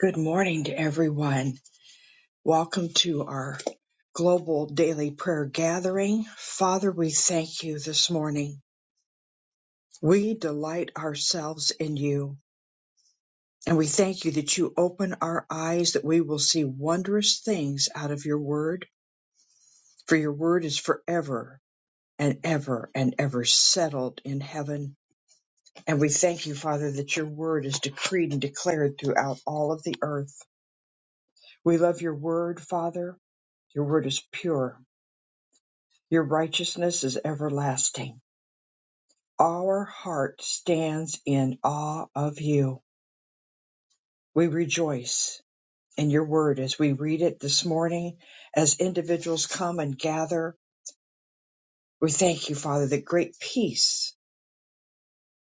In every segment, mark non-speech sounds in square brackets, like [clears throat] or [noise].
Good morning to everyone. Welcome to our global daily prayer gathering. Father, we thank you this morning. We delight ourselves in you, and we thank you that you open our eyes that we will see wondrous things out of your word, for your word is forever and ever and ever settled in heaven. And we thank you, Father, that your word is decreed and declared throughout all of the earth. We love your word, Father. Your word is pure Your righteousness is everlasting. Our heart stands in awe of you. We rejoice in your word as we read it this morning, as individuals come and gather. We thank you, Father, the great peace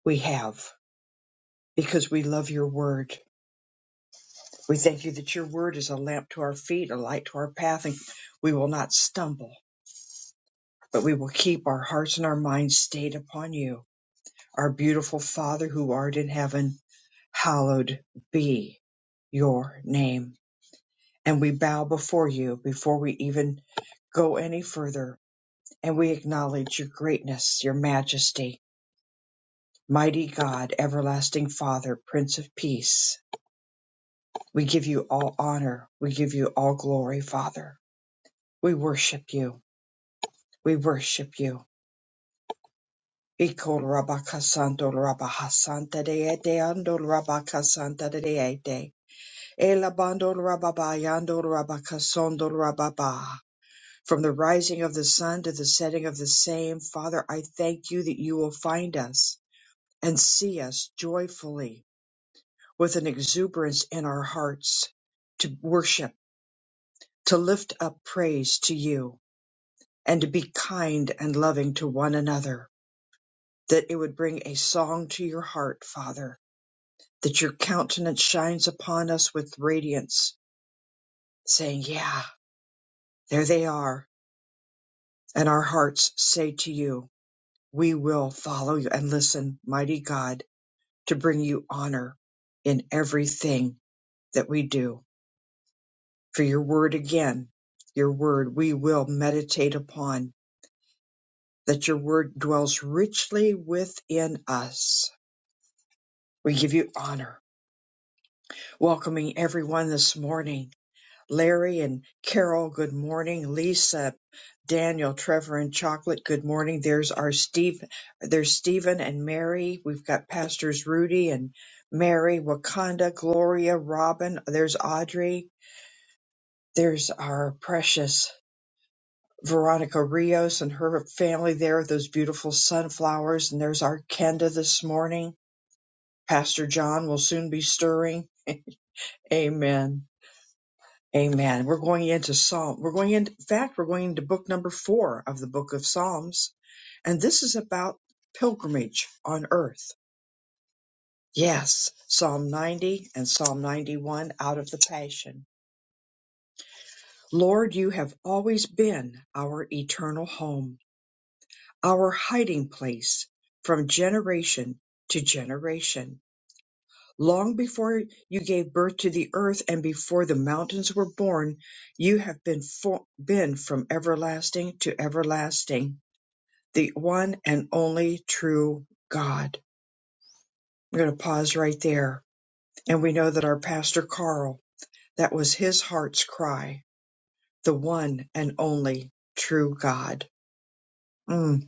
we have because we love your word. We thank you that your word is a lamp to our feet, a light to our path, and we will not stumble, but we will keep our hearts and our minds stayed upon you, our beautiful Father who art in heaven. hallowed be your name. And we bow before you before we even go any further. And we acknowledge your greatness, your majesty, mighty God, everlasting Father, Prince of Peace. We give you all honor. We give you all glory, Father. We worship you. We worship you. Iko rabaka santo rabaha santa de de ando rabaka santa de de de. Elabando rababayando rabaka sondo rababa. From the rising of the sun to the setting of the same, Father, I thank you that you will find us and see us joyfully with an exuberance in our hearts to worship, to lift up praise to you, and to be kind and loving to one another. That it would bring a song to your heart, Father, that your countenance shines upon us with radiance, saying, Yeah, there they are. And our hearts say to you, We will follow you and listen, mighty God to bring you honor in everything that we do. For your word again, your word we will meditate upon, that your word dwells richly within us. We give you honor. Welcoming everyone this morning. Larry and Carol, good morning. Lisa, Daniel, Trevor, and Chocolate, good morning. There's our Steve, there's Stephen and Mary. We've got Pastors Rudy and Mary, Wakanda, Gloria, Robin. There's Audrey. There's our precious Veronica Rios and her family there, those beautiful sunflowers. And there's our Kenda this morning. Pastor John will soon be stirring. [laughs] Amen. Amen. We're going into Psalm. We're going into, in fact, we're going into book number four of the book of Psalms. And this is about pilgrimage on earth. Yes, Psalm 90 and Psalm 91 out of the Passion. Lord, you have always been our eternal home our hiding place from generation to generation. Long before you gave birth to the earth and before the mountains were born, you have been, fo- been from everlasting to everlasting, the one and only true God. I'm going to pause right there. And we know that our pastor Carl, that was his heart's cry, the one and only true God. Mm.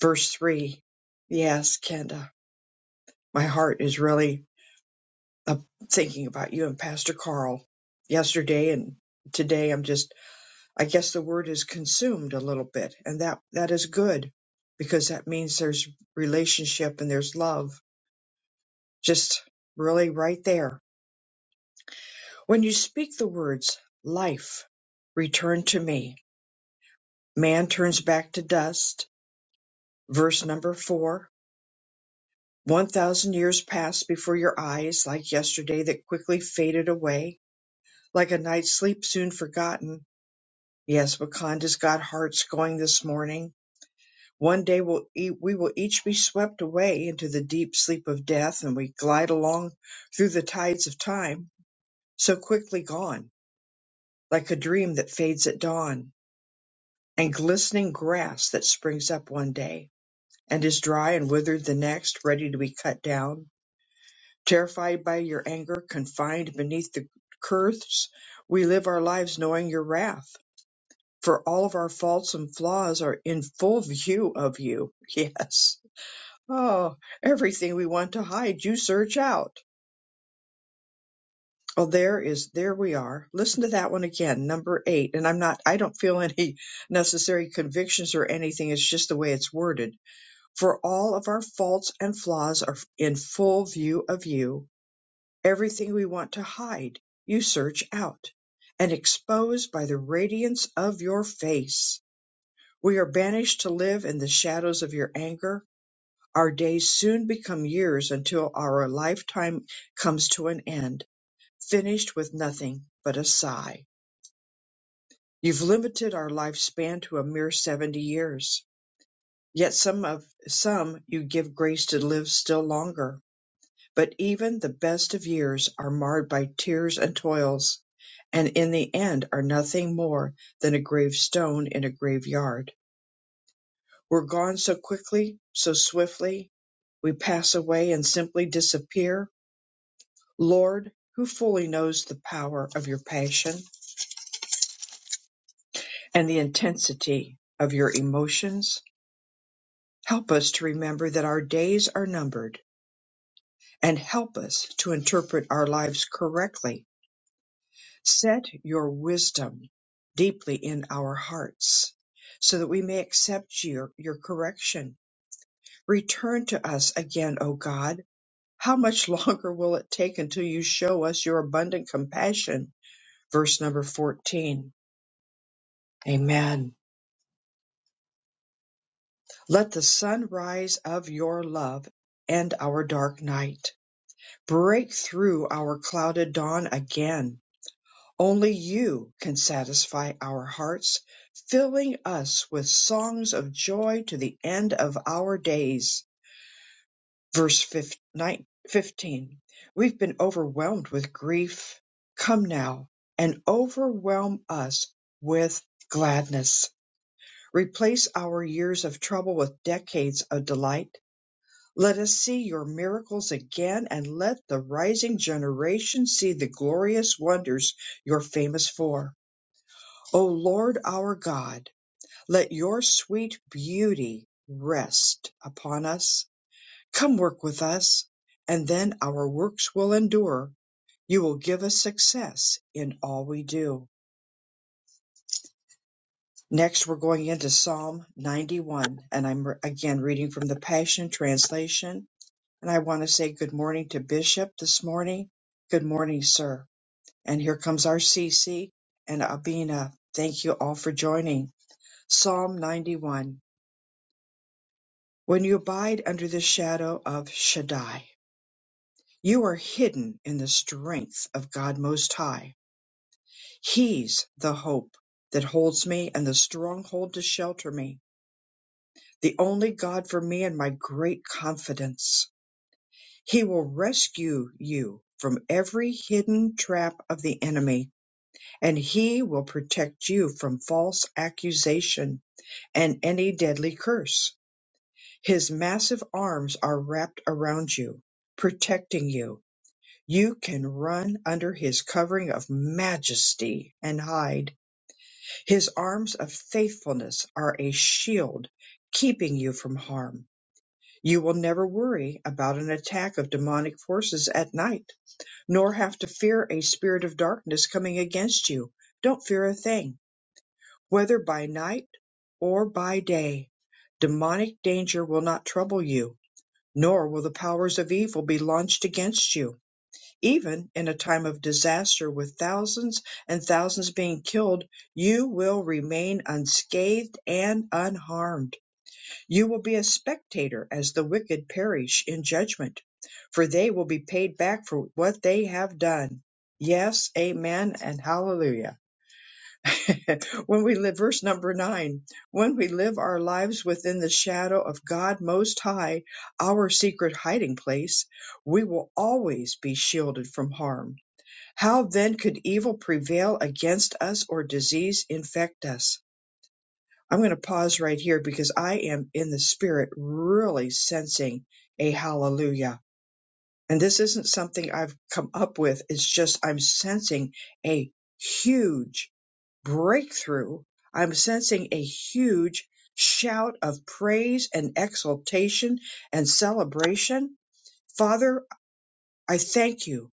Verse three. Yes, Kenda, my heart is really i thinking about you and Pastor Carl yesterday and today. I'm just, I guess the word is consumed a little bit, and that that is good because that means there's relationship and there's love just really right there. When you speak the words life, return to me, man turns back to dust, verse number four. 1000 years passed before your eyes like yesterday that quickly faded away like a night's sleep soon forgotten Yes, Wakanda's got hearts going this morning. One day we'll e- we will each be swept away into the deep sleep of death, and we glide along through the tides of time, so quickly gone, like a dream that fades at dawn, and glistening grass that springs up one day and is dry and withered the next, ready to be cut down. Terrified by your anger, confined beneath the curse, we live our lives knowing your wrath for all of our faults and flaws are in full view of you. [laughs] Yes. Oh, everything we want to hide, you search out. Oh, there is, there we are. Listen to that one again, number eight. And I'm not, I don't feel [laughs] any necessary convictions or anything. It's just the way it's worded. For all of our faults and flaws are in full view of you. Everything we want to hide, you search out and expose by the radiance of your face We are banished to live in the shadows of your anger. Our days soon become years until our lifetime comes to an end, finished with nothing but a sigh. You've limited our lifespan to a mere 70 years. Yet some of some you give grace to live still longer. But even the best of years are marred by tears and toils, and in the end are nothing more than a gravestone in a graveyard. We're gone so quickly, so swiftly, we pass away and simply disappear. Lord, who fully knows the power of your passion and the intensity of your emotions, help us to remember that our days are numbered and help us to interpret our lives correctly. Set your wisdom deeply in our hearts so that we may accept your, your correction. Return to us again, O God How much [laughs] longer will it take until you show us your abundant compassion? Verse number 14. Amen. Let the sunrise of your love end our dark night. Break through our clouded dawn again. Only you can satisfy our hearts, filling us with songs of joy to the end of our days. Verse 15 We've been overwhelmed with grief. Come now and overwhelm us with gladness. Replace our years of trouble with decades of delight. Let us see your miracles again, and let the rising generation see the glorious wonders you're famous for. O Lord our God, let your sweet beauty rest upon us Come work with us, and then our works will endure. You will give us success in all we do. Next, we're going into Psalm 91, and I'm re- again reading from the Passion Translation. And I want to say good morning to Bishop this morning. Good morning, sir. And here comes our CC and Abina. Thank you all for joining. Psalm 91. When you abide under the shadow of Shaddai, you are hidden in the strength of God Most High. He's the hope that holds me and the stronghold to shelter me, the only God for me and my great confidence. He will rescue you from every hidden trap of the enemy, and he will protect you from false accusation and any deadly curse. His massive arms are wrapped around you, protecting you. You can run under his covering of majesty and hide His arms of faithfulness are a shield keeping you from harm. You will never worry about an attack of demonic forces at night, nor have to fear a spirit of darkness coming against you. Don't fear a thing, whether by night or by day. Demonic danger will not trouble you, nor will the powers of evil be launched against you. Even in a time of disaster with thousands and thousands being killed, you will remain unscathed and unharmed. You will be a spectator as the wicked perish in judgment, for they will be paid back for what they have done. Yes, amen, and hallelujah. [laughs] when we live, verse number nine, when we live our lives within the shadow of God Most High, our secret hiding place, we will always be shielded from harm how then could evil prevail against us or disease infect us? I'm going to pause right here because I am in the spirit really sensing a hallelujah. And this isn't something I've come up with. It's just I'm sensing a huge breakthrough. I'm sensing a huge shout of praise and exultation and celebration. Father, I thank you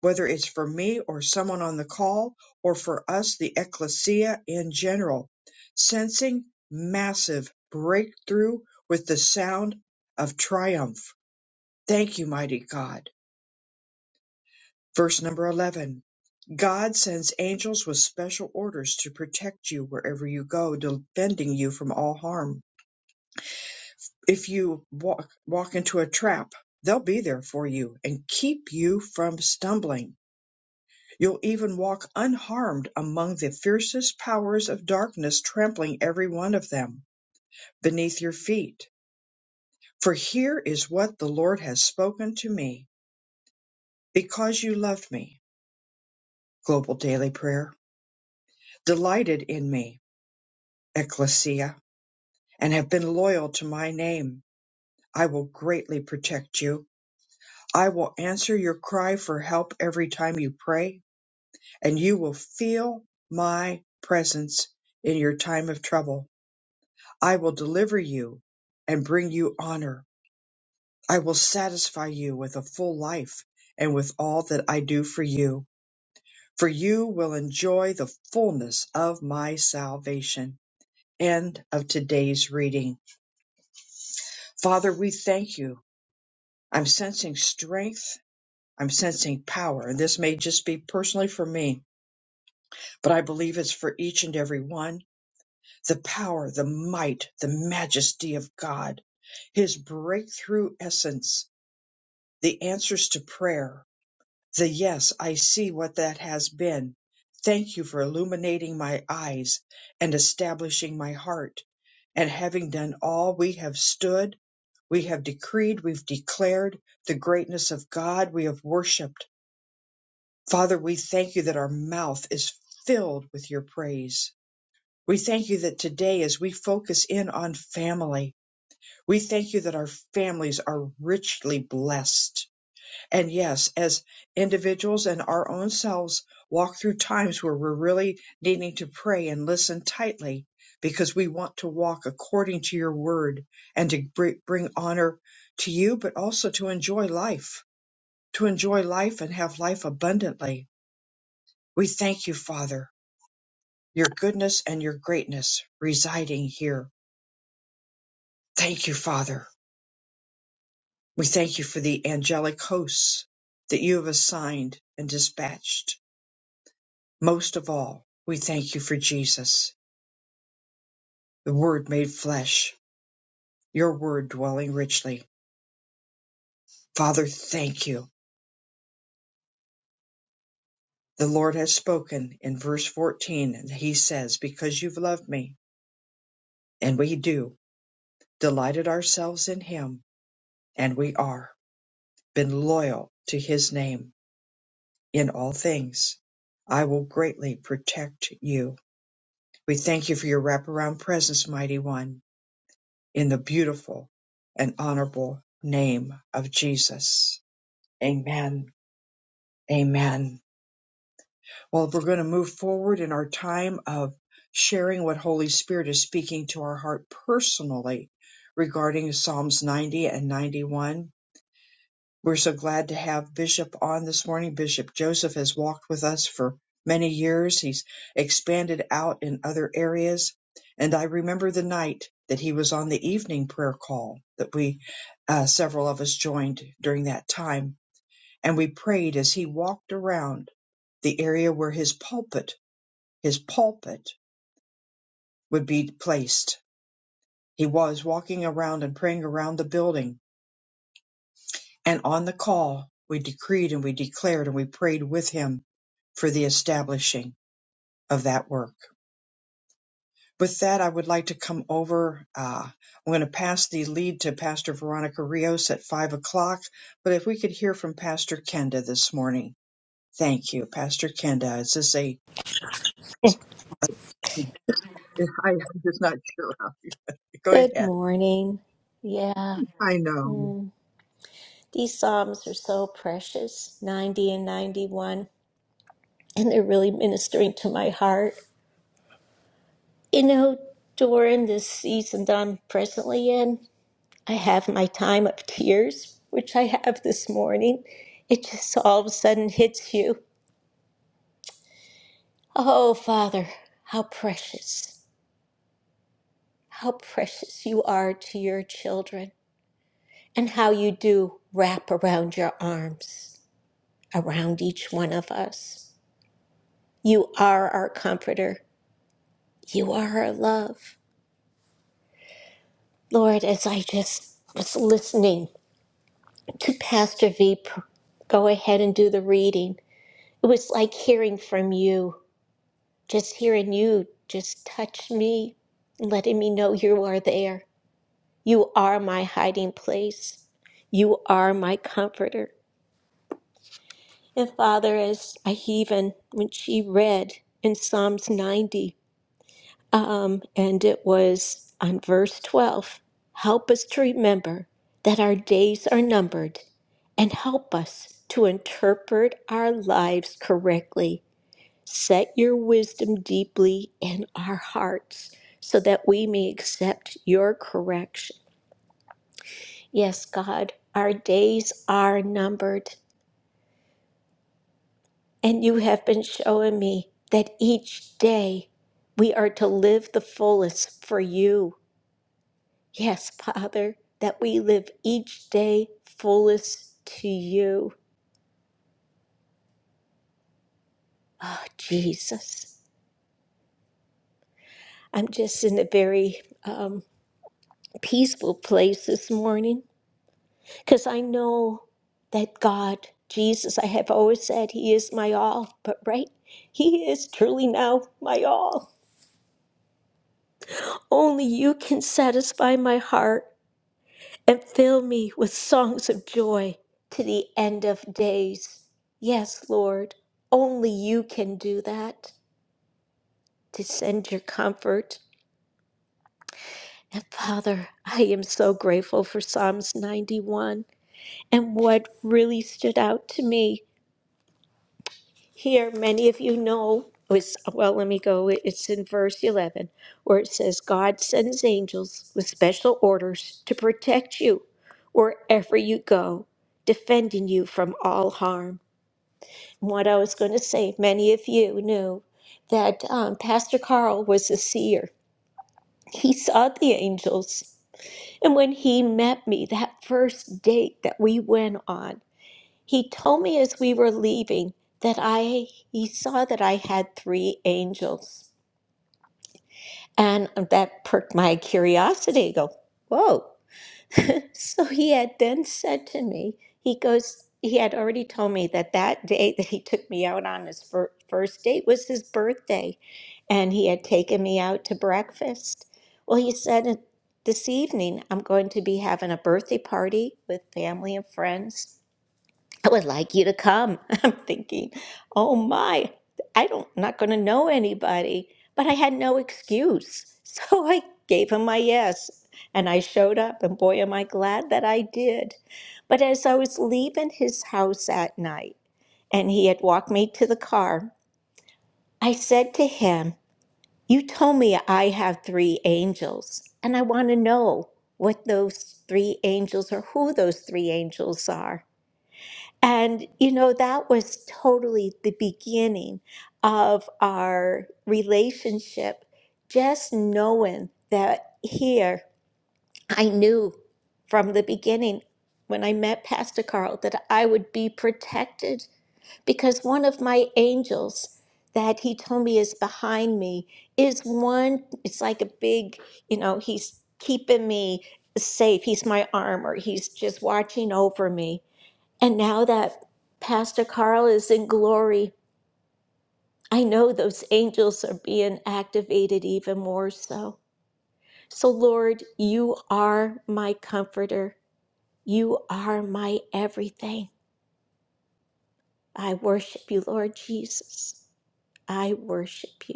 whether it's for me or someone on the call or for us, the ecclesia in general, sensing massive breakthrough with the sound of triumph. Thank you, mighty God. Verse number 11 God sends angels with special orders to protect you wherever you go, defending you from all harm. If you walk, walk into a trap, they'll be there for you and keep you from stumbling You'll even walk unharmed among the fiercest powers of darkness, trampling every one of them beneath your feet. For here is what the Lord has spoken to me. Because you loved me, Global Daily Prayer, delighted in me, Ecclesia, and have been loyal to my name, I will greatly protect you. I will answer your cry for help every time you pray, and you will feel my presence in your time of trouble. I will deliver you and bring you honor. I will satisfy you with a full life and with all that I do for you, for you will enjoy the fullness of my salvation. End of today's reading. Father, we thank you. I'm sensing strength. I'm sensing power. And this may just be personally for me, but I believe it's for each and every one. The power, the might, the majesty of God, his breakthrough essence the answers to prayer, the yes, I see what that has been. Thank you for illuminating my eyes and establishing my heart. And having done all, we have stood, we have decreed, we've declared the greatness of God, we have worshiped. Father, we thank you that our mouth is filled with your praise. We thank you that today, as we focus in on family, we thank you that our families are richly blessed. And yes, as individuals and our own selves walk through times where we're really needing to pray and listen tightly because we want to walk according to your word and to br- bring honor to you, but also to enjoy life, to enjoy life and have life abundantly. We thank you, Father, your goodness and your greatness residing here. Thank you, Father. We thank you for the angelic hosts that you have assigned and dispatched. Most of all, we thank you for Jesus, the Word made flesh, your Word dwelling richly. Father, thank you. The Lord has spoken in verse 14, and he says, Because you've loved me, and we do, delighted ourselves in him, and we are, been loyal to his name in all things. I will greatly protect you. We thank you for your wraparound presence, mighty one, in the beautiful and honorable name of Jesus. Amen. Amen. Well, we're going to move forward in our time of sharing what Holy Spirit is speaking to our heart personally regarding Psalms 90 and 91. We're so glad to have Bishop on this morning. Bishop Joseph has walked with us for many years. He's expanded out in other areas. And I remember the night that he was on the evening prayer call that we, uh, several of us joined during that time and we prayed as he walked around the area where his pulpit his pulpit would be placed he was walking around and praying around the building and on the call we decreed and we declared and we prayed with him for the establishing of that work with that i would like to come over uh, i'm going to pass the lead to pastor veronica rios at five o'clock but if we could hear from pastor kenda this morning thank you pastor kenda is this a [laughs] I, I'm just not sure how to [laughs] go Good ahead. morning. Yeah, I know. mm, these Psalms are so precious 90 and 91, and they're really ministering to my heart. You know, during this season that I'm presently in, I have my time of tears, which I have this morning. It just all of a sudden hits you. Oh, Father, how precious, how precious you are to your children, and how you do wrap around your arms. around each one of us. You are our comforter. You are our love. Lord, as I just was listening to Pastor V pr- go ahead and do the reading, it was like hearing from you, just hearing you just touch me, letting me know you are there. You are my hiding place. You are my comforter. And Father, as I even, when she read in Psalms 90, Um, and it was on verse 12 help us to remember that our days are numbered and help us to interpret our lives correctly. Set your wisdom deeply in our hearts so that we may accept your correction. Yes, God, our days are numbered, and you have been showing me that each day we are to live the fullest for you Yes, Father, that we live each day fullest to you. Oh, Jesus. I'm just in a very um, peaceful place this morning because I know that God, Jesus, I have always said He is my all, but right, He is truly now my all. Only you can satisfy my heart. and fill me with songs of joy to the end of days. Yes, Lord, only you can do that to send your comfort. And Father, I am so grateful for Psalms 91 and what really stood out to me. Here, many of you know, was, well, let me go. It's in verse 11 where it says, God sends angels with special orders to protect you wherever you go, defending you from all harm. what I was going to say, many of you knew that um, Pastor Carl was a seer. He saw the angels. And when he met me that first date that we went on, he told me as we were leaving that I he saw that I had three angels. And that perked my curiosity. I go, whoa, [laughs] So he had then said to me, he goes, he had already told me that that day that he took me out on his fir- first date was his birthday, and he had taken me out to breakfast. Well, he said, this evening I'm going to be having a birthday party with family and friends. I would like you to come. [laughs] I'm thinking, oh my, I don't not gonna know anybody. But I had no excuse. [laughs] So I gave him my yes. And I showed up and boy am I glad that I did. But as I was leaving his house that night and he had walked me to the car, I said to him, You told me I have three angels, and I want to know what those three angels are, who those three angels are. And, you know, that was totally the beginning of our relationship. Just knowing that here, I knew from the beginning when I met Pastor Carl that I would be protected because one of my angels that he told me is behind me is one, it's like a big, you know, he's keeping me safe. He's my armor, he's just watching over me. And now that Pastor Carl is in glory, I know those angels are being activated even more so. So, Lord, you are my comforter. You are my everything. I worship you, Lord Jesus. I worship you.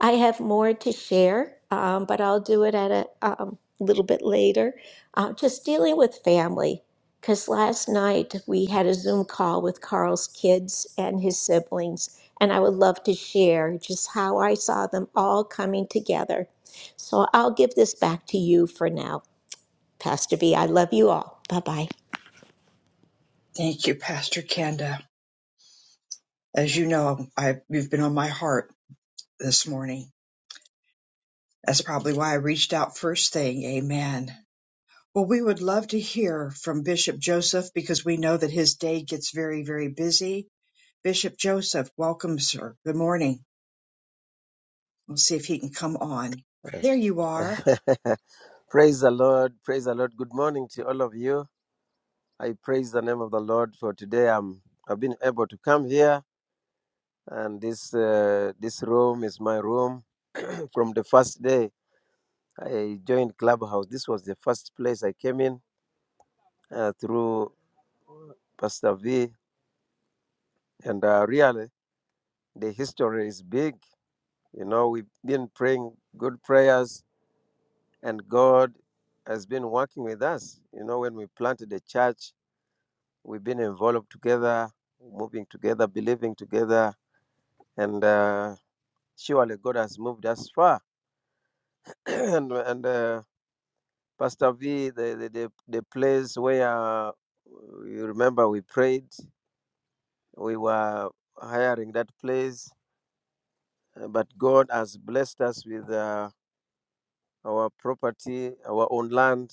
I have more to share, um, but I'll do it at a um, little bit later. Uh, just dealing with family, because last night we had a Zoom call with Carl's kids and his siblings, and I would love to share just how I saw them all coming together. So I'll give this back to you for now, Pastor B. I love you all. Bye bye. Thank you, Pastor Kenda. As you know, I you've been on my heart this morning. That's probably why I reached out first thing. Amen. Well, we would love to hear from Bishop Joseph because we know that his day gets very, very busy. Bishop Joseph, welcome, sir. Good morning. We'll see if he can come on. There you are. [laughs] praise the Lord. Praise the Lord. Good morning to all of you. I praise the name of the Lord for today. I'm, I've been able to come here, and this uh, this room is my room. [clears throat] From the first day I joined Clubhouse, this was the first place I came in uh, through Pastor V. And uh, really, the history is big. You know, we've been praying good prayers, and God has been working with us. You know, when we planted the church, We've been involved together, moving together, believing together, and uh, surely God has moved us far. [clears throat] and and uh, Pastor V, the, the, the, the place where uh, you remember we prayed, we were hiring that place, uh, but God has blessed us with uh, our property, our own land,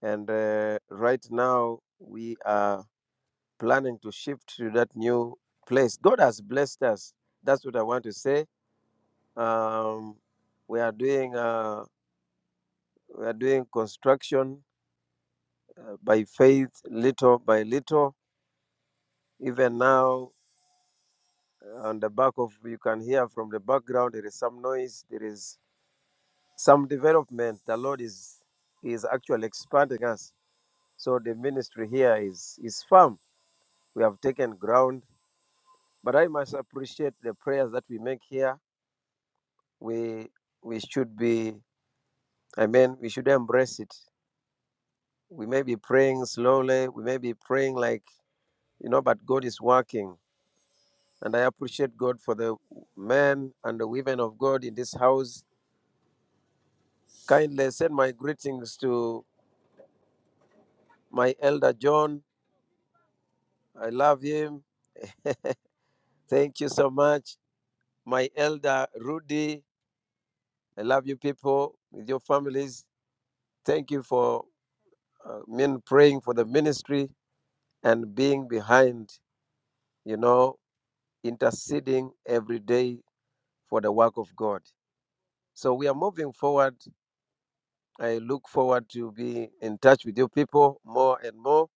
and uh, right now we are planning to shift to that new place. God has blessed us. That's what I want to say Um, we are doing uh, we are doing construction uh, by faith, little by little. Even now, on the back of you can hear from the background, there is some noise. There is some development. The Lord is is actually expanding us. So the ministry here is is firm. We have taken ground, but I must appreciate the prayers that we make here. We we should be. I mean, we should embrace it. We may be praying slowly. We may be praying like you know, but God is working. And I appreciate God for the men and the women of God in this house. Kindly send my greetings to my elder John. I love him. Thank you so much. My elder Rudy. I love you people with your families. Thank you for uh, men praying for the ministry and being behind, you know, interceding every day for the work of God. So we are moving forward I look forward to be in touch with you people more and more.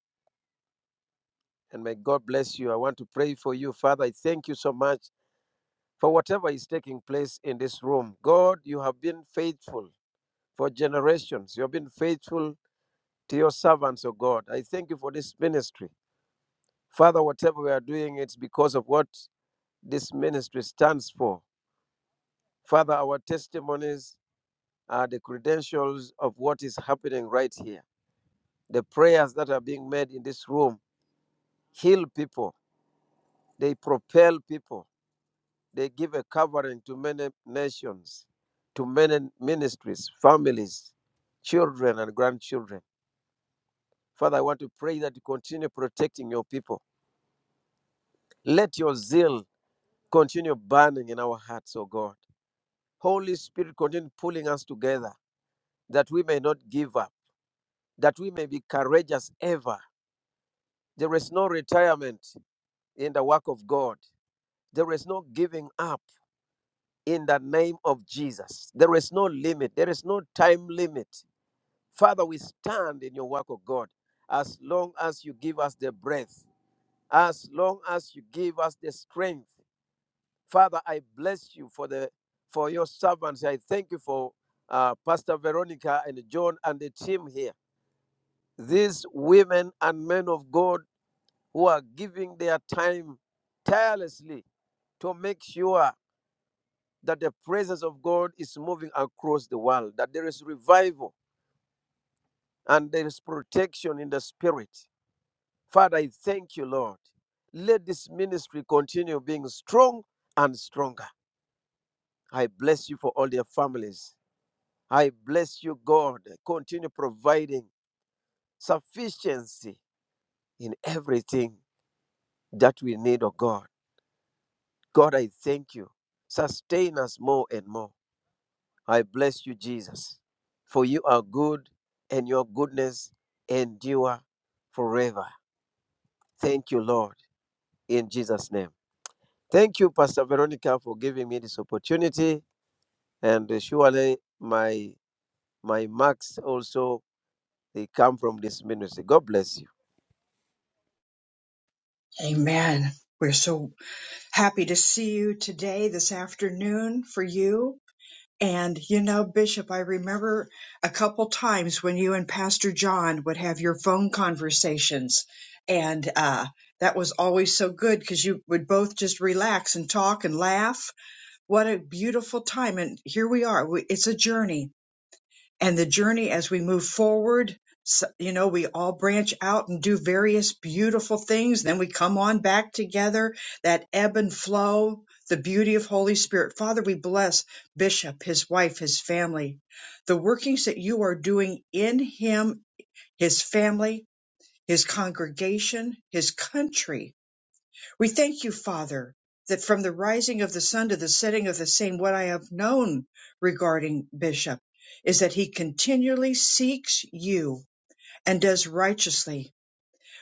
And may God bless you. I want to pray for you, Father. I thank you so much for whatever is taking place in this room. God, you have been faithful for generations. You have been faithful to your servants, oh God. I thank you for this ministry. Father, whatever we are doing, it's because of what this ministry stands for. Father, our testimonies are the credentials of what is happening right here. The prayers that are being made in this room heal people, they propel people, they give a covering to many nations, to many ministries, families, children, and grandchildren. Father, I want to pray that you continue protecting your people. Let your zeal continue burning in our hearts, O God. Holy Spirit, continue pulling us together that we may not give up, that we may be courageous ever. There is no retirement in the work of God, there is no giving up in the name of Jesus. There is no limit, there is no time limit. Father, we stand in your work of God as long as you give us the breath, as long as you give us the strength. Father, I bless you for the for your servants. I thank you for uh, Pastor Veronica and John and the team here. These women and men of God who are giving their time tirelessly to make sure that the presence of God is moving across the world, that there is revival and there is protection in the spirit. Father, I thank you, Lord. Let this ministry continue being strong and stronger. I bless you for all their families. I bless you, God. Continue providing sufficiency in everything that we need, oh God. God, I thank you. Sustain us more and more. I bless you, Jesus, for you are good and your goodness endure forever. Thank you, Lord, in Jesus' name. Thank you, Pastor Veronica, for giving me this opportunity. And uh, surely my my marks also they come from this ministry. God bless you. Amen. We're so happy to see you today, this afternoon, for you. And you know, Bishop, I remember a couple times when you and Pastor John would have your phone conversations, and uh, that was always so good because you would both just relax and talk and laugh. What a beautiful time! And here we are. We, it's a journey, and the journey as we move forward. So, you know, we all branch out and do various beautiful things. Then we come on back together, that ebb and flow, the beauty of Holy Spirit. Father, we bless Bishop, his wife, his family, the workings that you are doing in him, his family, his congregation, his country we thank you, Father, that from the rising of the sun to the setting of the same, what I have known regarding Bishop is that he continually seeks you and does righteously.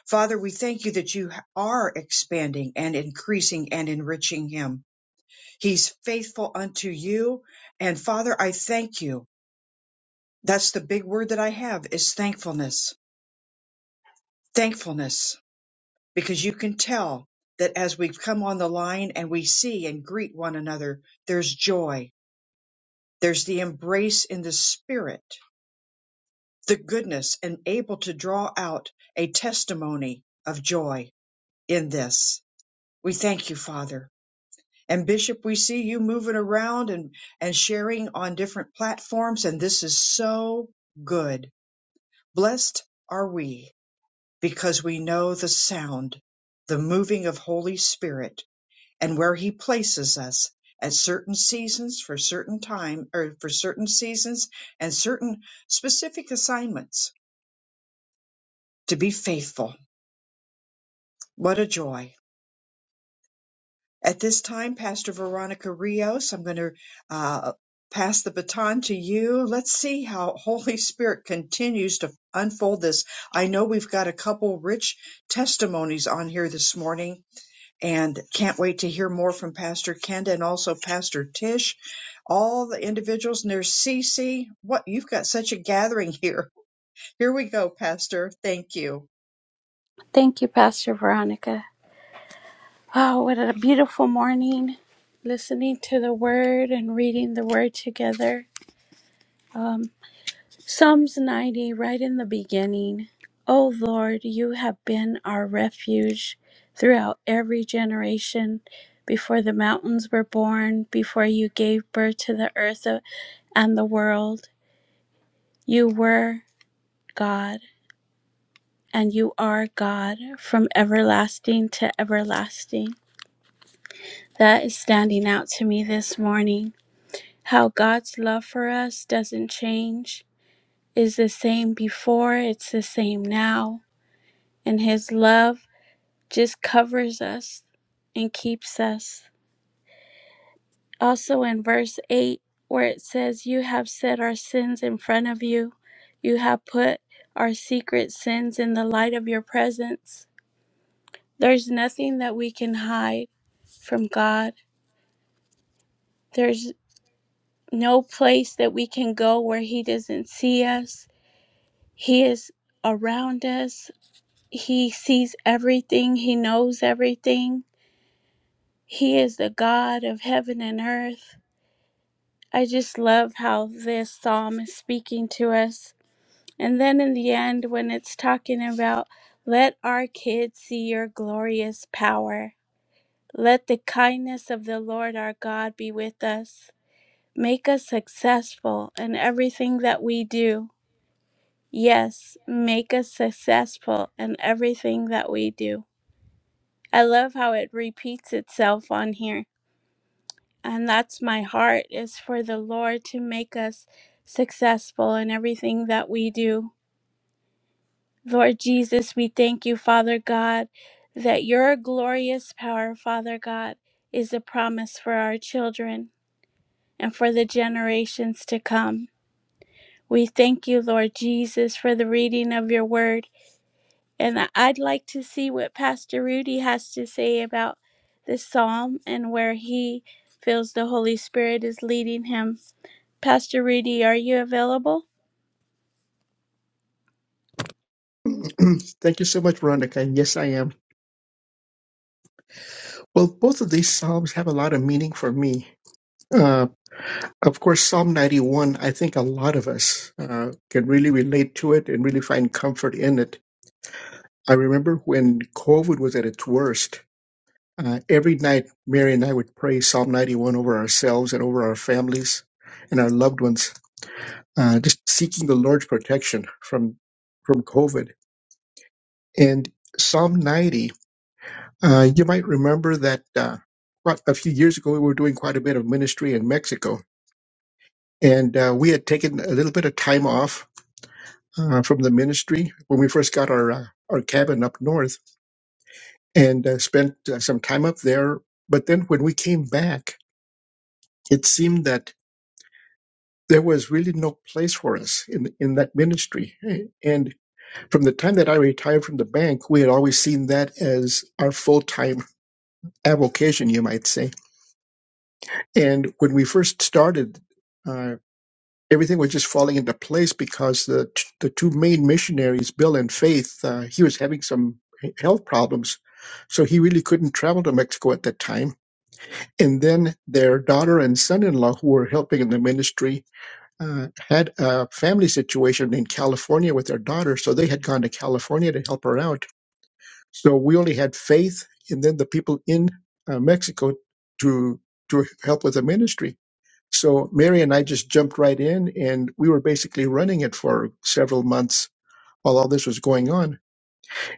Father, we thank you that you are expanding and increasing and enriching him. He's faithful unto you. And Father, I thank you. That's the big word that I have is thankfulness. Thankfulness because you can tell that as we've come on the line and we see and greet one another, there's joy, there's the embrace in the spirit, the goodness, and able to draw out a testimony of joy in this. We thank you, Father. And Bishop, we see you moving around and, and sharing on different platforms, and this is so good. Blessed are we because we know the sound, the moving of Holy Spirit and where he places us at certain seasons for certain time or for certain seasons and certain specific assignments to be faithful. What a joy. At this time, Pastor Veronica Rios, I'm going to uh, pass the baton to you. Let's see how Holy Spirit continues to unfold this. I know we've got a couple rich testimonies on here this morning and can't wait to hear more from Pastor Kenda and also Pastor Tish, all the individuals and there's CC. What you've got such a gathering here. Here we go, Pastor. Thank you. Thank you, Pastor Veronica. Oh, what a beautiful morning listening to the word and reading the word together. Um, Psalms 90, right in the beginning. O Lord, you have been our refuge throughout every generation. Before the mountains were born, before you gave birth to the earth and the world, you were God, and you are God from everlasting to everlasting. That is standing out to me this morning. How God's love for us doesn't change, is the same before, it's the same now, and His love just covers us and keeps us. Also in verse 8, where it says, You have set our sins in front of you, you have put our secret sins in the light of your presence. There's nothing that we can hide from God. There's. no place that we can go where He doesn't see us. He is around us. He sees everything. He knows everything. He is the God of heaven and earth. I just love how this psalm is speaking to us. And then in the end, when it's talking about, let our kids see your glorious power. Let the kindness of the Lord our God be with us. Make us successful in everything that we do. Yes, make us successful in everything that we do. I love how it repeats itself on here. And that's my heart is for the Lord to make us successful in everything that we do. Lord Jesus, we thank you, Father God, that your glorious power, Father God, is a promise for our children and for the generations to come. We thank you, Lord Jesus, for the reading of your word. And I- I'd like to see what Pastor Rudy has to say about this psalm and where he feels the Holy Spirit is leading him. Pastor Rudy, are you available? [clears throat] Thank you so much, Veronica. Yes, I am. Well, both of these Psalms have a lot of meaning for me. Uh, of course, Psalm 91, I think a lot of us uh, can really relate to it and really find comfort in it. I remember when COVID was at its worst, uh, every night Mary and I would pray Psalm 91 over ourselves and over our families and our loved ones, uh, just seeking the Lord's protection from, from COVID. And Psalm 90 Uh, you might remember that uh, quite a few years ago, we were doing quite a bit of ministry in Mexico. And uh, we had taken a little bit of time off uh, from the ministry when we first got our, uh, our cabin up north and uh, spent uh, some time up there. But then when we came back, it seemed that there was really no place for us in, in that ministry. And from the time that I retired from the bank, we had always seen that as our full time avocation, you might say. And when we first started, uh, everything was just falling into place because the t- the two main missionaries, Bill and Faith, uh, he was having some health problems, so he really couldn't travel to Mexico at that time. And then their daughter and son-in-law, who were helping in the ministry, uh, had a family situation in California with their daughter, so they had gone to California to help her out. So we only had Faith, and then the people in uh, Mexico to to help with the ministry so Mary and I just jumped right in and we were basically running it for several months while all this was going on.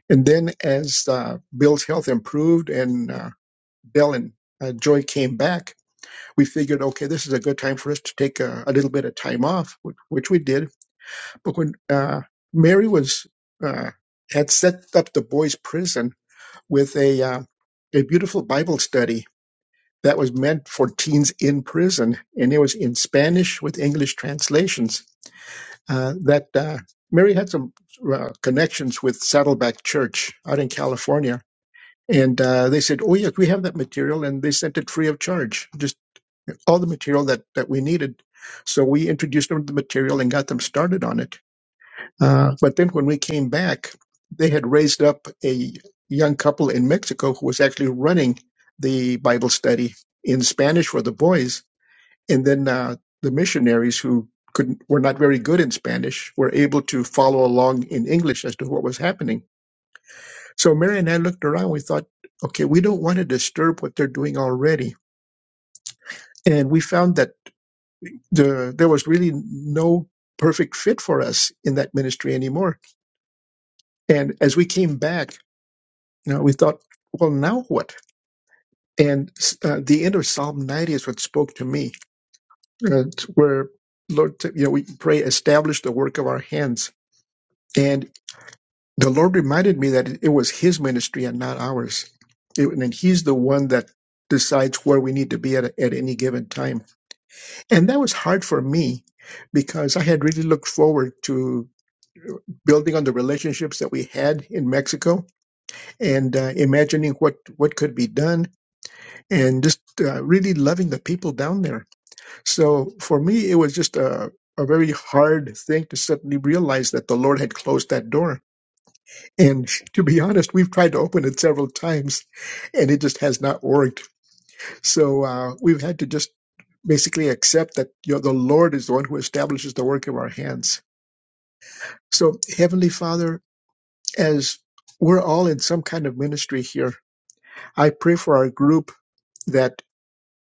And then as uh, Bill's health improved and uh, Dell and uh, Joy came back, we figured, okay, this is a good time for us to take a, a little bit of time off, which, which we did. But when uh, Mary was uh, had set up the boys' prison with a uh, a beautiful Bible study that was meant for teens in prison, and it was in Spanish with English translations uh, that uh, Mary had some uh, connections with Saddleback Church out in California. And uh, they said, Oh, yes, we have that material. And they sent it free of charge, just all the material that, that we needed. So we introduced them to the material and got them started on it. Uh, but then when we came back, they had raised up a young couple in Mexico who was actually running the Bible study in Spanish for the boys and then uh, the missionaries who could were not very good in Spanish were able to follow along in English as to what was happening. So Mary and I looked around. We thought, okay, we don't want to disturb what they're doing already, and we found that the there was really no perfect fit for us in that ministry anymore. And as we came back, you know, we thought, well, now what? And uh, the end of Psalm 90 is what spoke to me, uh, where Lord, you know, we pray, establish the work of our hands. and the Lord reminded me that it was His ministry and not ours. It- and He's the one that decides where we need to be at, at any given time. And that was hard for me because I had really looked forward to building on the relationships that we had in Mexico and uh, imagining what, what could be done and just uh, really loving the people down there. So for me, it was just a, a very hard thing to suddenly realize that the Lord had closed that door And to be honest, we've tried to open it several times and it just has not worked. So uh, we've had to just basically accept that you know, the Lord is the one who establishes the work of our hands. So, Heavenly Father, as we're all in some kind of ministry here, I pray for our group that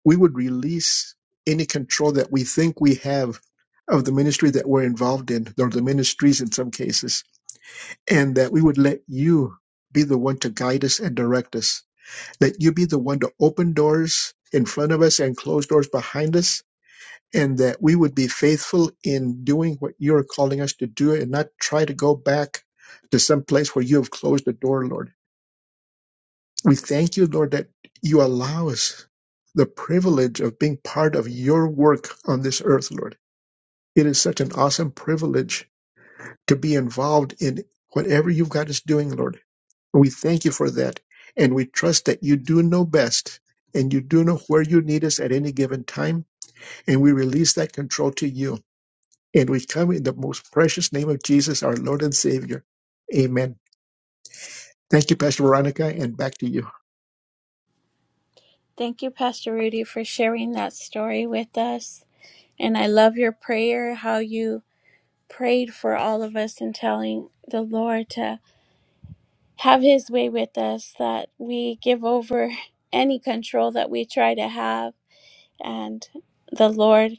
we would release any control that we think we have of the ministry that we're involved in, or the ministries in some cases, and that we would let you be the one to guide us and direct us that you be the one to open doors in front of us and close doors behind us, and that we would be faithful in doing what you're calling us to do and not try to go back to some place where you have closed the door, Lord. We thank you, Lord, that you allow us the privilege of being part of your work on this earth, Lord. It is such an awesome privilege to be involved in whatever you've got us doing, Lord. We thank you for that. And we trust that you do know best and you do know where you need us at any given time. And we release that control to you. And we come in the most precious name of Jesus, our Lord and Savior. Amen. Thank you, Pastor Veronica, and back to you. Thank you, Pastor Rudy, for sharing that story with us. And I love your prayer, how you prayed for all of us and telling the Lord to have his way with us, that we give over [laughs] any control that we try to have and the Lord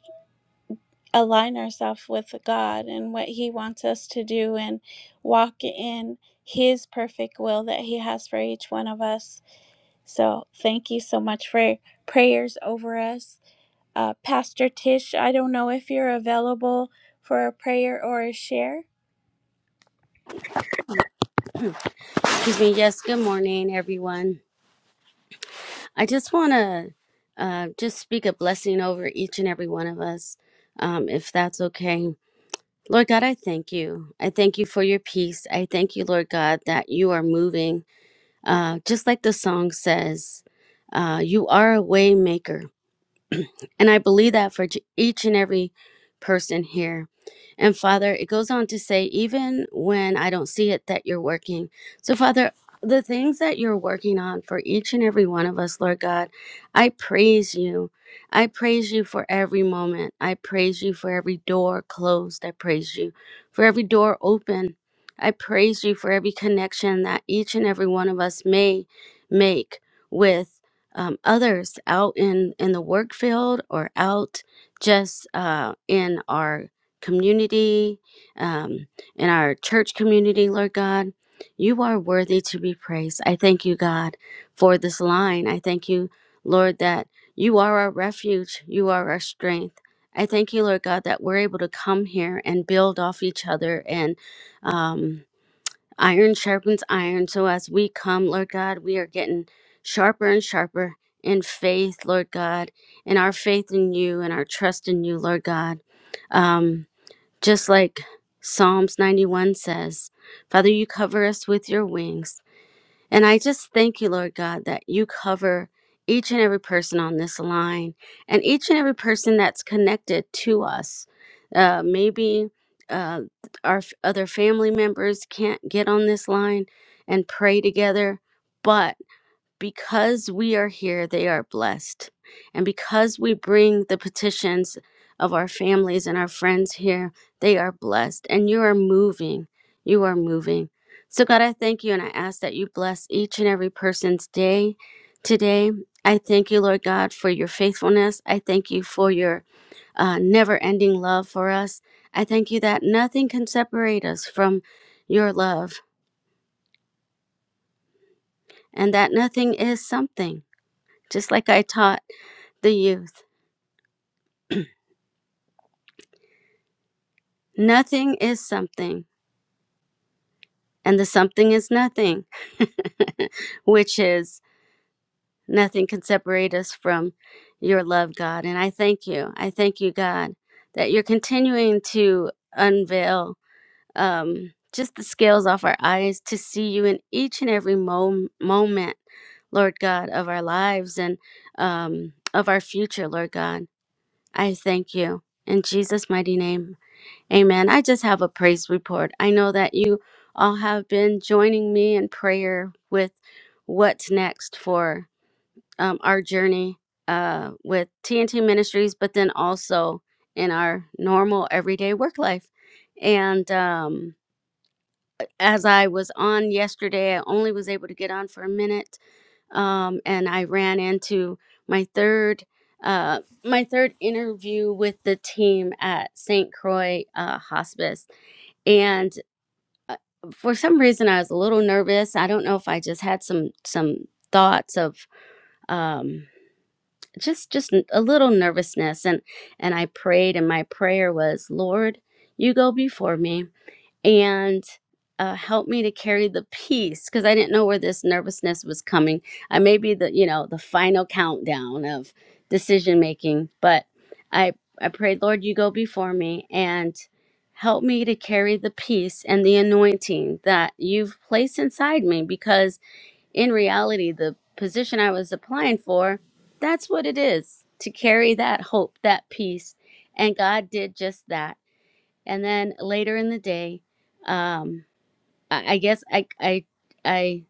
align ourselves with God and what He wants us to do and walk in His perfect will that He has for each one of us. So, thank you so much for your prayers over us. Uh, Pastor Tish, I don't know if you're available for a prayer or a share. Excuse me. Yes. Good morning, everyone. I just want to uh, just speak a blessing over each and every one of us, um, if that's okay. Lord God, I thank you. I thank you for your peace. I thank you, Lord God, that you are moving. Uh, just like the song says, uh, you are a way maker. And I believe that for j- each and every person here. And Father, it goes on to say, even when I don't see it, that you're working. So, Father, the things that you're working on for each and every one of us, Lord God, I praise you. I praise you for every moment. I praise you for every door closed. I praise you for every door open. I praise you for every connection that each and every one of us may make with um, others out in in the work field or out just uh, in our community, um, in our church community, Lord God. You are worthy to be praised. I thank you, God, for this line. I thank you, Lord, that you are our refuge. You are our strength. I thank you, Lord God, that we're able to come here and build off each other and um, Iron sharpens iron. So as we come, Lord God, we are getting sharper and sharper in faith, Lord God, in our faith in you and our trust in you, Lord God. Um, just like Psalms 91 says, Father, you cover us with your wings. And I just thank you, Lord God, that you cover each and every person on this line and each and every person that's connected to us. Uh, maybe uh, our f- other family members can't get on this line and pray together, but because we are here, they are blessed. And because we bring the petitions of our families and our friends here, they are blessed. And you are moving. You are moving. So, God, I thank you and I ask that you bless each and every person's day today. I thank you, Lord God, for your faithfulness. I thank you for your uh, never ending love for us. I thank you that nothing can separate us from your love and that nothing is something, just like I taught the youth. Nothing is something, and the something is nothing, [laughs] which is nothing can separate us from your love, God. And I thank you. I thank you, God, that you're continuing to unveil um, just the scales off our eyes to see you in each and every mom- moment, Lord God, of our lives and um, of our future, Lord God. I thank you. In Jesus' mighty name. Amen. I just have a praise report. I know that you all have been joining me in prayer with what's next for um, our journey uh, with TNT Ministries, but then also in our normal everyday work life. And um, as I was on yesterday, I only was able to get on for a minute, um, and I ran into my third. Uh, my third interview with the team at St. Croix uh, Hospice and uh, for some reason i was a little nervous i don't know if i just had some some thoughts of um just just n- a little nervousness and and i prayed and my prayer was lord you go before me and uh, help me to carry the peace because I didn't know where this nervousness was coming. I may be the you know the final countdown of decision making, but I I prayed, Lord, you go before me and help me to carry the peace and the anointing that you've placed inside me because in reality the position I was applying for, that's what it is to carry that hope, that peace. And God did just that. And then later in the day, um, I, I guess I, I, I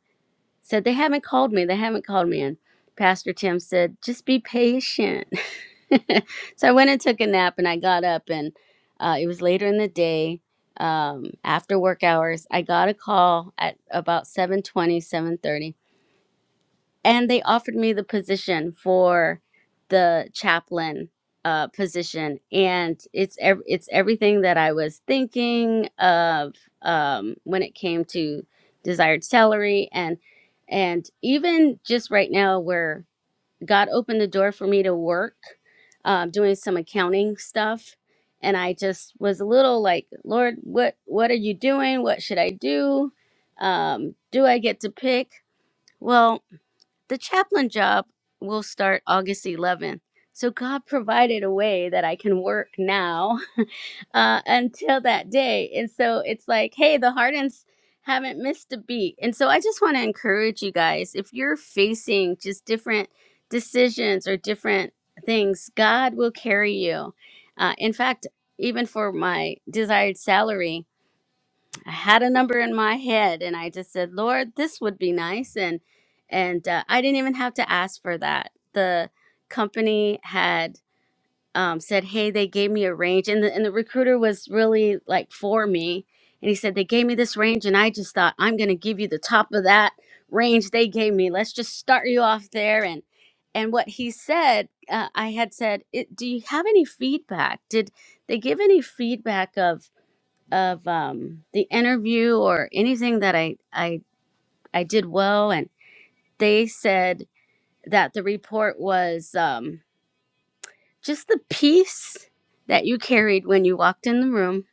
said, they haven't called me. They haven't called me. And Pastor Tim said, just be patient. [laughs] so I went and took a nap and I got up and uh, it was later in the day um, after work hours. I got a call at about seven twenty, seven thirty and they offered me the position for the chaplain uh, position, and it's ev- it's everything that I was thinking of um, when it came to desired salary and and even just right now where God opened the door for me to work um, doing some accounting stuff, and I just was a little like, Lord, what what are you doing? What should I do? Um, do I get to pick? Well, the chaplain job will start August 11th. So God provided a way that I can work now [laughs] uh, until that day. And so it's like, hey, the Hardens haven't missed a beat. And so I just want to encourage you guys if you're facing just different decisions or different things, God will carry you. Uh, in fact, even for my desired salary, I had a number in my head and I just said, "Lord, this would be nice." And and uh, I didn't even have to ask for that. The company had um, said, "Hey, they gave me a range," and the and the recruiter was really like for me. And he said, "They gave me this range," and I just thought, "I'm going to give you the top of that range they gave me. Let's just start you off there." And and what he said, uh, I had said, it, "Do you have any feedback? Did they give any feedback of?" of um, the interview or anything that I, I I did well, and they said that the report was um, just the peace that you carried when you walked in the room.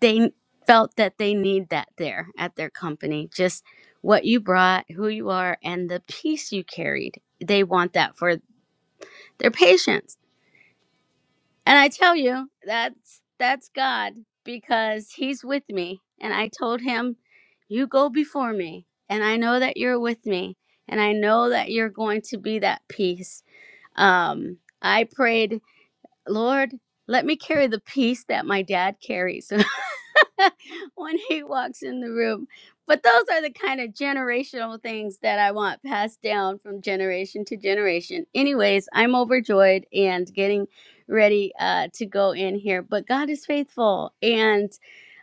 They felt that they need that there at their company, just what you brought, who you are, and the peace you carried. They want that for their patients And I tell you, that's that's God because he's with me. And I told him, "You go before me, and I know that you're with me, and I know that you're going to be that peace." Um I prayed, "Lord, let me carry the peace that my dad carries." [laughs] [laughs] when he walks in the room. But those are the kind of generational things that I want passed down from generation to generation. Anyways, I'm overjoyed and getting ready uh, to go in here. But God is faithful and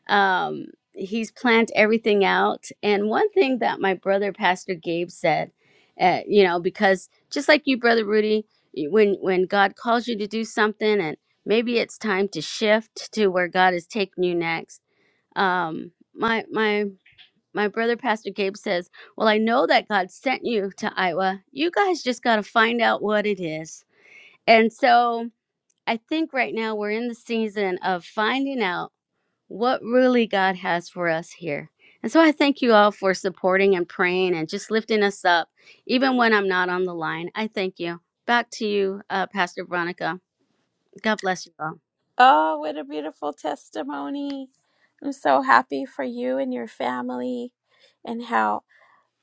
um, He's planned everything out. And one thing that my brother, Pastor Gabe, said, uh, you know, because just like you, Brother Rudy, when, when God calls you to do something and maybe it's time to shift to where God is taking you next um my my my brother pastor gabe says well i know that god sent you to iowa you guys just got to find out what it is and so i think right now we're in the season of finding out what really god has for us here and so i thank you all for supporting and praying and just lifting us up even when i'm not on the line i thank you back to you uh, pastor veronica god bless you all Oh, what a beautiful testimony! I'm so happy for you and your family and how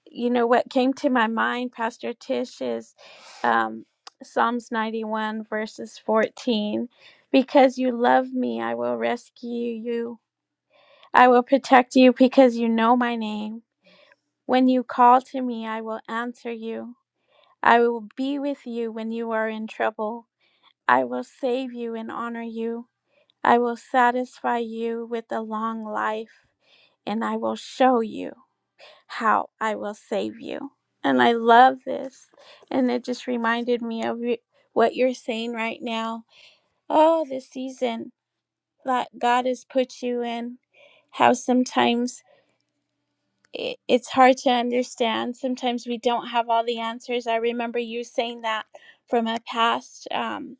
you know what came to my mind pastor tish is um, psalms 91 verses 14 because you love me i will rescue you i will protect you because you know my name when you call to me i will answer you i will be with you when you are in trouble i will save you and honor you i will satisfy you with a long life and i will show you how I will save you. And I love this. And it just reminded me of y- what you're saying right now. Oh, the season that God has put you in, how sometimes i- it's hard to understand. Sometimes we don't have all the answers. I remember you saying that from a past um,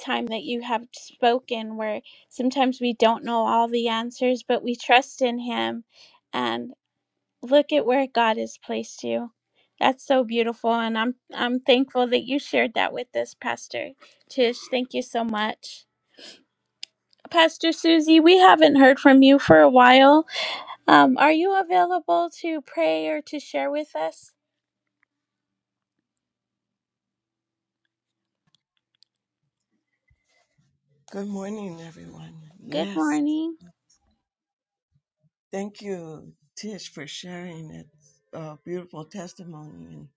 time that you have spoken, where sometimes we don't know all the answers, but we trust in Him and look at where God has placed you. That's so beautiful and I'm I'm thankful that you shared that with us, Pastor Tish. Thank you so much. Pastor Susie, we haven't heard from you for a while. Um, are you available to pray or to share with us? Good morning, everyone. Good Yes, morning. thank you, Tish, for sharing that uh, beautiful testimony. And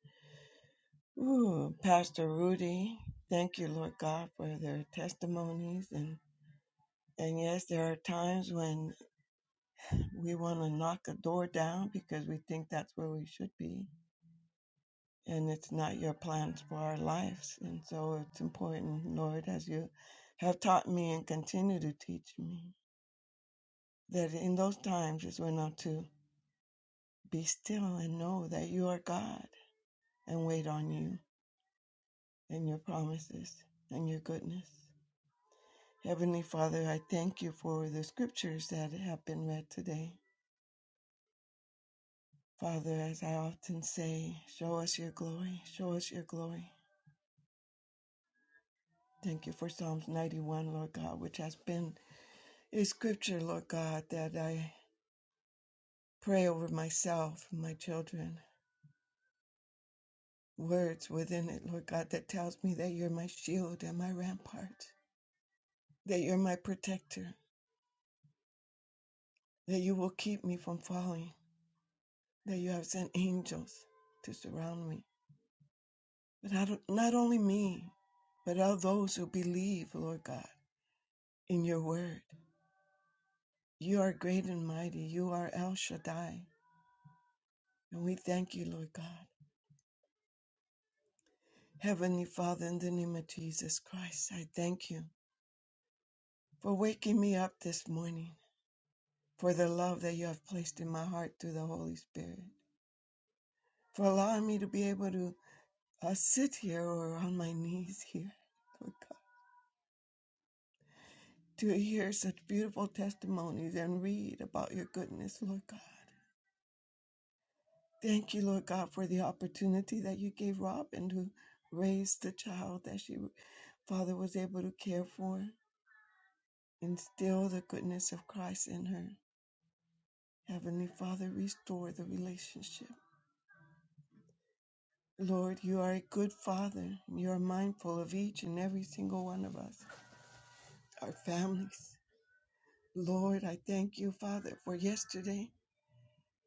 ooh, Pastor Rudy, thank you, Lord God, for their testimonies. And and yes, there are times when we want to knock a door down because we think that's where we should be, and it's not your plans for our lives. And so it's important, Lord, as you have taught me and continue to teach me, that in those times is when I'm to Be still and know that you are God and wait on you and your promises and your goodness. Heavenly Father, I thank you for the scriptures that have been read today. Father, as I often say, show us your glory, show us your glory. Thank you for Psalms 91, Lord God, which has been a scripture, Lord God, that I pray over myself and my children. Words within it, Lord God, that tells me that you're my shield and my rampart, that you're my protector, that you will keep me from falling, that you have sent angels to surround me. But not, not only me, but all those who believe, Lord God, in your word. You are great and mighty. You are El Shaddai. And we thank you, Lord God. Heavenly Father, in the name of Jesus Christ, I thank you for waking me up this morning, for the love that you have placed in my heart through the Holy Spirit, for allowing me to be able to uh, sit here or on my knees here, Lord God to hear such beautiful testimonies and read about your goodness, Lord God. Thank you, Lord God, for the opportunity that you gave Robin to raise the child that she, Father, was able to care for. Instill the goodness of Christ in her. Heavenly Father, restore the relationship. Lord, you are a good Father. You are mindful of each and every single one of us, our families. Lord, I thank you, Father, for yesterday.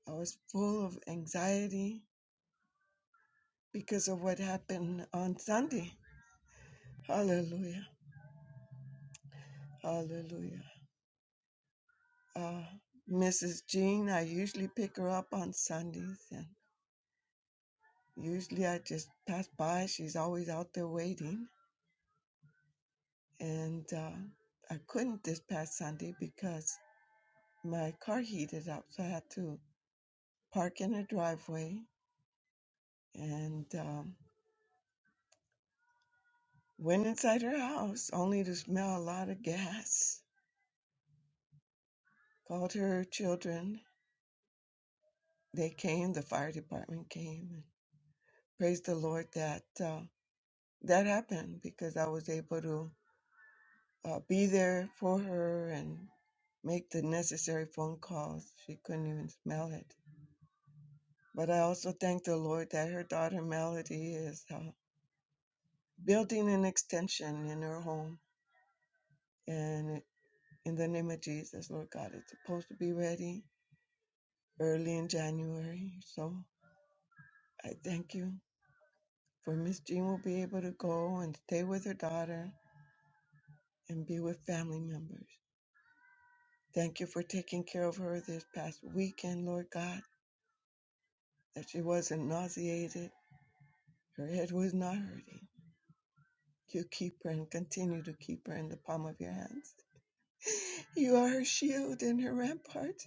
I was full of anxiety because of what happened on Sunday. Hallelujah. Hallelujah. Uh, Mrs. Jean, I usually pick her up on Sundays, and usually I just pass by. She's always out there waiting. And uh, I couldn't this past Sunday because my car heated up, so I had to park in her driveway and um, went inside her house only to smell a lot of gas. Called her children. They came, the fire department came, praise the Lord that uh, that happened because I was able to uh, be there for her and make the necessary phone calls. She couldn't even smell it. But I also thank the Lord that her daughter Melody is uh, building an extension in her home. And in the name of Jesus, Lord God, it's supposed to be ready early in January. So I thank you for Miss Jean will be able to go and stay with her daughter and be with family members. Thank you for taking care of her this past weekend, Lord God, that she wasn't nauseated, her head was not hurting. You keep her and continue to keep her in the palm of your hands. [laughs] You are her shield and her rampart.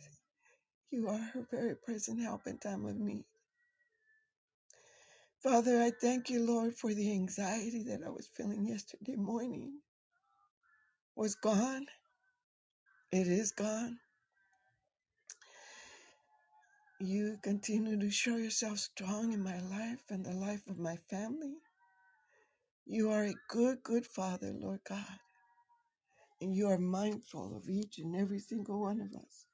You are her very present help in time of need. Father, I thank you, Lord, for the anxiety that I was feeling yesterday morning was gone. It is gone. You continue to show yourself strong in my life and the life of my family. You are a good, good Father, Lord God, and you are mindful of each and every single one of us.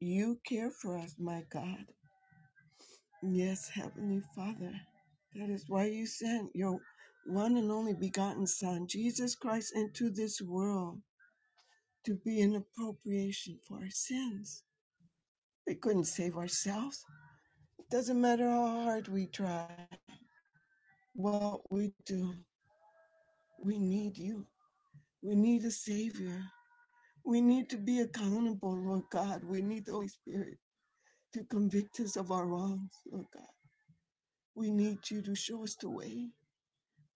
You care for us, my God. Yes, Heavenly Father, that is why you sent your one and only begotten Son, Jesus Christ, into this world to be an appropriation for our sins. We couldn't save ourselves. It doesn't matter how hard we try, what we do, we need you. We need a Savior. We need to be accountable, Lord God. We need the Holy Spirit to convict us of our wrongs, Lord God. We need you to show us the way.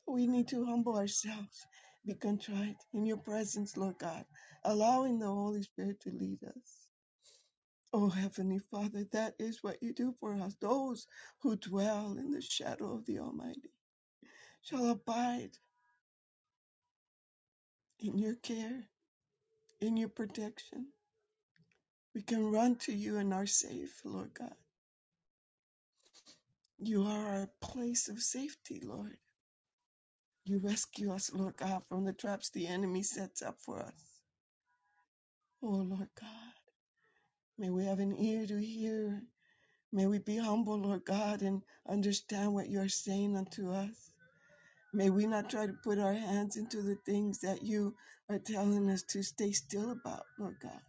We need to humble ourselves, be contrite in your presence, Lord God, allowing the Holy Spirit to lead us. Oh, Heavenly Father, that is what you do for us. Those who dwell in the shadow of the Almighty shall abide in your care, in your protection. We can run to you and are safe, Lord God. You are our place of safety, Lord. You rescue us, Lord God, from the traps the enemy sets up for us. Oh, Lord God, may we have an ear to hear. May we be humble, Lord God, and understand what you are saying unto us. May we not try to put our hands into the things that you are telling us to stay still about, Lord God.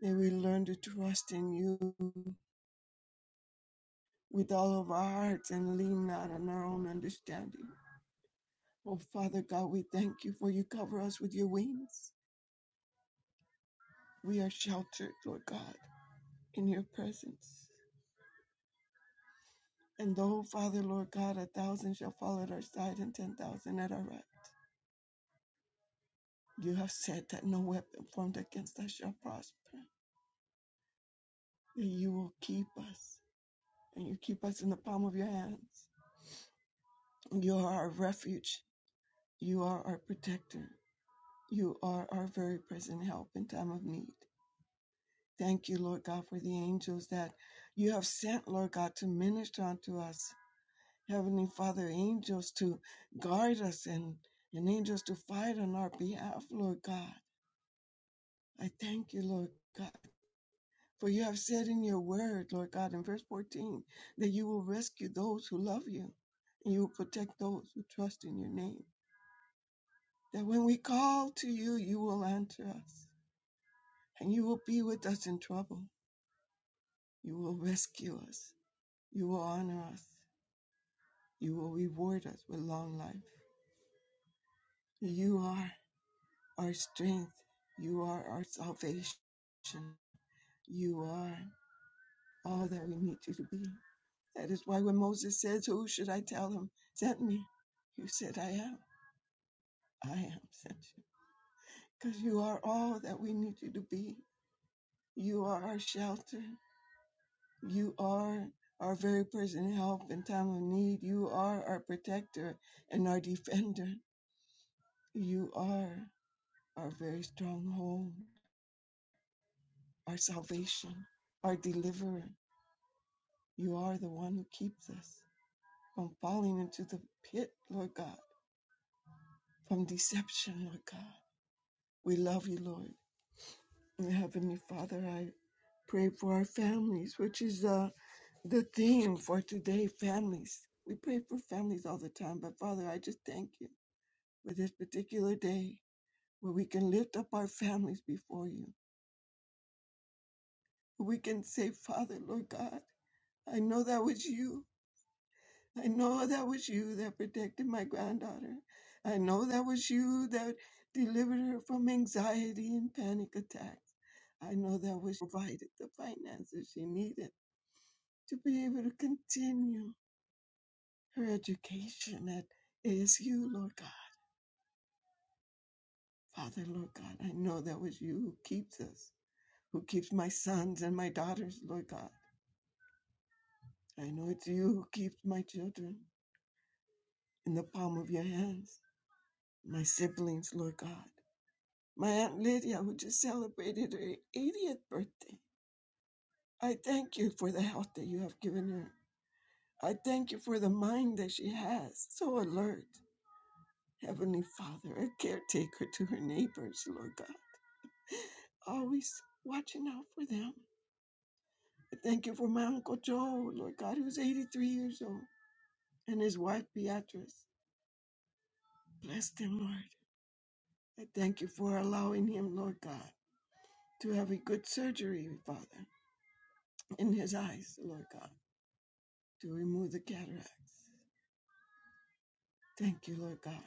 May we learn to trust in you with all of our hearts and lean not on our own understanding. Oh, Father God, we thank you for you cover us with your wings. We are sheltered, Lord God, in your presence. And though, Father, Lord God, a thousand shall fall at our side and ten thousand at our right, you have said that no weapon formed against us shall prosper, that you will keep us, and you keep us in the palm of your hands. You are our refuge, you are our protector, you are our very present help in time of need. Thank you, Lord God, for the angels that you have sent, Lord God, to minister unto us. Heavenly Father, angels to guard us and, and angels to fight on our behalf, Lord God. I thank you, Lord God. For you have said in your word, Lord God, in verse 14, that you will rescue those who love you and you will protect those who trust in your name. That when we call to you, you will answer us and you will be with us in trouble. You will rescue us. You will honor us. You will reward us with long life. You are our strength. You are our salvation. You are all that we need you to be. That is why when Moses says, Who should I tell him sent me? You said, I am. I am sent you. Because you are all that we need you to be. You are our shelter. You are our very present help in time of need. You are our protector and our defender. You are our very stronghold. our salvation, our deliverer. You are the one who keeps us from falling into the pit, Lord God, from deception, Lord God. We love you, Lord. And Heavenly Father, I pray for our families, which is uh, the theme for today families. We pray for families all the time, but Father, I just thank you for this particular day where we can lift up our families before you. We can say, Father, Lord God, I know that was you I know that was you that protected my granddaughter. I know that was you that delivered her from anxiety and panic attacks. I know that was you provided the finances she needed to be able to continue her education at ASU, Lord God. Father, Lord God, I know that was you who keeps us, who keeps my sons and my daughters, Lord God. I know it's you who keeps my children in the palm of your hands, my siblings, Lord God. My Aunt Lydia, who just celebrated her 80th birthday, I thank you for the health that you have given her. I thank you for the mind that she has, so alert. Heavenly Father, a caretaker to her neighbors, Lord God, always watching out for them. I thank you for my Uncle Joe, Lord God, who's 83 years old, and his wife Beatrice. Bless them, Lord. I thank you for allowing him, Lord God, to have a good surgery, Father, in his eyes, Lord God. to remove the cataracts. Thank you, Lord God,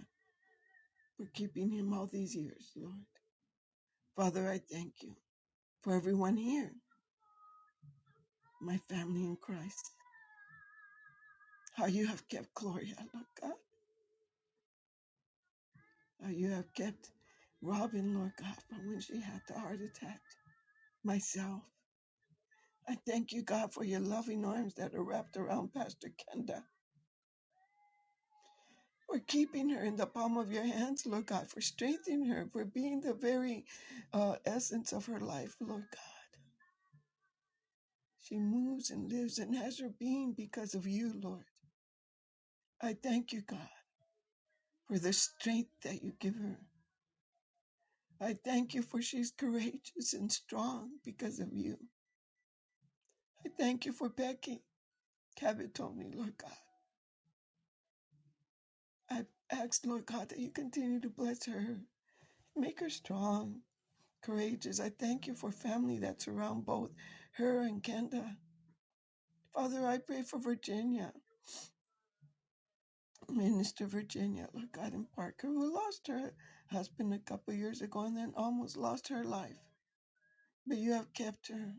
for keeping him all these years, Lord. Father, I thank you for everyone here, my family in Christ, how you have kept Gloria, Lord God, how you have kept Robin, Lord God, from when she had the heart attack, myself. I thank you, God, for your loving arms that are wrapped around Pastor Kenda, for keeping her in the palm of your hands, Lord God, for strengthening her, for being the very uh, essence of her life, Lord God. She moves and lives and has her being because of you, Lord. I thank you, God, for the strength that you give her. I thank you for she's courageous and strong because of you. I thank you for Becky Cavatoni, Lord God. I ask, Lord God, that you continue to bless her, make her strong, courageous. I thank you for family that surround both her and Kenda. Father, I pray for Virginia. Minister Virginia, Lord God, and Parker, who lost her husband a couple years ago and then almost lost her life. But you have kept her.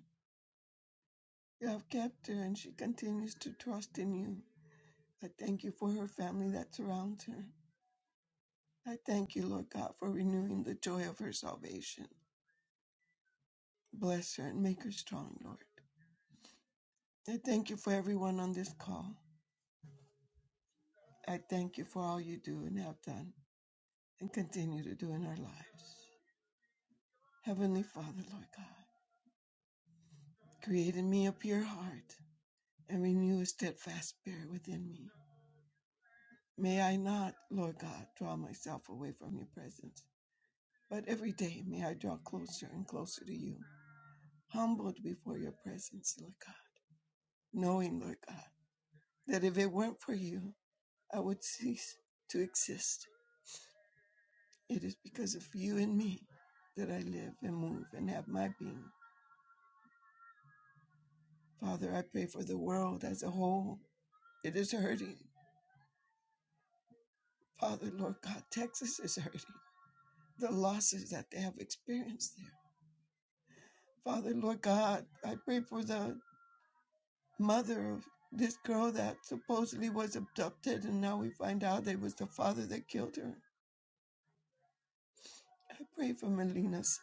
You have kept her, and she continues to trust in you. I thank you for her family that surrounds her. I thank you, Lord God, for renewing the joy of her salvation. Bless her and make her strong, Lord. I thank you for everyone on this call. I thank you for all you do and have done and continue to do in our lives. Heavenly Father, Lord God, create in me a pure heart and renew a steadfast spirit within me. May I not, Lord God, draw myself away from your presence, but every day may I draw closer and closer to you, humbled before your presence, Lord God, knowing, Lord God, that if it weren't for you, I would cease to exist. It is because of you and me that I live and move and have my being. Father, I pray for the world as a whole. It is hurting. Father, Lord God, Texas is hurting. The losses that they have experienced there. Father, Lord God, I pray for the mother of this girl that supposedly was abducted and now we find out it was the father that killed her. I pray for Melina's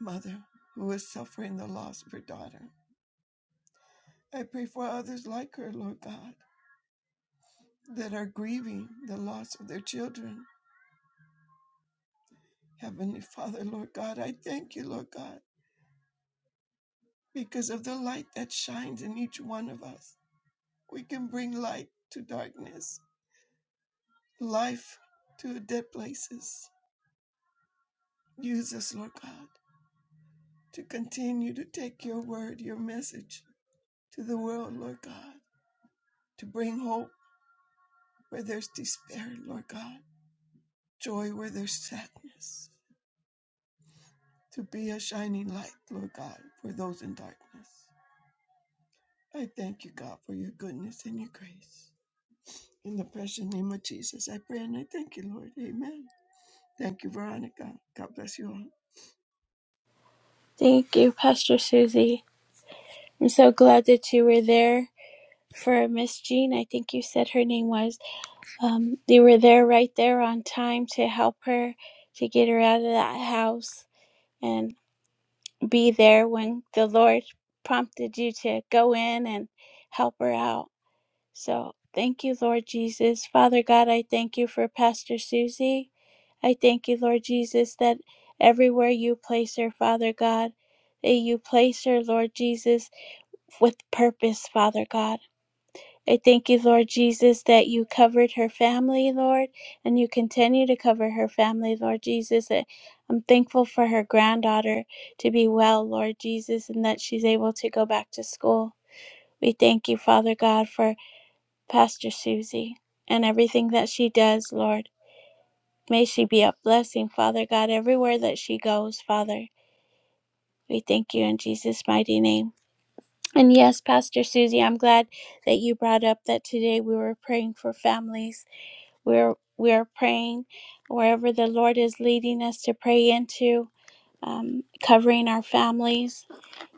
mother who is suffering the loss of her daughter. I pray for others like her, Lord God, that are grieving the loss of their children. Heavenly Father, Lord God, I thank you, Lord God, because of the light that shines in each one of us. We can bring light to darkness, life to dead places Use us, Lord God, to continue to take your word, your message to the world, Lord God, to bring hope where there's despair, Lord God, joy where there's sadness, to be a shining light, Lord God, for those in darkness. I thank you, God, for your goodness and your grace. In the precious name of Jesus, I pray and I thank you, Lord. Amen. Thank you, Veronica. God bless you all. Thank you, Pastor Susie. I'm so glad that you were there for Miss Jean. I think you said her name was. Um, you were there right there on time to help her to get her out of that house. and. be there when the Lord prompted you to go in and help her out. So thank you, Lord Jesus. Father God, I thank you for Pastor Susie. I thank you, Lord Jesus, that everywhere you place her, Father God, that you place her, Lord Jesus, with purpose, Father God. I thank you, Lord Jesus, that you covered her family, Lord, and you continue to cover her family, Lord Jesus. I- I'm thankful for her granddaughter to be well, Lord Jesus, and that she's able to go back to school. We thank you, Father God, for Pastor Susie and everything that she does, Lord. May she be a blessing, Father God, everywhere that she goes, Father. We thank you in Jesus' mighty name. And yes, Pastor Susie, I'm glad that you brought up that today we were praying for families we're we're praying wherever the Lord is leading us to pray into, um, covering our families.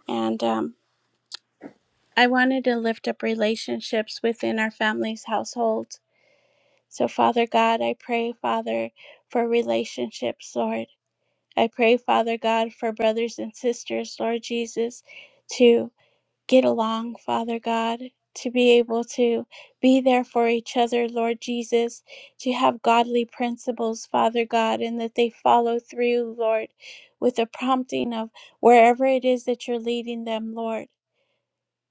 And um, I wanted to lift up relationships within our families' households. So, Father God, I pray, Father, for relationships, Lord. I pray, Father God, for brothers and sisters, Lord Jesus, too. get along, Father God, to be able to be there for each other, Lord Jesus, to have godly principles, Father God, and that they follow through, Lord, with the prompting of wherever it is that you're leading them, Lord.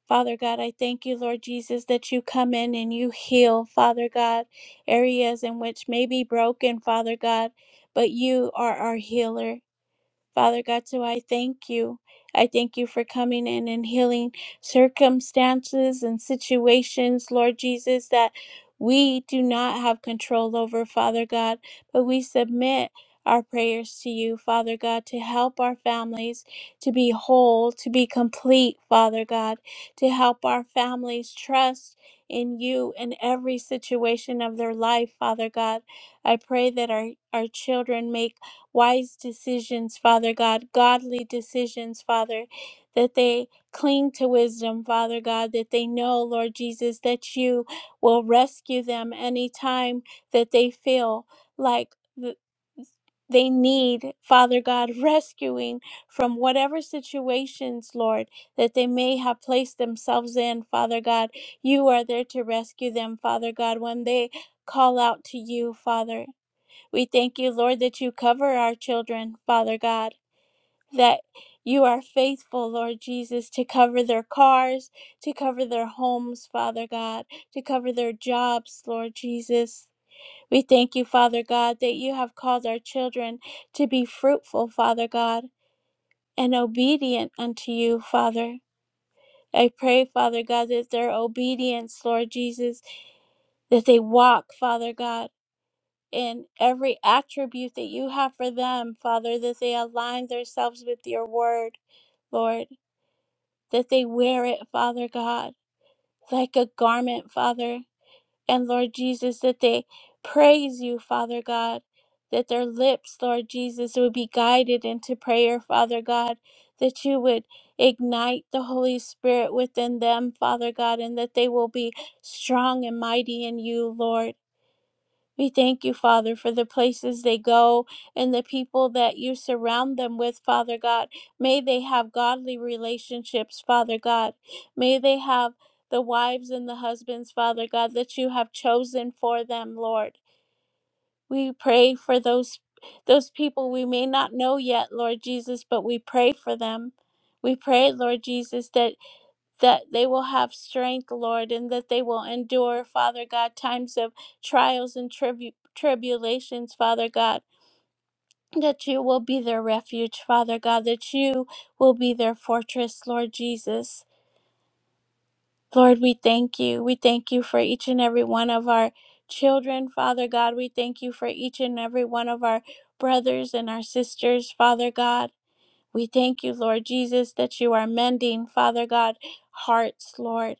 Father God, I thank you, Lord Jesus, that you come in and you heal, Father God, areas in which may be broken, Father God, but you are our healer. Father God, so I thank you. I thank you for coming in and healing circumstances and situations, Lord Jesus, that we do not have control over, Father God, but we submit our prayers to you, Father God, to help our families to be whole, to be complete, Father God, to help our families trust in you in every situation of their life, Father God. I pray that our, our children make wise decisions, Father God, godly decisions, Father, that they cling to wisdom, Father God, that they know, Lord Jesus, that you will rescue them anytime that they feel like th- they need, Father God, rescuing from whatever situations, Lord, that they may have placed themselves in, Father God. You are there to rescue them, Father God, when they call out to you, Father. We thank you, Lord, that you cover our children, Father God, that you are faithful, Lord Jesus, to cover their cars, to cover their homes, Father God, to cover their jobs, Lord Jesus. We thank you, Father God, that you have called our children to be fruitful, Father God, and obedient unto you, Father. I pray, Father God, that their obedience, Lord Jesus, that they walk, Father God. in every attribute that you have for them, Father, that they align themselves with your word, Lord, that they wear it, Father God, like a garment, Father. And Lord Jesus, that they praise you, Father God, that their lips, Lord Jesus, would be guided into prayer, Father God, that you would ignite the Holy Spirit within them, Father God, and that they will be strong and mighty in you, Lord. We thank you, Father, for the places they go and the people that you surround them with, Father God. May they have godly relationships, Father God. May they have the wives and the husbands, Father God, that you have chosen for them, Lord. We pray for those those people we may not know yet, Lord Jesus, but we pray for them. We pray, Lord Jesus, that that they will have strength, Lord, and that they will endure, Father God, times of trials and tribu- tribulations, Father God. That you will be their refuge, Father God, that you will be their fortress, Lord Jesus. Lord, we thank you. We thank you for each and every one of our children, Father God. We thank you for each and every one of our brothers and our sisters, Father God. We thank you, Lord Jesus, that you are mending, Father God, hearts, Lord.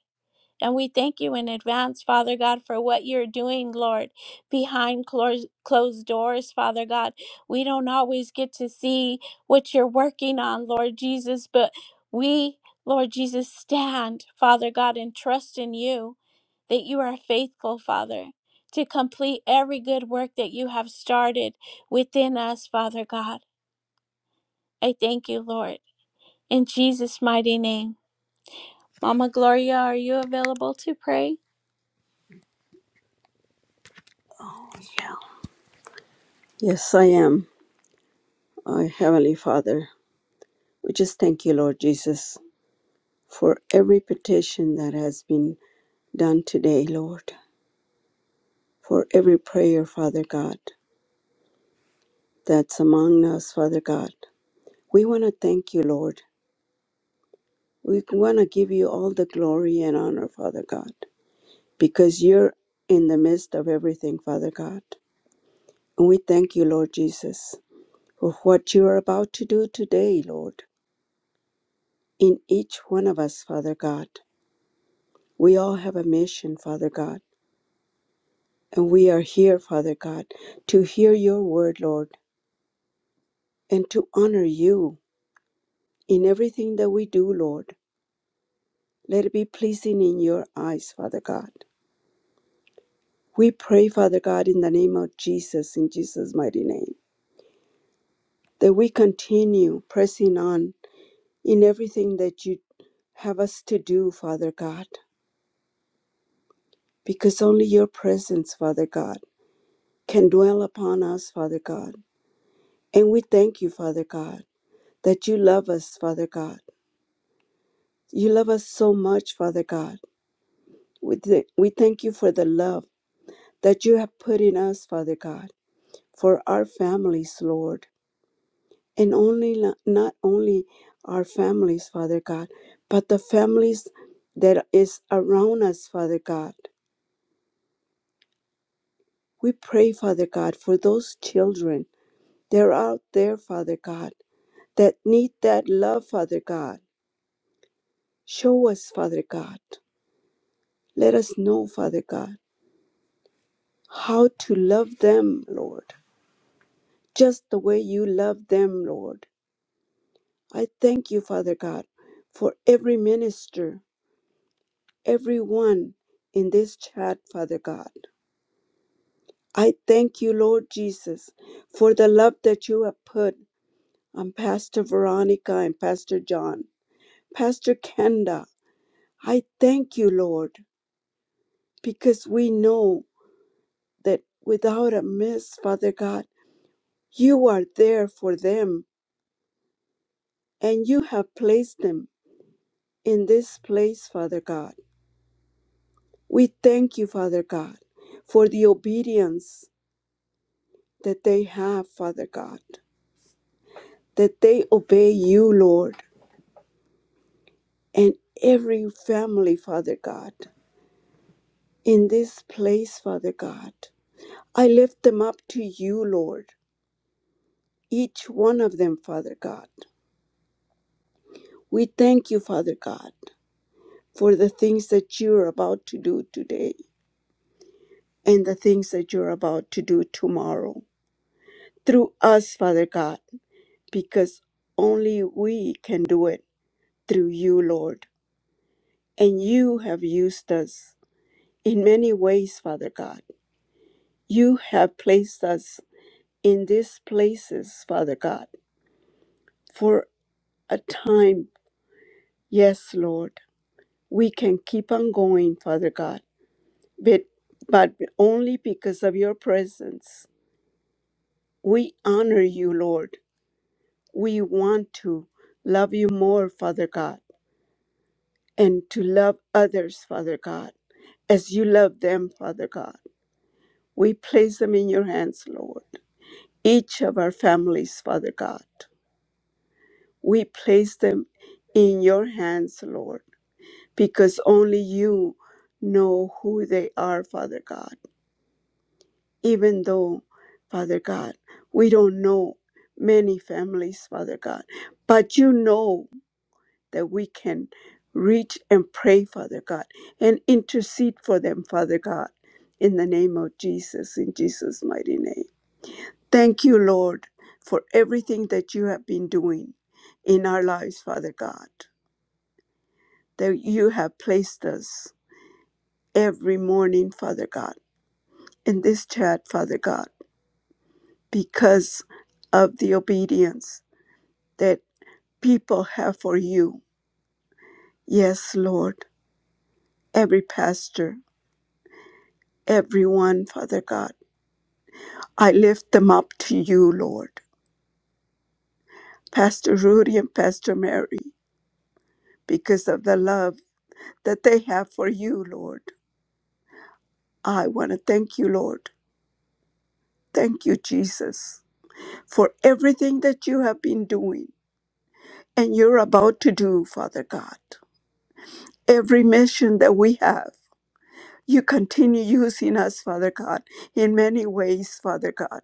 And we thank you in advance, Father God, for what you're doing, Lord, behind closed, closed doors, Father God. We don't always get to see what you're working on, Lord Jesus, but we, Lord Jesus, stand, Father God, and trust in you that you are faithful, Father, to complete every good work that you have started within us, Father God. I thank you, Lord. In Jesus' mighty name. Mama Gloria, are you available to pray? Yes, I am, our Heavenly Father. We just thank you, Lord Jesus, for every petition that has been done today, Lord, for every prayer, Father God, that's among us, Father God. We want to thank you, Lord. We want to give you all the glory and honor, Father God, because you're in the midst of everything, Father God. And we thank you, Lord Jesus, for what you are about to do today, Lord, in each one of us, Father God. We all have a mission, Father God, and we are here, Father God, to hear your word, Lord, and to honor you in everything that we do, Lord. Let it be pleasing in your eyes, Father God. We pray, Father God, in the name of Jesus, in Jesus' mighty name, that we continue pressing on in everything that you have us to do, Father God, because only your presence, Father God, can dwell upon us, Father God. And we thank you, Father God that you love us, Father God. You love us so much, Father God. We, th- we thank you for the love that you have put in us, Father God, for our families, Lord. And only lo- not only our families, Father God, but the families that is around us, Father God. We pray, Father God, for those children. that are out there, Father God, that need that love, Father God. Show us, Father God. Let us know, Father God how to love them, Lord, just the way you love them, Lord. I thank you, Father God, for every minister, everyone in this chat, Father God. I thank you, Lord Jesus, for the love that you have put on Pastor Veronica and Pastor John, Pastor Kenda. I thank you, Lord, because we know that without a miss, Father God, you are there for them and you have placed them in this place, Father God. We thank you, Father God, for the obedience that they have, Father God, that they obey you, Lord, and every family, Father God, in this place, Father God. I lift them up to you, Lord, each one of them, Father God. We thank you, Father God, for the things that you're about to do today and the things that you're about to do tomorrow through us, Father God because only we can do it through you, Lord. And you have used us in many ways, Father God. You have placed us in these places, Father God, for a time. Yes, Lord, we can keep on going, Father God, but, but only because of your presence. We honor you, Lord. We want to love you more, Father God and to love others, Father God, as you love them, Father God. We place them in your hands, Lord. Each of our families, Father God, we place them in your hands, Lord, because only you know who they are, Father God. Even though, Father God, we don't know many families, Father God, but you know that we can reach and pray, Father God, and intercede for them, Father God, in the name of Jesus, in Jesus' mighty name. Thank you, Lord, for everything that you have been doing in our lives, Father God, that you have placed us every morning, Father God, in this chat, Father God, because of the obedience that people have for you. Yes, Lord, every pastor, everyone, Father God. I lift them up to you, Lord, Pastor Rudy and Pastor Mary, because of the love that they have for you, Lord. I want to thank you, Lord. Thank you, Jesus, for everything that you have been doing and you're about to do, Father God. Every mission that we have, you continue using us, Father God, in many ways, Father God.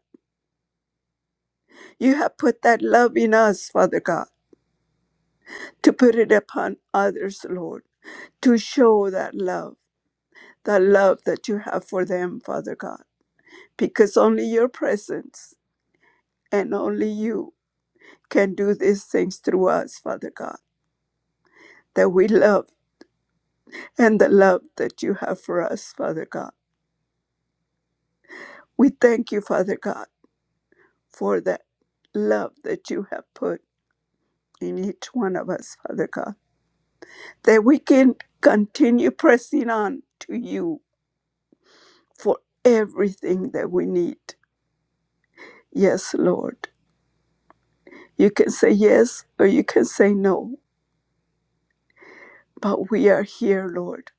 You have put that love in us, Father God, to put it upon others, Lord, to show that love the love that you have for them, Father God, because only your presence and only you can do these things through us, Father God, that we love and the love that you have for us, Father God. We thank you, Father God, for that love that you have put in each one of us, Father God, that we can continue pressing on to you for everything that we need. Yes, Lord. You can say yes or you can say no But we are here, Lord,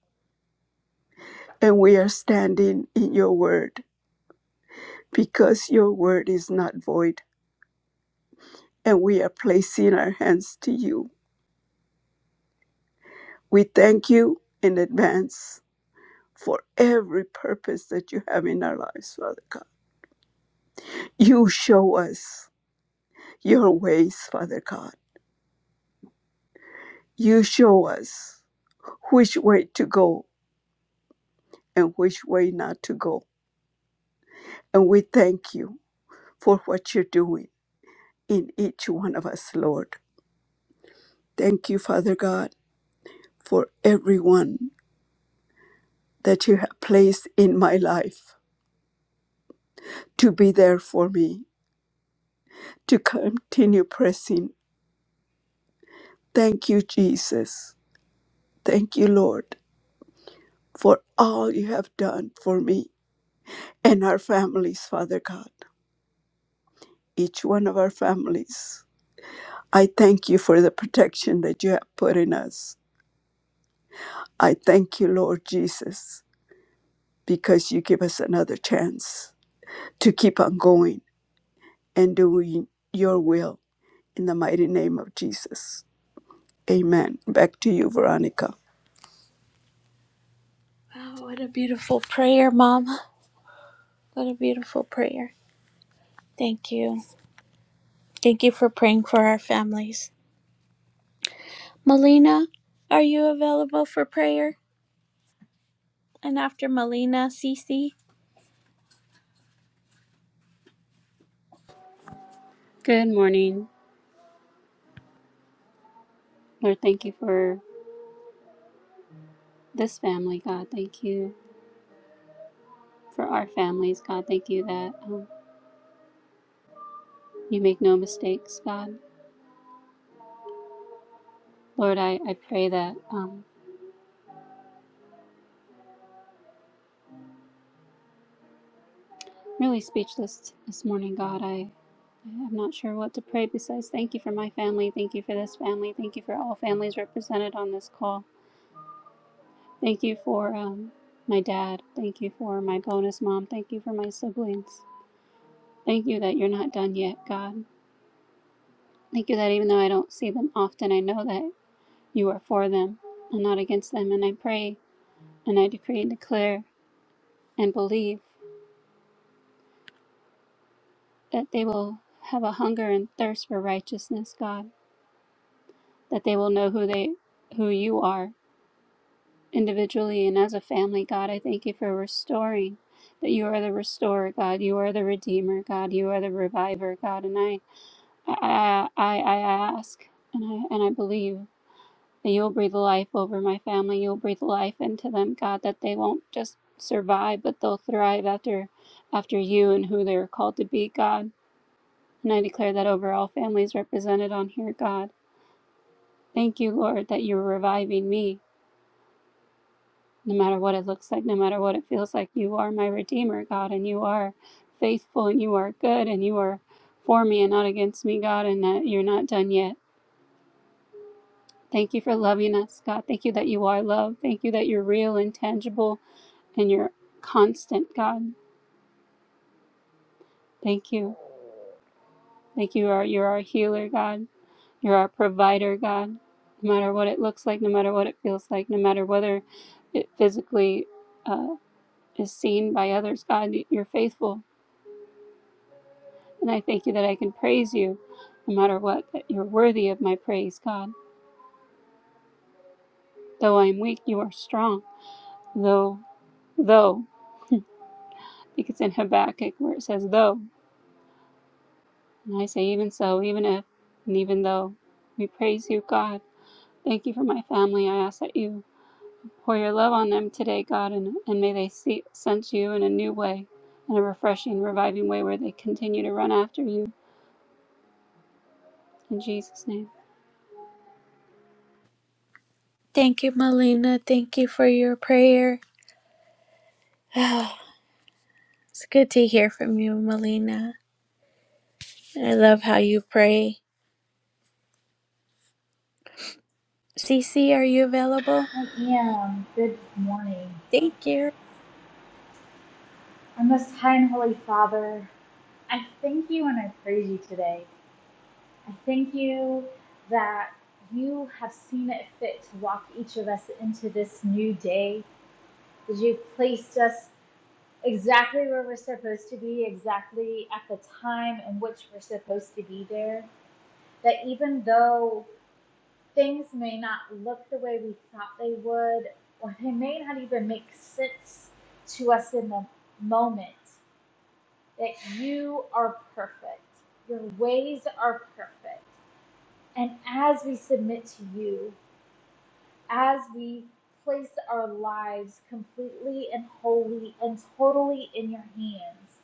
and we are standing in your word because your word is not void, and we are placing our hands to you. We thank you in advance for every purpose that you have in our lives, Father God. You show us your ways, Father God. You show us which way to go and which way not to go. And we thank you for what you're doing in each one of us, Lord. Thank you, Father God for everyone that you have placed in my life to be there for me, to continue pressing. Thank you, Jesus. Thank you, Lord, for all you have done for me and our families, Father God, each one of our families. I thank you for the protection that you have put in us. I thank you, Lord Jesus, because you give us another chance to keep on going and doing your will in the mighty name of Jesus. Amen. Back to you, Veronica. Wow, what a beautiful prayer, Mom. What a beautiful prayer. Thank you. Thank you for praying for our families. Melina, are you available for prayer? And after Melina, Cece. Good morning. Lord, thank you for this family, God. Thank you for our families, God. Thank you that um, you make no mistakes, God. Lord, I, I pray that um, really speechless this morning, God. I, I'm not sure what to pray besides thank you for my family. Thank you for this family. Thank you for all families represented on this call. Thank you for um, my dad. Thank you for my bonus mom. Thank you for my siblings. Thank you that you're not done yet, God. Thank you that even though I don't see them often, I know that. You are for them and not against them. And I pray and I decree and declare and believe that they will have a hunger and thirst for righteousness, God, that they will know who they who you are individually and as a family, God. I thank you for restoring that you are the restorer, God. You are the redeemer, God. You are the reviver, God. And I I I, I I ask and I and I believe. That you'll breathe life over my family. You'll breathe life into them, God, that they won't just survive, but they'll thrive after after you and who they're called to be, God. And I declare that over all families represented on here, God. Thank you, Lord, that you're reviving me, no matter what it looks like, no matter what it feels like. You are my Redeemer, God, and you are faithful and you are good and you are for me and not against me, God, and that you're not done yet. Thank you for loving us, God. Thank you that you are love. Thank you that you're real and tangible and you're constant, God. Thank you. Thank you. Are you're our healer, God. You're our provider, God. No matter what it looks like, no matter what it feels like, no matter whether it physically uh, is seen by others, God, you're faithful. And I thank you that I can praise you no matter what, that you're worthy of my praise, God. Though I am weak, you are strong. Though, though, I think it's in Habakkuk where it says, though. And I say, even so, even if, and even though. We praise you, God. Thank you for my family. I ask that you pour your love on them today, God, and, and may they see, sense you in a new way, in a refreshing, reviving way where they continue to run after you. In Jesus' name. Thank you, Melina. Thank you for your prayer. [sighs] it's good to hear from you, Melina. I love how you pray. Cece, are you available? I am. Good morning. Thank you. Our most high and holy Father, I thank you and I praise you today. I thank you that you have seen it fit to walk each of us into this new day, that you've placed us exactly where we're supposed to be, exactly at the time in which we're supposed to be there. That even though things may not look the way we thought they would, or they may not even make sense to us in the moment, that you are perfect. Your ways are perfect. And as we submit to you, as we place our lives completely and wholly and totally in your hands,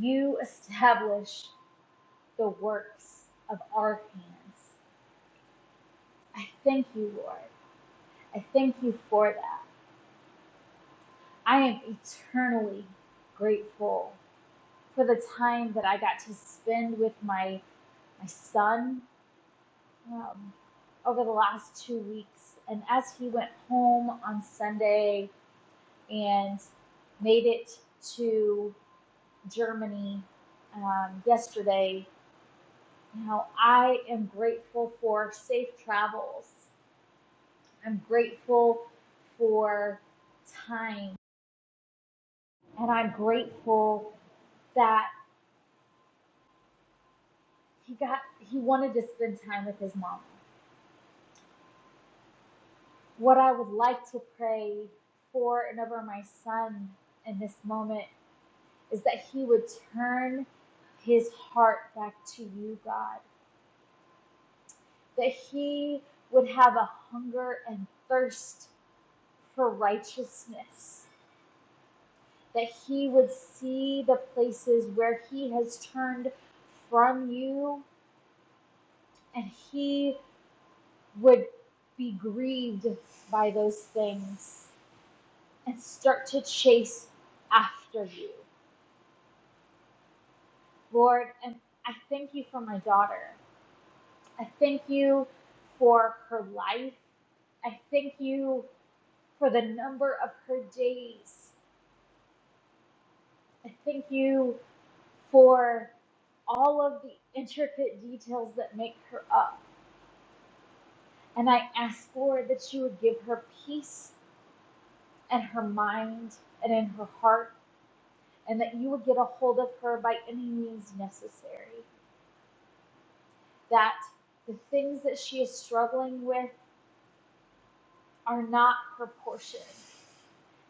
you establish the works of our hands. I thank you, Lord. I thank you for that. I am eternally grateful for the time that I got to spend with my my son um, over the last two weeks, and as he went home on Sunday and made it to Germany um, yesterday, you know, I am grateful for safe travels. I'm grateful for time, and I'm grateful that he got he wanted to spend time with his mom. What I would like to pray for and over my son in this moment is that he would turn his heart back to you, God. That he would have a hunger and thirst for righteousness. That he would see the places where he has turned from you and he would be grieved by those things and start to chase after you, Lord. And I thank you for my daughter. I thank you for her life. I thank you for the number of her days. I thank you for all of the intricate details that make her up. And I ask, Lord, that you would give her peace in her mind and in her heart, and that you would get a hold of her by any means necessary. that the things that she is struggling with are not proportioned,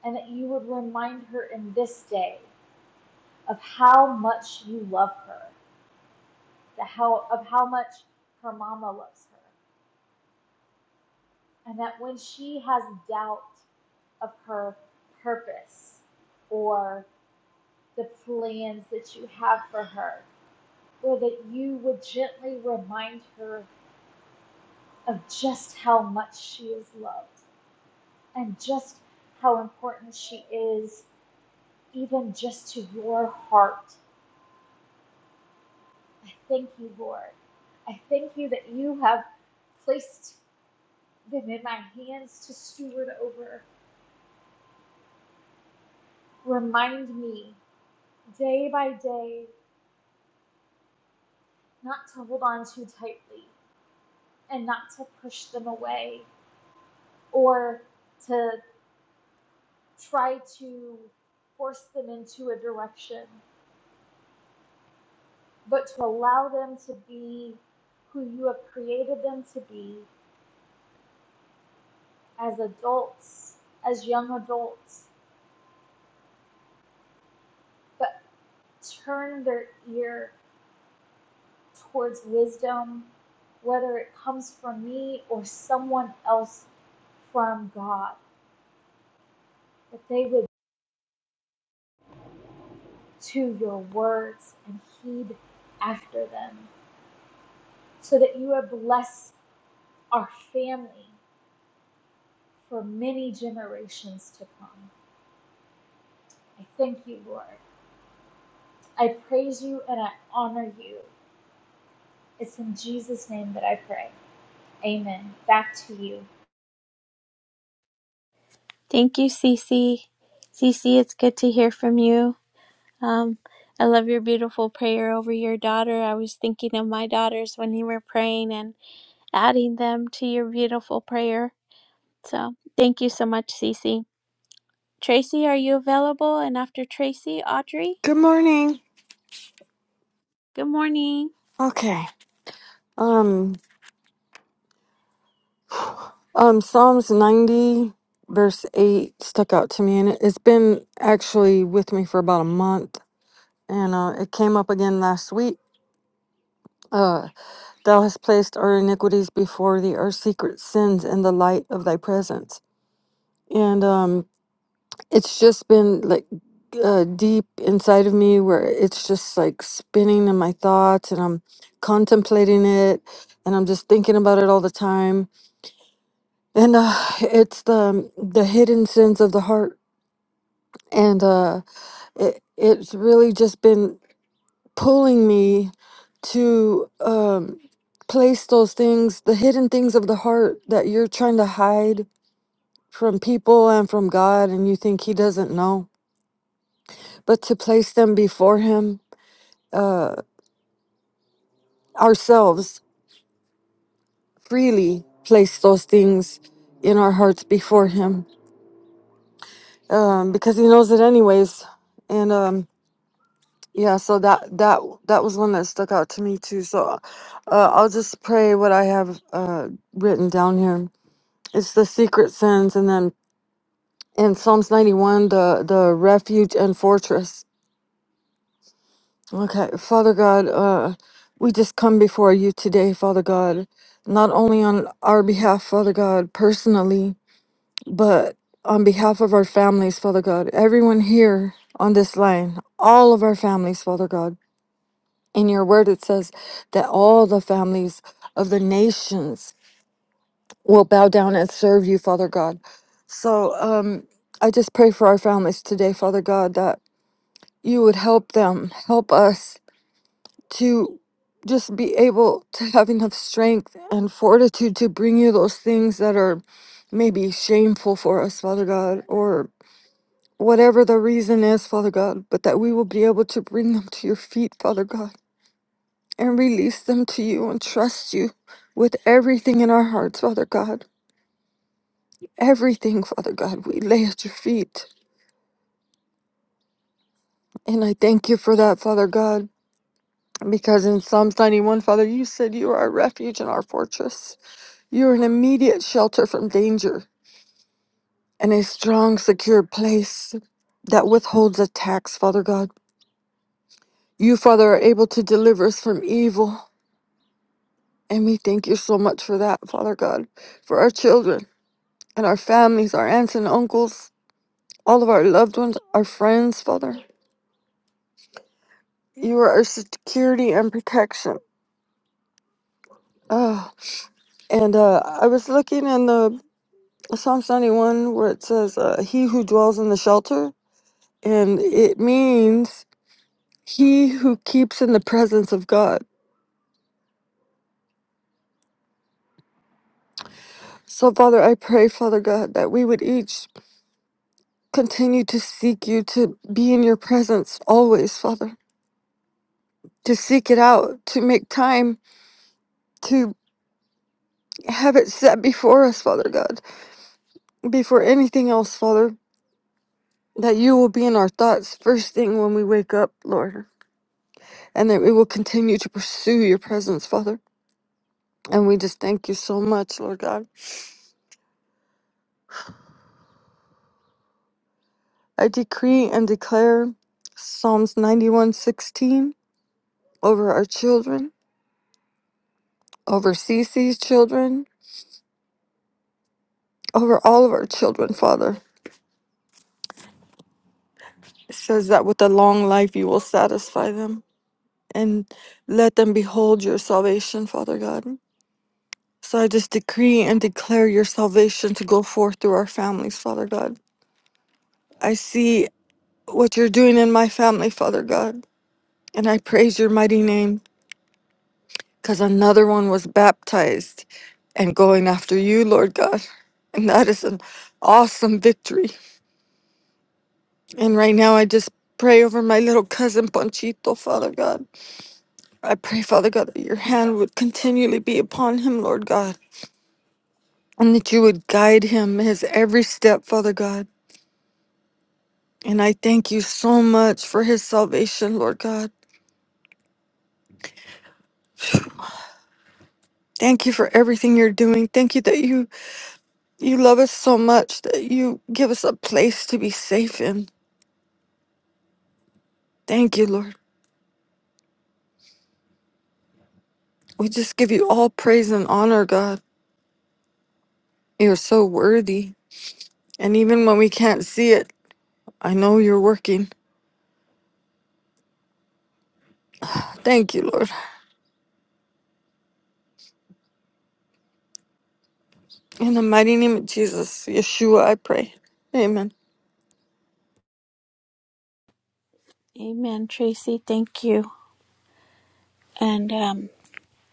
and that you would remind her in this day of how much you love her, the how, of how much her mama loves her, and that when she has doubt of her purpose or the plans that you have for her, or that you would gently remind her of just how much she is loved and just how important she is even just to your heart. I thank you, Lord. I thank you that you have placed them in my hands to steward over. Remind me day by day not to hold on too tightly and not to push them away or to try to force them into a direction, but to allow them to be who you have created them to be as adults, as young adults, but. turn their ear towards wisdom, whether it comes from me or someone else from God, that they would to your words and heed after them, so that you would bless our family for many generations to come. I thank you, Lord. I praise you and I honor you. It's in Jesus' name that I pray. Amen. Back to you. Thank you, Cece. Cece, it's good to hear from you. Um, I love your beautiful prayer over your daughter. I was thinking of my daughters when you were praying and adding them to your beautiful prayer. So thank you so much, Cece. Tracy, are you available? And after Tracy, Audrey, Good morning. good morning. Okay. Um um Psalms 90 verse 8 stuck out to me and it, it's been actually with me for about a month and uh it came up again last week. Uh thou hast placed our iniquities before thee, our secret sins in the light of thy presence. And um it's just been like uh, deep inside of me where it's just like spinning in my thoughts and I'm contemplating it and I'm just thinking about it all the time and uh, it's the um, the hidden sins of the heart and uh it, it's really just been pulling me to um place those things the hidden things of the heart that you're trying to hide from people and from god and you think he doesn't know but to place them before him uh ourselves freely place those things in our hearts before him um because he knows it anyways and um Yeah, so that that that was one that stuck out to me too. So, uh, I'll just pray what I have uh, written down here. It's the secret sins, and then in Psalms ninety one, the the refuge and fortress. Okay, Father God, uh, we just come before you today, Father God, not only on our behalf, Father God, personally, but on behalf of our families, Father God, everyone here on this line, all of our families, Father God. in your word it says that all the families of the nations will bow down and serve you father god so um i just pray for our families today father god that you would help them help us to just be able to have enough strength and fortitude to bring you those things that are maybe shameful for us father god or whatever the reason is father god but that we will be able to bring them to your feet father god and release them to you and trust you with everything in our hearts, Father God. Everything, Father God, we lay at your feet. And I thank you for that, Father God, because in Psalms 91, Father, you said you are our refuge and our fortress. You are an immediate shelter from danger and a strong, secure place that withholds attacks, Father God. You, Father, are able to deliver us from evil. And we thank you so much for that, Father God, for our children and our families, our aunts and uncles, all of our loved ones, our friends, Father. You are our security and protection. Oh, and uh, I was looking in the Psalms 91 where it says, uh, He who dwells in the shelter, and it means he who keeps in the presence of God. So, Father, I pray, Father God, that we would each continue to seek you, to be in your presence always, Father, to seek it out, to make time, to have it set before us, Father God, before anything else, Father that you will be in our thoughts first thing when we wake up, Lord, and that we will continue to pursue your presence, Father. And we just thank you so much, Lord God. I decree and declare Psalms 91:16 over our children, over Cece's children, over all of our children, Father. It says that with a long life you will satisfy them and let them behold your salvation, Father God. So I just decree and declare your salvation to go forth through our families, Father God I see what you're doing in my family, Father God, and I praise your mighty name because another one was baptized and going after you, Lord God. And that is an awesome victory. And right now, I just pray over my little cousin Panchito, Father God. I pray, Father God, that your hand would continually be upon him, Lord God, and that you would guide him his every step, Father God. And I thank you so much for his salvation, Lord God. [sighs] Thank you for everything you're doing. Thank you that you you love us so much that you give us a place to be safe in. Thank you, Lord. We just give you all praise and honor, God. You're so worthy. And even when we can't see it, I know you're working. Thank you, Lord. In the mighty name of Jesus, Yeshua, I pray. Amen. Amen, Tracy. Thank you. And um,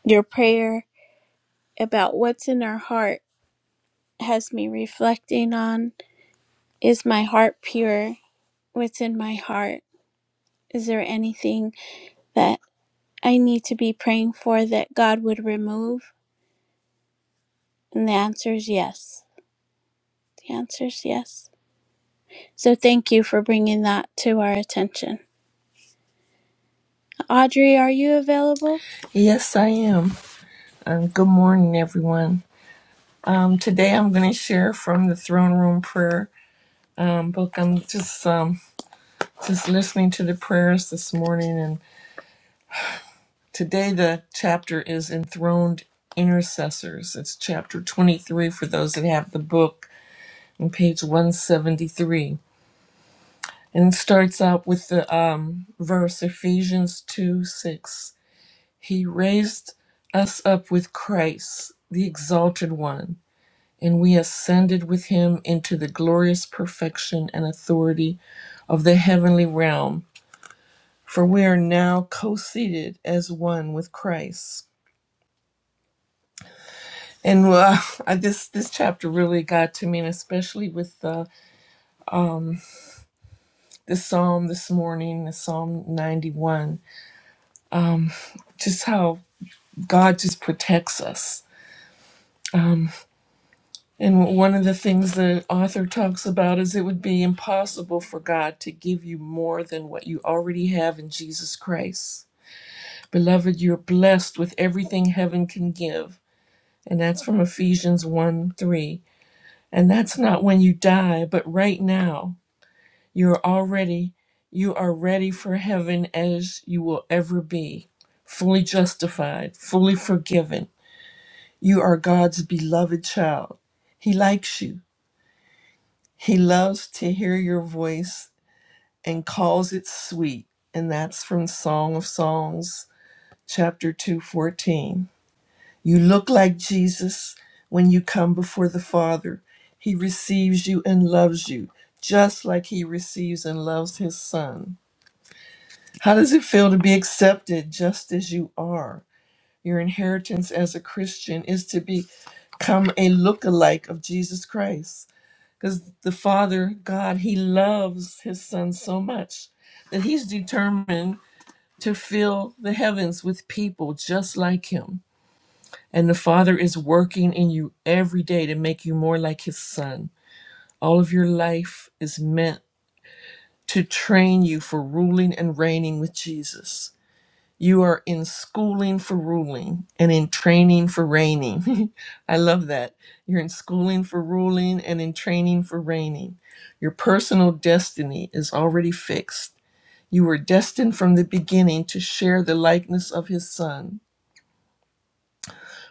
your prayer about what's in our heart has me reflecting on is my heart pure? What's in my heart? Is there anything? that? I need to be praying for that God would remove? And the answer is yes. The answer is yes. So thank you for bringing that to our attention. Audrey, are you available? Yes, I am. Um, good morning, everyone. Um, today I'm going to share from the Throne Room Prayer um, book. I'm just um, just listening to the prayers this morning, and today the chapter is Enthroned Intercessors. It's chapter 23 for those that have the book on page 173. And it starts out with the um, verse Ephesians 2 6. He raised us up with Christ, the Exalted One and we ascended with him into the glorious perfection and authority of the heavenly realm. For we are now co-seated as one with Christ. And uh, [laughs] I, this this chapter really got to me, and especially with uh, the psalm this morning, the Psalm 91, just how God just protects us. Um, and one of the things the author talks about is it would be impossible for God to give you more than what you already have in Jesus Christ. Beloved, you're blessed with everything heaven can give. And that's from Ephesians 1 3. And that's not when you die, but right now. You're already, you are ready for heaven as you will ever be. Fully justified, fully forgiven. You are God's beloved child. He likes you. He loves to hear your voice and calls it sweet. And that's from Song of Songs, chapter 214 You look like Jesus when you come before the Father. He receives you and loves you, just like He receives and loves His Son. How does it feel to be accepted just as you are? Your inheritance as a Christian is to become a lookalike of Jesus Christ. Because the Father, God, He loves His Son so much that He's determined to fill the heavens with people just like Him. And the Father is working in you every day to make you more like His Son. All of your life is meant to train you for ruling and reigning with Jesus. You are in schooling for ruling and in training for reigning. [laughs] I love that. You're in schooling for ruling and in training for reigning. Your personal destiny is already fixed. You were destined from the beginning to share the likeness of His Son.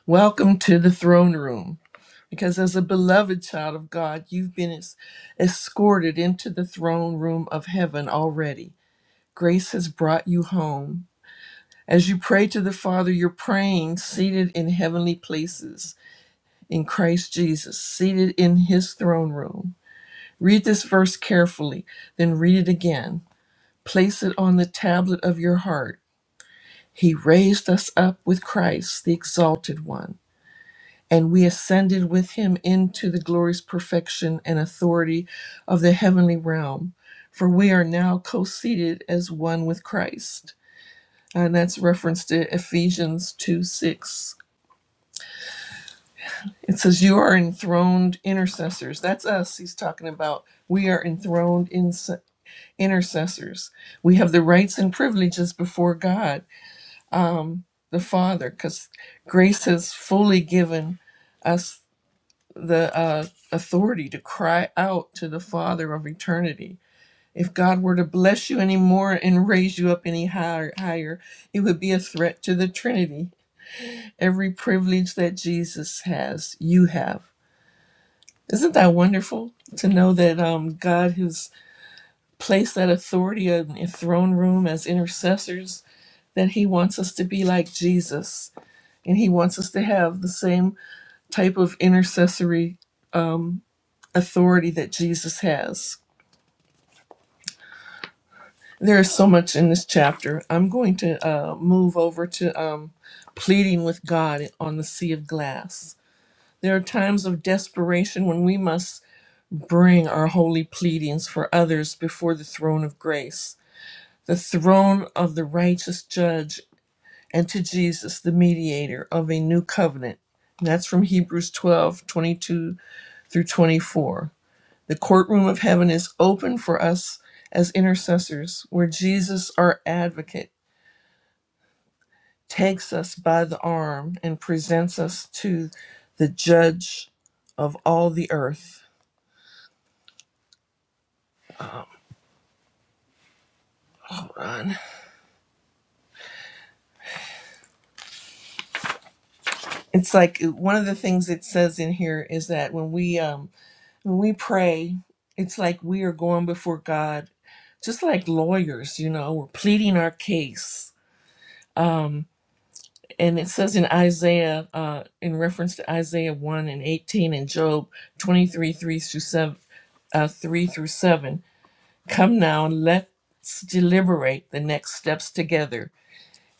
Welcome to the throne room. Because as a beloved child of God, you've been es- escorted into the throne room of heaven already. Grace has brought you home. As you pray to the Father, you're praying seated in heavenly places in Christ Jesus, seated in his throne room. Read this verse carefully, then read it again. Place it on the tablet of your heart. He raised us up with Christ, the exalted one and we ascended with him into the glorious perfection and authority of the heavenly realm. For we are now co seated as one with Christ. And that's referenced to Ephesians 2 6. It says, You are enthroned intercessors. That's us, he's talking about. We are enthroned in- intercessors. We have the rights and privileges before God, um, the Father, because grace has fully given us the uh, authority to cry out to the Father of eternity. If God were to bless you any more and raise you up any higher, higher, it would be a threat to the Trinity. Every privilege that Jesus has, you have. Isn't that wonderful to know that um, God who's placed that authority in the throne room as intercessors, that He wants us to be like Jesus, and He wants us to have the same type of intercessory um, authority that Jesus has There is so much in this chapter. I'm going to uh, move over to um, pleading with God on the sea of glass. There are times of desperation when we must bring our holy pleadings for others before the throne of grace, the throne of the righteous judge, and to Jesus, the mediator of a new covenant. And that's from Hebrews 12:22 through 24. The courtroom of heaven is open for us as intercessors, where Jesus, our advocate, takes us by the arm and presents us to the judge of all the earth. Run. It's like uh, one of the things it says in here is that when we um when we pray, it's like we are going before God just like lawyers, you know, we're pleading our case. Um, and it says in Isaiah, uh, in reference to Isaiah 1 and 18 and Job 23, 3 through 7, uh, 3 through 7. Come now, let's deliberate the next steps together.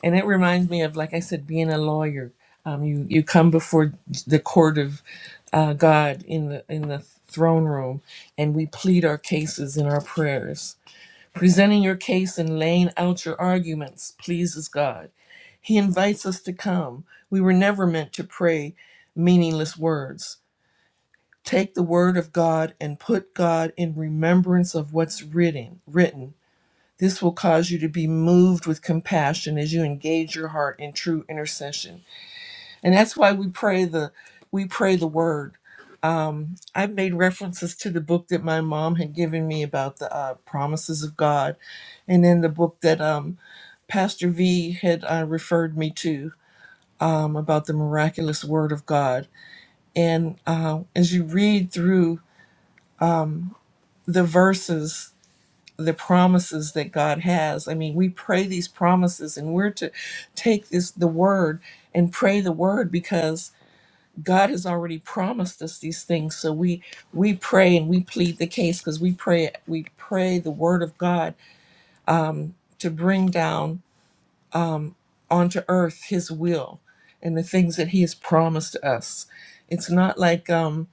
And it reminds me of, like I said, being a lawyer. Um, you you come before the court of uh, God in the in the throne room, and we plead our cases in our prayers. Presenting your case and laying out your arguments pleases God. He invites us to come. We were never meant to pray meaningless words. Take the word of God and put God in remembrance of what's written. Written this will cause you to be moved with compassion as you engage your heart in true intercession. And that's why we pray the we pray the word. Um, I've made references to the book that my mom had given me about the uh, promises of God, and then the book that um, Pastor V had uh, referred me to um, about the miraculous word of God. And uh, as you read through the verses the promises that God has. I mean, we pray these promises and we're to take this the word and pray the word because God has already promised us these things. So we we pray and we plead the case because we pray we pray the word of God um, to bring down um, onto earth His will and the things that He has promised us. It's not like um,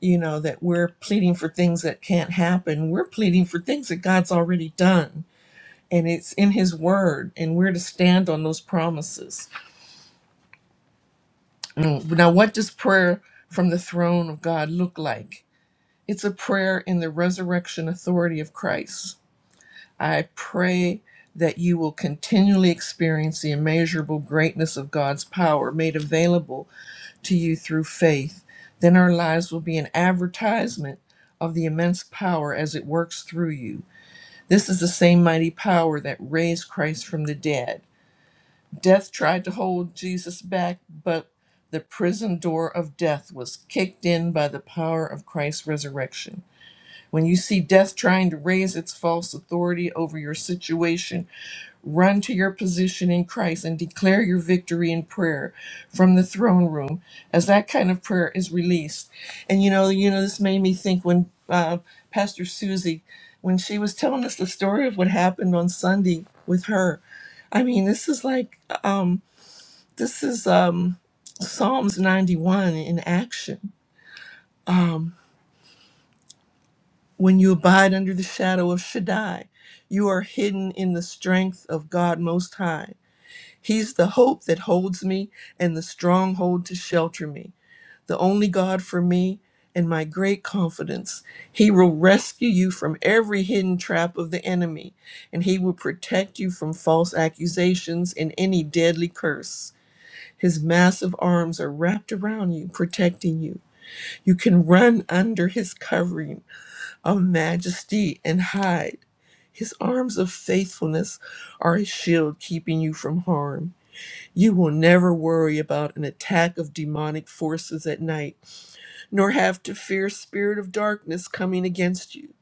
you know that we're pleading for things that can't happen. We're pleading for things that God's already done and it's in his word and we're to stand on those promises Mm. now what does prayer from the throne of god look like it's a prayer in the resurrection authority of christ i pray that you will continually experience the immeasurable greatness of god's power made available to you through faith then our lives will be an advertisement of the immense power as it works through you. This is the same mighty power that raised Christ from the dead. Death tried to hold Jesus back, but the prison door of death was kicked in by the power of Christ's resurrection. When you see death trying to raise its false authority over your situation, run to your position in Christ and declare your victory in prayer from the throne room as that kind of prayer is released. And you know, you know, this made me think when uh, Pastor Susie, when she was telling us the story of what happened on Sunday with her, I mean, this is like um, this is um, Psalms 91 in action. When you abide under the shadow of Shaddai, you are hidden in the strength of God Most High. He's the hope that holds me and the stronghold to shelter me, the only God for me and my great confidence. He will rescue you from every hidden trap of the enemy, and he will protect you from false accusations and any deadly curse. His massive arms are wrapped around you, protecting you. You can run under his covering of majesty and hide. His arms of faithfulness are a shield keeping you from harm. You will never worry about an attack of demonic forces at night, nor have to fear spirit of darkness coming against you.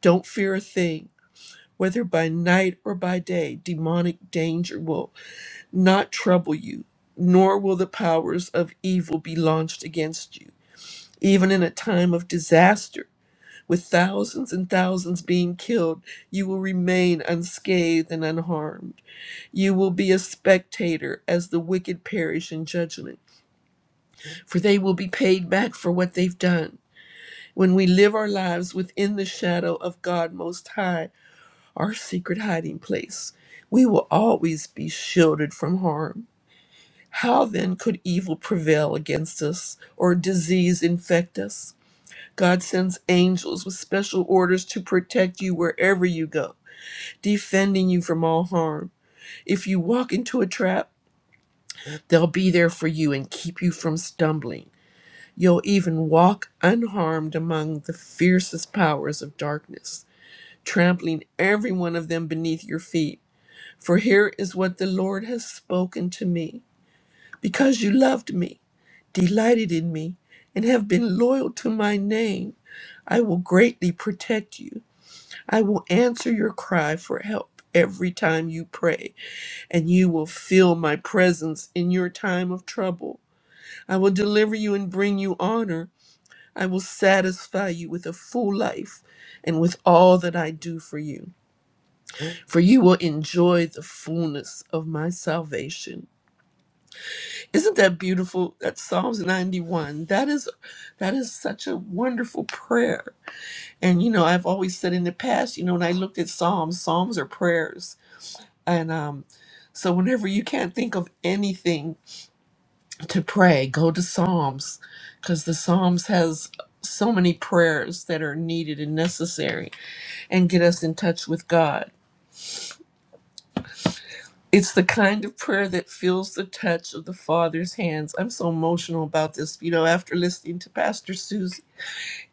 Don't fear a thing. Whether by night or by day, demonic danger will not trouble you, nor will the powers of evil be launched against you. Even in a time of disaster, with thousands and thousands being killed, you will remain unscathed and unharmed. You will be a spectator as the wicked perish in judgment, for they will be paid back for what they've done. When we live our lives within the shadow of God Most High, our secret hiding place, we will always be shielded from harm. How then could evil prevail against us or disease infect us? God sends angels with special orders to protect you wherever you go. defending you from all harm. If you walk into a trap, they'll be there for you and keep you from stumbling. You'll even walk unharmed among the fiercest powers of darkness, trampling every one of them beneath your feet. For here is what the Lord has spoken to me. Because you loved me, delighted in me, and have been loyal to my name, I will greatly protect you. I will answer your cry for help every time you pray. and you will feel my presence in your time of trouble. I will deliver you and bring you honor. I will satisfy you with a full life and with all that I do for you, for you will enjoy the fullness of my salvation. Isn't that beautiful? That's Psalms 91. That is that is such a wonderful prayer. And you know, I've always said in the past, you know, when I looked at Psalms, Psalms are prayers. And um so whenever you can't think of anything to pray go to psalms because the psalms has so many prayers that are needed and necessary and get us in touch with god it's the kind of prayer that feels the touch of the father's hands i'm so emotional about this you know after listening to pastor susie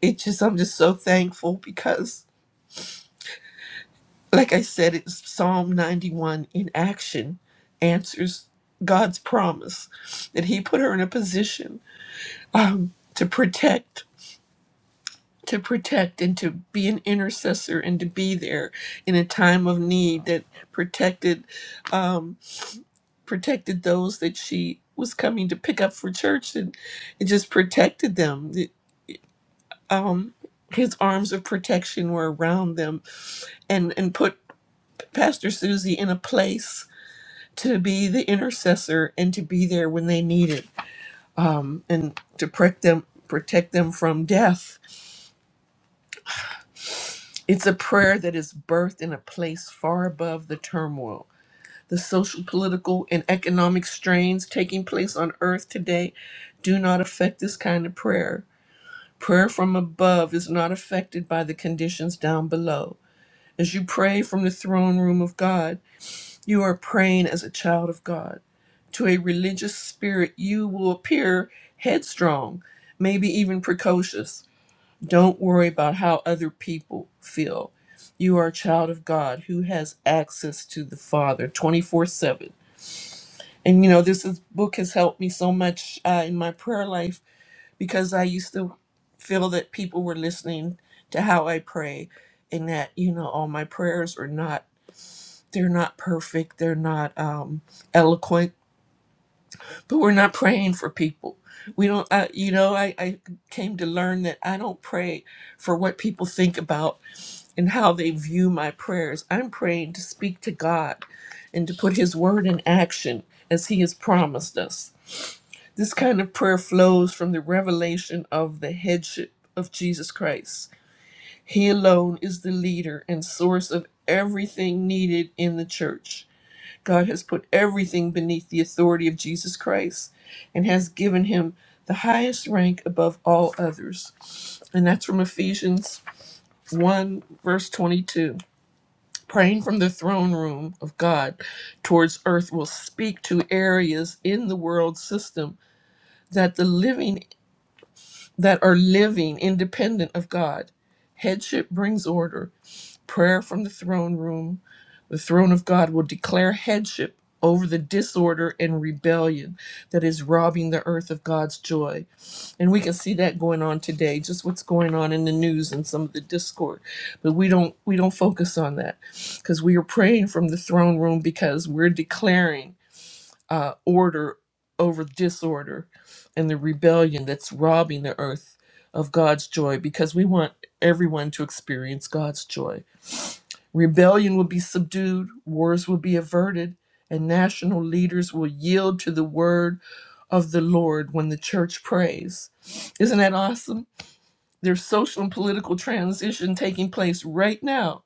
it just i'm just so thankful because like i said it's psalm 91 in action answers god's promise that he put her in a position um, to protect to protect and to be an intercessor and to be there in a time of need that protected um, protected those that she was coming to pick up for church and it just protected them. The- Um, his arms of protection were around them and and put Pastor Susie in a place to be the intercessor and to be there when they needed and to protect them protect them from death. It's a prayer that is birthed in a place far above the turmoil The social, political, and economic strains taking place on earth today do not affect this kind of prayer. Prayer from above is not affected by the conditions down below. As you pray from the throne room of God, you are praying as a child of God. To a religious spirit, you will appear headstrong, maybe even precocious. Don't worry about how other people feel. You are a child of God who has access to the Father 24 7 and you know this is, book has helped me so much uh, in my prayer life because i used to feel that people were listening to how i pray and that you know all my prayers are not they're not perfect they're not um, eloquent but we're not praying for people we don't uh, you know I, I came to learn that i don't pray for what people think about and how they view my prayers i'm praying to speak to god and to put his word in action as he has promised us This kind of prayer flows from the revelation of the headship of Jesus Christ. He alone is the leader and source of everything needed in the church. God has put everything beneath the authority of Jesus Christ and has given him the highest rank above all others. And that's from Ephesians 1, verse 22. Praying from the throne room of God towards earth will speak to areas in the world system that the living that are living independent of God. Headship brings order. Prayer from the throne room, the throne of God will declare headship over the disorder and rebellion that is robbing the earth of God's joy. And we can see that going on today, just what's going on in the news and some of the discord. But we don't we don't focus on that because we are praying from the throne room because we're declaring uh, order over disorder and the rebellion that's robbing the earth of God's joy because we want everyone to experience God's joy. Rebellion will be subdued, wars will be averted, and national leaders will yield to the word of the Lord when the church prays. Isn't that awesome? There's social and political transition taking place right now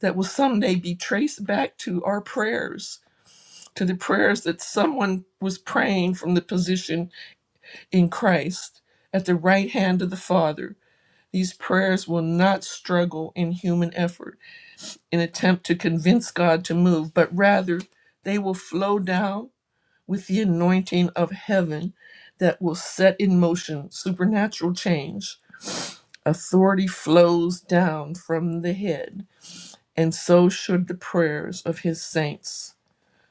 that will someday be traced back to our prayers to the prayers that someone was praying from the position in Christ at the right hand of the Father. These prayers will not struggle in human effort in attempt to convince God to move, but rather they will flow down with the anointing of heaven that will set in motion supernatural change. Authority flows down from the head, and so should the prayers of his saints.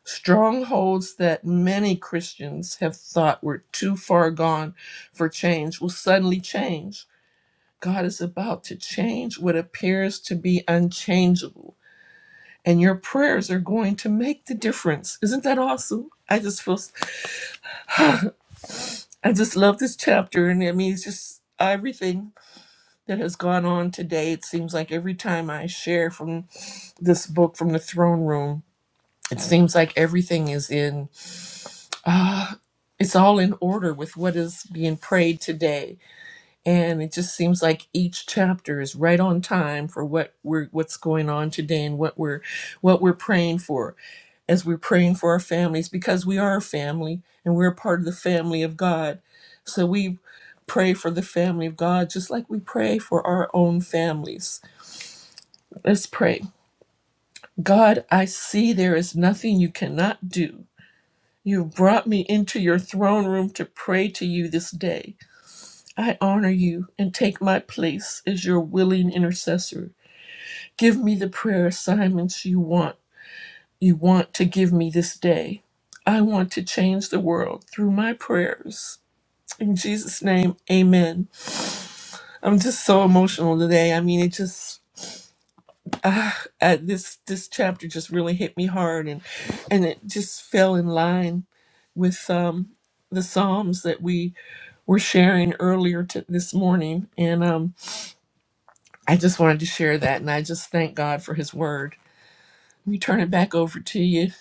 Strongholds that many Christians have thought were too far gone for change will suddenly change. God is about to change what appears to be unchangeable, and your prayers are going to make the difference. Isn't that awesome? I just feel, I just love this chapter, and I mean, it's just everything that has gone on today. It seems like every time I share from this book from the throne room, it seems like everything is in. uh, it's all in order with what is being prayed today and it just seems like each chapter is right on time for what we're what's going on today and what we're what we're praying for as we're praying for our families because we are a family and we're a part of the family of god so we pray for the family of god just like we pray for our own families let's pray god i see there is nothing you cannot do You've brought me into your throne room to pray to you this day. I honor you and take my place as your willing intercessor. Give me the prayer assignments you want you want to give me this day. I want to change the world through my prayers. In Jesus' name, amen. I'm just so emotional today. I mean, it just ah, uh, this this chapter just really hit me hard and and it just fell in line with um the psalms that we were sharing earlier to this morning. And um, I just wanted to share that. And I just thank God for his word. Let me turn it back over to you,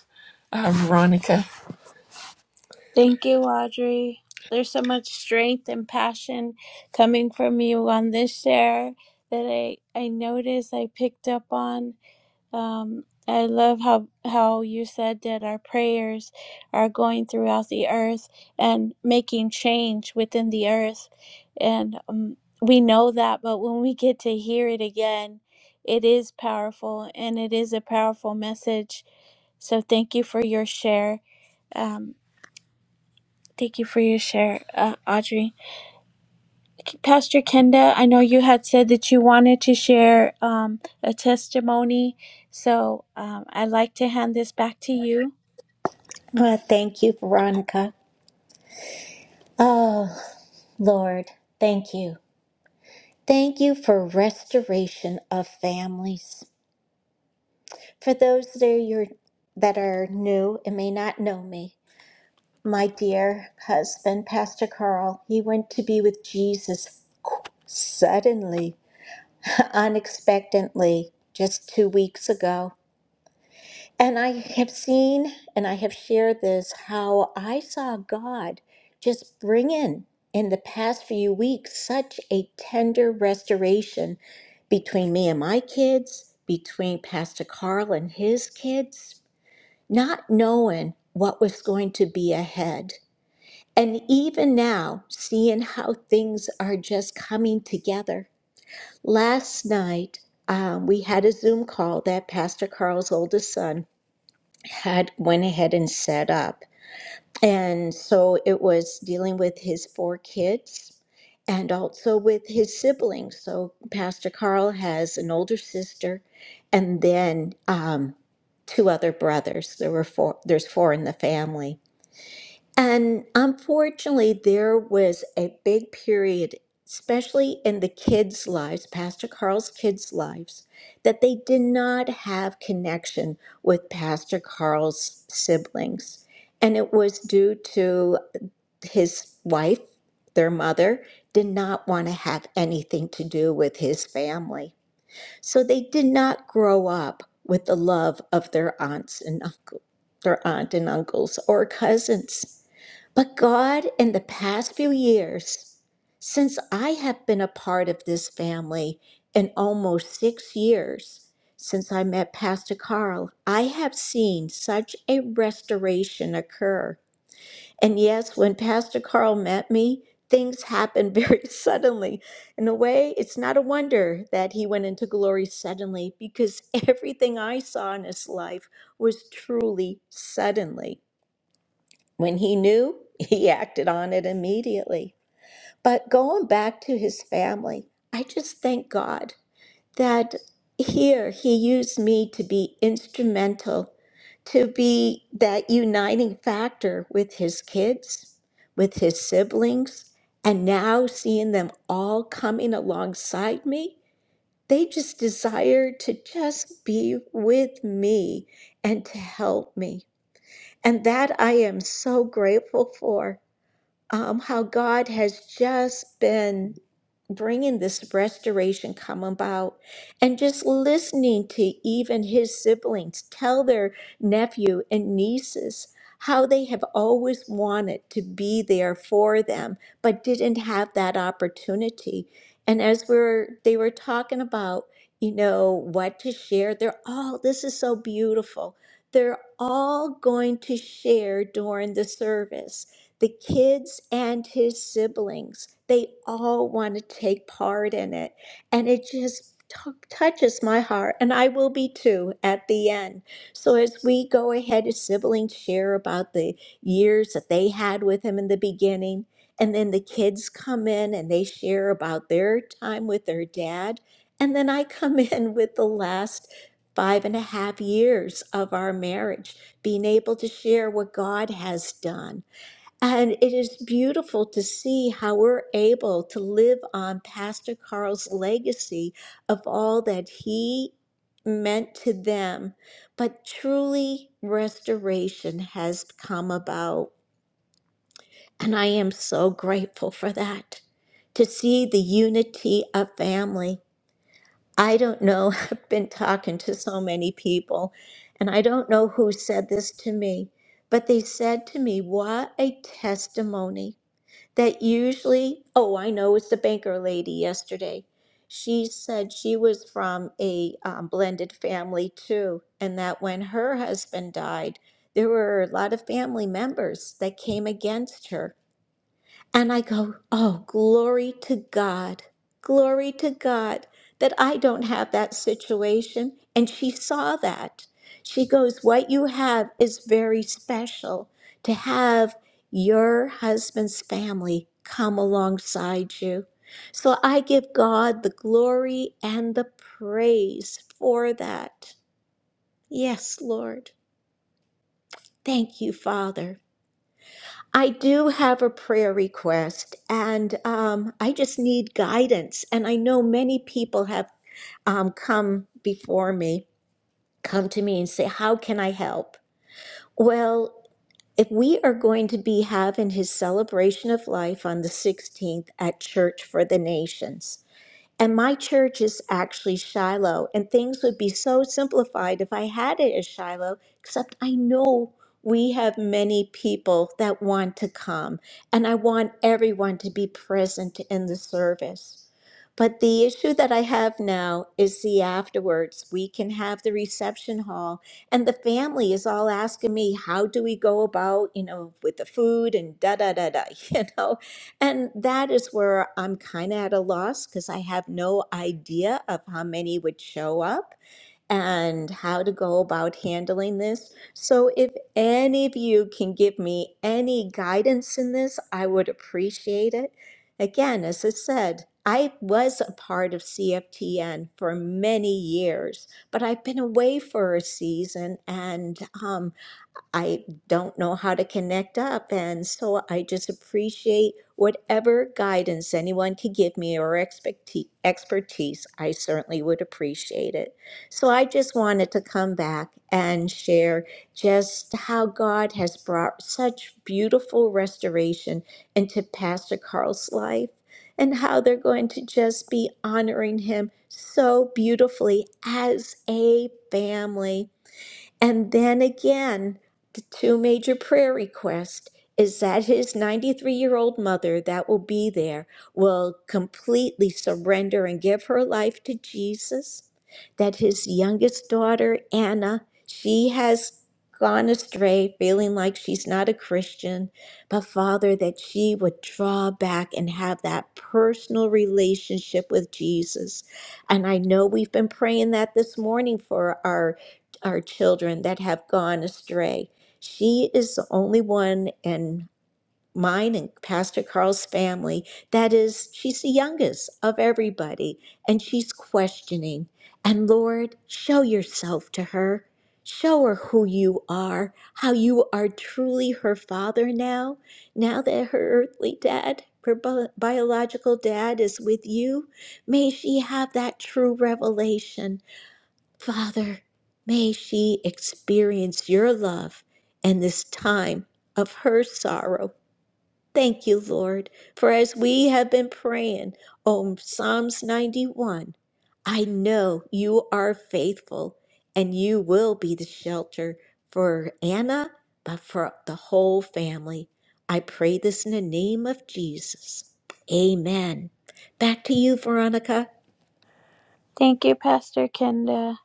uh, Veronica. Thank you, Audrey. There's so much strength and passion coming from you on this share that I, I noticed I picked up on. Um, I love how how you said that our prayers are going throughout the earth and making change within the earth, and um, we know that. But when we get to hear it again, it is powerful, and it is a powerful message. So thank you for your share. Um, thank you for your share, uh, Audrey. Pastor Kenda, I know you had said that you wanted to share um, a testimony, so um, I'd like to hand this back to you. Well, thank you, Veronica. Oh, Lord, thank you. Thank you for restoration of families. For those that are, your, that are new and may not know me, my dear husband, Pastor Carl, he went to be with Jesus qu- suddenly, [laughs] unexpectedly, just two weeks ago. And I have seen and I have shared this how I saw God just bring in, in the past few weeks, such a tender restoration between me and my kids, between Pastor Carl and his kids not knowing what was going to be ahead. And even now, seeing how things are just coming together. Last night, um, we had a Zoom call that Pastor Carl's oldest son had went ahead and set up. And so it was dealing with his four kids and also with his siblings. So Pastor Carl has an older sister and then um, two other brothers. There were four, there's four in the family. And unfortunately, there was a big period, especially in the kids' lives, Pastor Carl's kids' lives, that they did not have connection with Pastor Carl's siblings. And it was due to his wife, their mother, did not want to have anything to do with his family. So they did not grow up with the love of their aunts and uncles, their aunt and uncles or cousins. But God, in the past few years, since I have been a part of this family in almost six years, since I met Pastor Carl, I have seen such a restoration occur. And yes, when Pastor Carl met me, things happened very [laughs] suddenly. In a way, it's not a wonder that he went into glory suddenly because [laughs] everything I saw in his life was truly suddenly. When he knew, he [laughs] acted on it immediately. But going back to his family, I just thank God that here he used me to be instrumental, to be that uniting factor with his kids, with his siblings, and now seeing them all coming alongside me. They just desire to just be with me and to help me. And that I am so grateful for um, how God has just been bringing this restoration come about and just listening to even his siblings tell their nephew and nieces how they have always wanted to be there for them but didn't have that opportunity and as we're they were talking about you know what to share they're all this is so beautiful they're all going to share during the service the kids and his siblings, they all want to take part in it. And it just t- touches my heart. And I will be too at the end. So as we go ahead, his siblings share about the years that they had with him in the beginning. And then the kids come in and they share about their time with their dad. And then I come [laughs] in with the last five and a half years of our marriage, being able to share what God has done and it is beautiful to see how we're able to live on Pastor Carl's legacy of all that he meant to them. But truly, restoration has come about. And I am so grateful for that, to see the unity of family. I don't know, [laughs] I've been talking to so many people, and I don't know who said this to me, but they said to me, What a testimony that usually, oh, I know it's the banker lady yesterday. She said she was from a um, blended family too, and that when her husband died, there were a lot of family members that came against her and I go, oh, glory to God, glory to God that I don't have that situation. And she saw that. She goes, what you have is very special to have your husband's family come alongside you. So I give God the glory and the praise for that. Yes, Lord. Thank you, Father. I do have a prayer request, and um, I just need guidance. And I know many people have um, come before me, come to me and say, How can I help? Well, if we are going to be having his celebration of life on the 16th at Church for the Nations, and my church is actually Shiloh, and things would be so simplified if I had it as Shiloh, except I know we have many people that want to come, and I want everyone to be present in the service. But the issue that I have now is the afterwards. We can have the reception hall, and the family is all asking me, How do we go about, you know, with the food and da da da da, [laughs] you know? And that is where I'm kind of at a loss because I have no idea of how many would show up and how to go about handling this. So, if any of you can give me any guidance in this, I would appreciate it. Again, as I said, I was a part of CFTN for many years, but I've been away for a season and um, I don't know how to connect up. And so I just appreciate whatever guidance anyone could give me or expecti- expertise. I certainly would appreciate it. So I just wanted to come back and share just how God has brought such beautiful restoration into Pastor Carl's life and how they're going to just be honoring him so beautifully as a family. And then again, the two major prayer requests is that his 93 year old mother that will be there will completely surrender and give her life to Jesus. That his youngest daughter, Anna, she has gone astray, feeling like she's not a Christian, but Father, that she would draw back and have that personal relationship with Jesus. And I know we've been praying that this morning for our our children that have gone astray. She is the only one in mine and Pastor Carl's family that is, she's the youngest of everybody, and she's questioning. And Lord, show yourself to her. Show her who you are, how you are truly her father now, now that her earthly dad, her bi- biological dad, is with you. May she have that true revelation Father, may she experience your love and this time of her sorrow. Thank you, Lord, for as we have been praying on Psalms 91, I know you are faithful and you will be the shelter for Anna, but for the whole family. I pray this in the name of Jesus. Amen. Back to you, Veronica. Thank you, Pastor Kenda.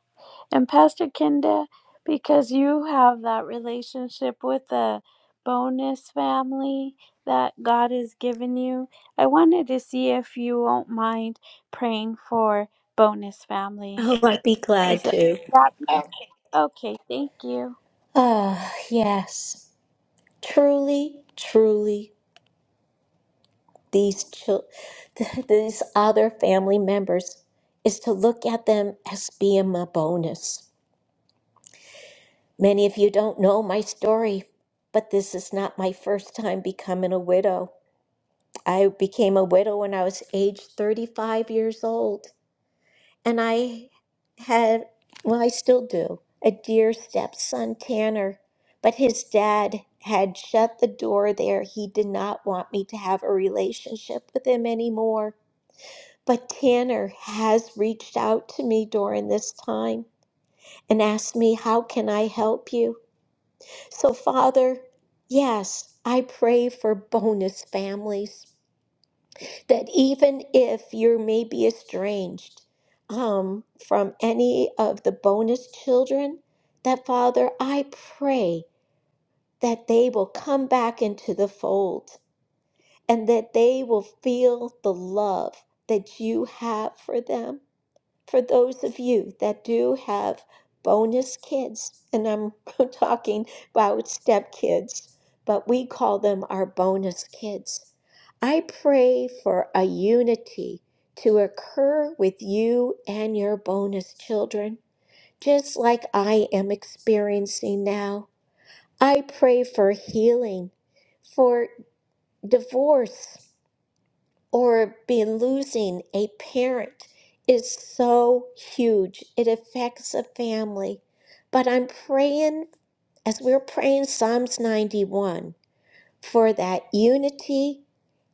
And Pastor Kenda, because you have that relationship with the bonus family that God has given you, I wanted to see if you won't mind praying for bonus Oh, families. I'd be glad Is it to. that okay? Thank you. Ah, yes. Truly, truly, these chil- [laughs] these other family members is to look at them as being a bonus. Many of you don't know my story, but this is not my first time becoming a widow. I became a widow when I was age 35 years old. and I had, well, I still do, a dear stepson, Tanner. But his dad had shut the door there. He did not want me to have a relationship with him anymore. But Tanner has reached out to me during this time and asked me, How can I help you? So, Father, yes, I pray for bonus families that even if you may be estranged um, from any of the bonus children, that Father, I pray that they will come back into the fold and that they will feel the love that you have for them for those of you that do have bonus kids, and I'm [laughs] talking about stepkids, but we call them our bonus kids. I pray for a unity to occur with you and your bonus children, just like I am experiencing now. I pray for healing, for divorce or being losing a parent is so huge. It affects a family. But I'm praying, as we're praying Psalms 91, for that unity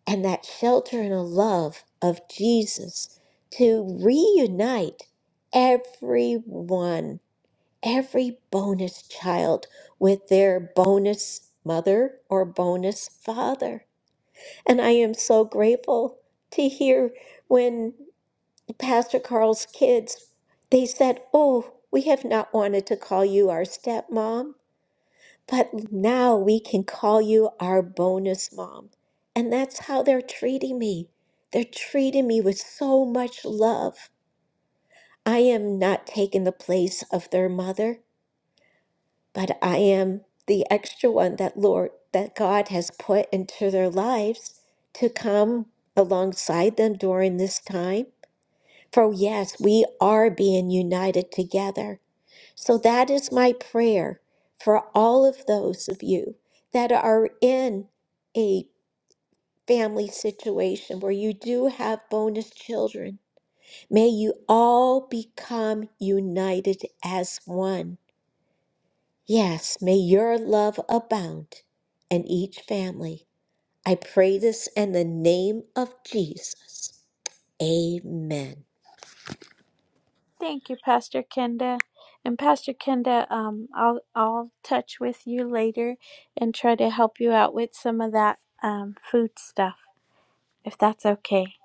and that shelter and a love of Jesus to reunite everyone, every bonus child with their bonus mother or bonus father. And I am so grateful to hear when Pastor Carl's kids they said, "Oh, we have not wanted to call you our stepmom, but now we can call you our bonus mom." And that's how they're treating me. They're treating me with so much love. I am not taking the place of their mother. but I am the extra one that Lord that God has put into their lives to come alongside them during this time. For yes, we are being united together. So that is my prayer for all of those of you that are in a family situation where you do have bonus children. May you all become united as one Yes, may your love abound in each family. I pray this in the name of Jesus. Amen. Thank you, Pastor Kenda. And Pastor Kenda, um, I'll I'll touch with you later and try to help you out with some of that um, food stuff, if that's okay.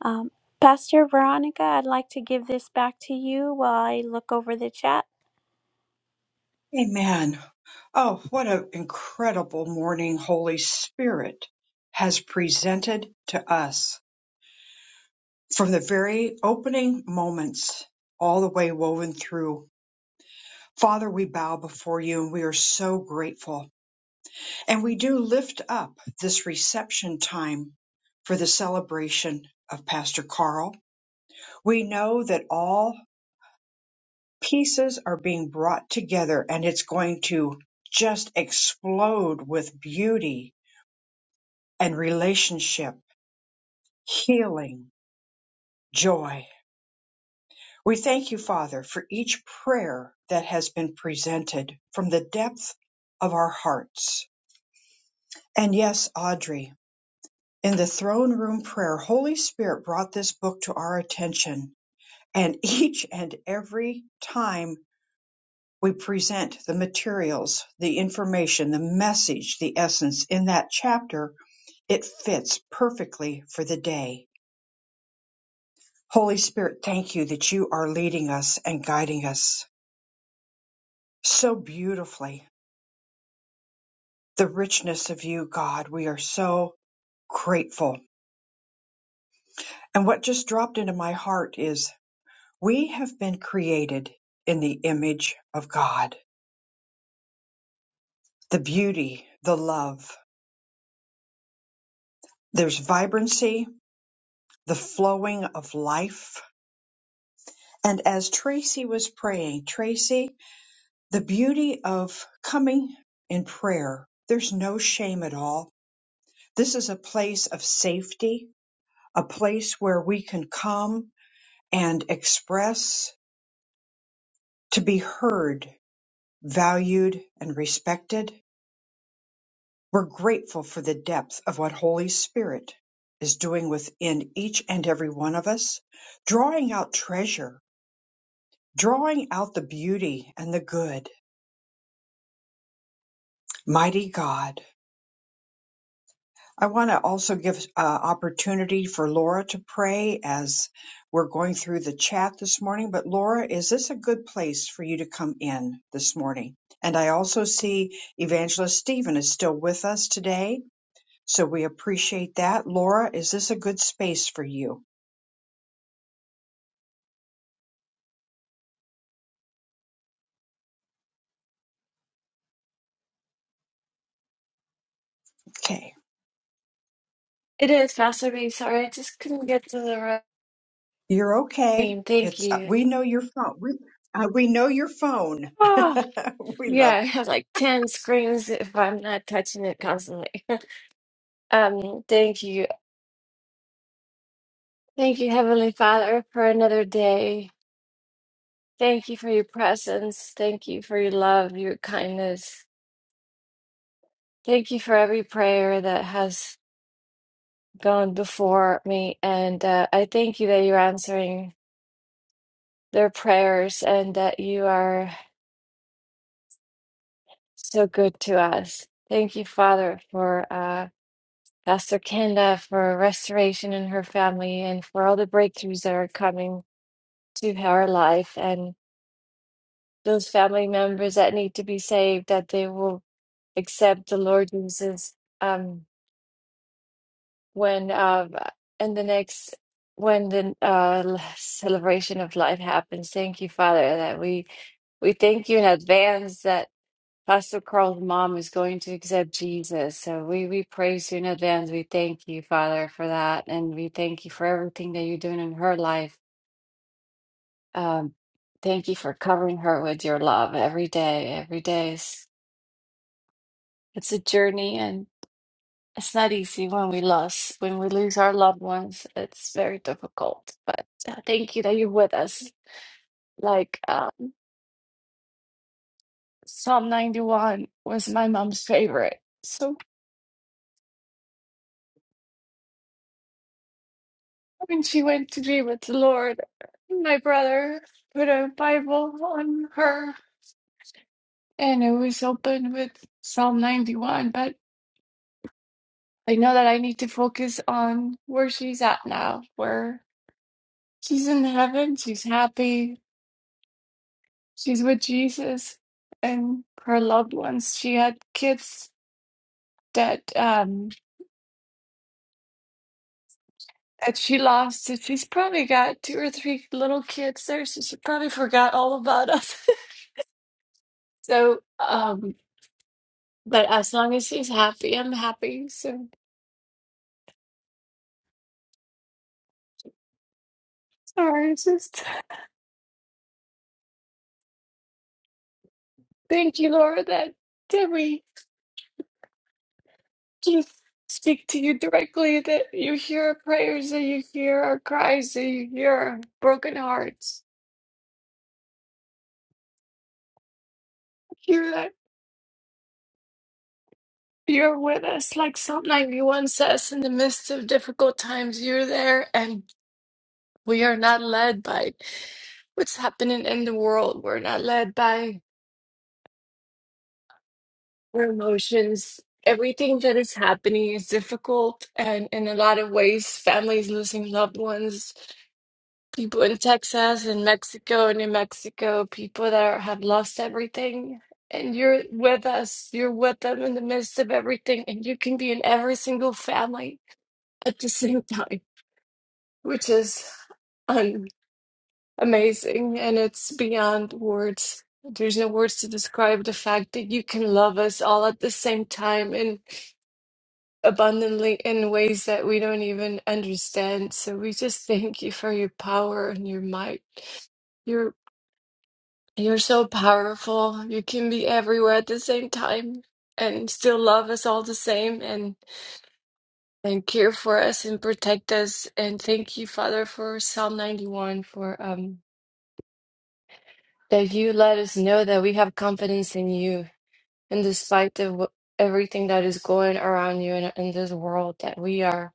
Um, Pastor Veronica, I'd like to give this back to you while I look over the chat. Amen. Oh, what an incredible morning Holy Spirit has presented to us from the very opening moments all the way woven through. Father, we bow before you and we are so grateful And we do lift up this reception time for the celebration of Pastor Carl. We know that all pieces are being brought together and it's going to just explode with beauty and relationship, healing, joy. We thank you, Father, for each prayer that has been presented from the depth of our hearts. And yes, Audrey, In the throne room prayer, Holy Spirit brought this book to our attention, and each and every time we present the materials, the information, the message, the essence in that chapter, it fits perfectly for the day. Holy Spirit, thank you that you are leading us and guiding us so beautifully. The richness of you, God, we are so grateful. And what just dropped into my heart is We have been created in the image of God. The beauty, the love, there's vibrancy, the flowing of life. And as Tracy was praying, Tracy, the beauty of coming in prayer, there's no shame at all. This is a place of safety, a place where we can come and express to be heard, valued, and respected We're grateful for the depth of what Holy Spirit is doing within each and every one of us, drawing out treasure, drawing out the beauty and the good. Mighty God. I want to also give uh, opportunity for Laura to pray as we're going through the chat this morning. But Laura, is this a good place for you to come in this morning? And I also see Evangelist Stephen is still with us today. So we appreciate that. Laura, is this a good space for you? Okay, It is, Pastor B. Sorry, I just couldn't get to the right you're okay. screen. Thank It's uh, you. we know your phone. We uh, we know your phone. Oh, [laughs] we love. yeah, I have like 10 screens if I'm not touching it constantly. [laughs] Um, thank you. Thank you, Heavenly Father, for another day. Thank you for your presence. Thank you for your love, your kindness. Thank you for every prayer that has gone before me. And uh, I thank you that you're answering their prayers and that you are so good to us. Thank you, Father, for. uh. Pastor Kenda for restoration in her family and for all the breakthroughs that are coming to her life and those family members that need to be saved that they will accept the Lord Jesus um, when uh, in the next when the uh, celebration of life happens. Thank you, Father, that we we thank you in advance that. Pastor Carl's mom is going to accept Jesus. So we, we praise you in advance. We thank you, Father, for that. And we thank you for everything that you're doing in her life. Um, thank you for covering her with your love every day. Every day is it's a journey and it's not easy when we lose when we lose our loved ones. It's very difficult. But uh, thank you that you're with us. Like um, Psalm 91 was my mom's favorite. so. When she went to be with the Lord, my brother put a Bible on her and it was open with Psalm 91. But I know that I need to focus on where she's at now, where she's in heaven, she's happy, she's with Jesus and her loved ones. She had kids that um that she lost. And She's probably got two or three little kids there, so she probably forgot all about us. [laughs] So, um, But as long as he's happy, I'm happy. So sorry, it's just thank you, Laura, that that we can speak to you directly, that you hear our prayers, that you hear our cries, that you hear our broken hearts. Hear that you're with us, like Psalm 91 says, in the midst of difficult times, you're there and we are not led by what's happening in the world. We're not led by our emotions. Everything that is happening is difficult, and in a lot of ways, families losing loved ones, people in Texas and Mexico and New Mexico, people that are, have lost everything. And you're with us, you're with them in the midst of everything, and you can be in every single family at the same [laughs] time, which is un- amazing. And it's beyond words. There's no words to describe the fact that you can love us all at the same time abundantly in ways that we don't even understand. So we just thank you for your power and your might. You're you're so powerful. You can be everywhere at the same time and still love us all the same and and care for us and protect us. And thank you, Father, for Psalm 91 for um that you let us know that we have confidence in you and despite of wh- everything that is going around you in, in this world that we are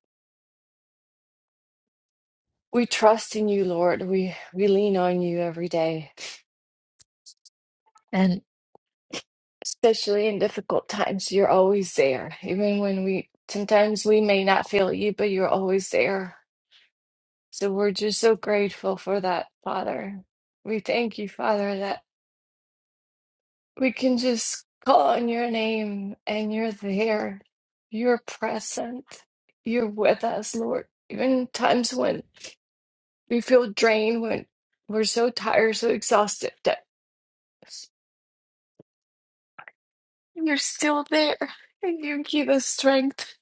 We trust in you, Lord. We we lean on you every day. And especially in difficult times, you're always there. Even when we sometimes we may not feel you, but you're always there. So we're just so grateful for that, Father. We thank you, Father, that we can just call on your name and you're there. You're present. You're with us, Lord. Even times when we feel drained, when we're so tired, so exhausted, that. You're still there, and you give us strength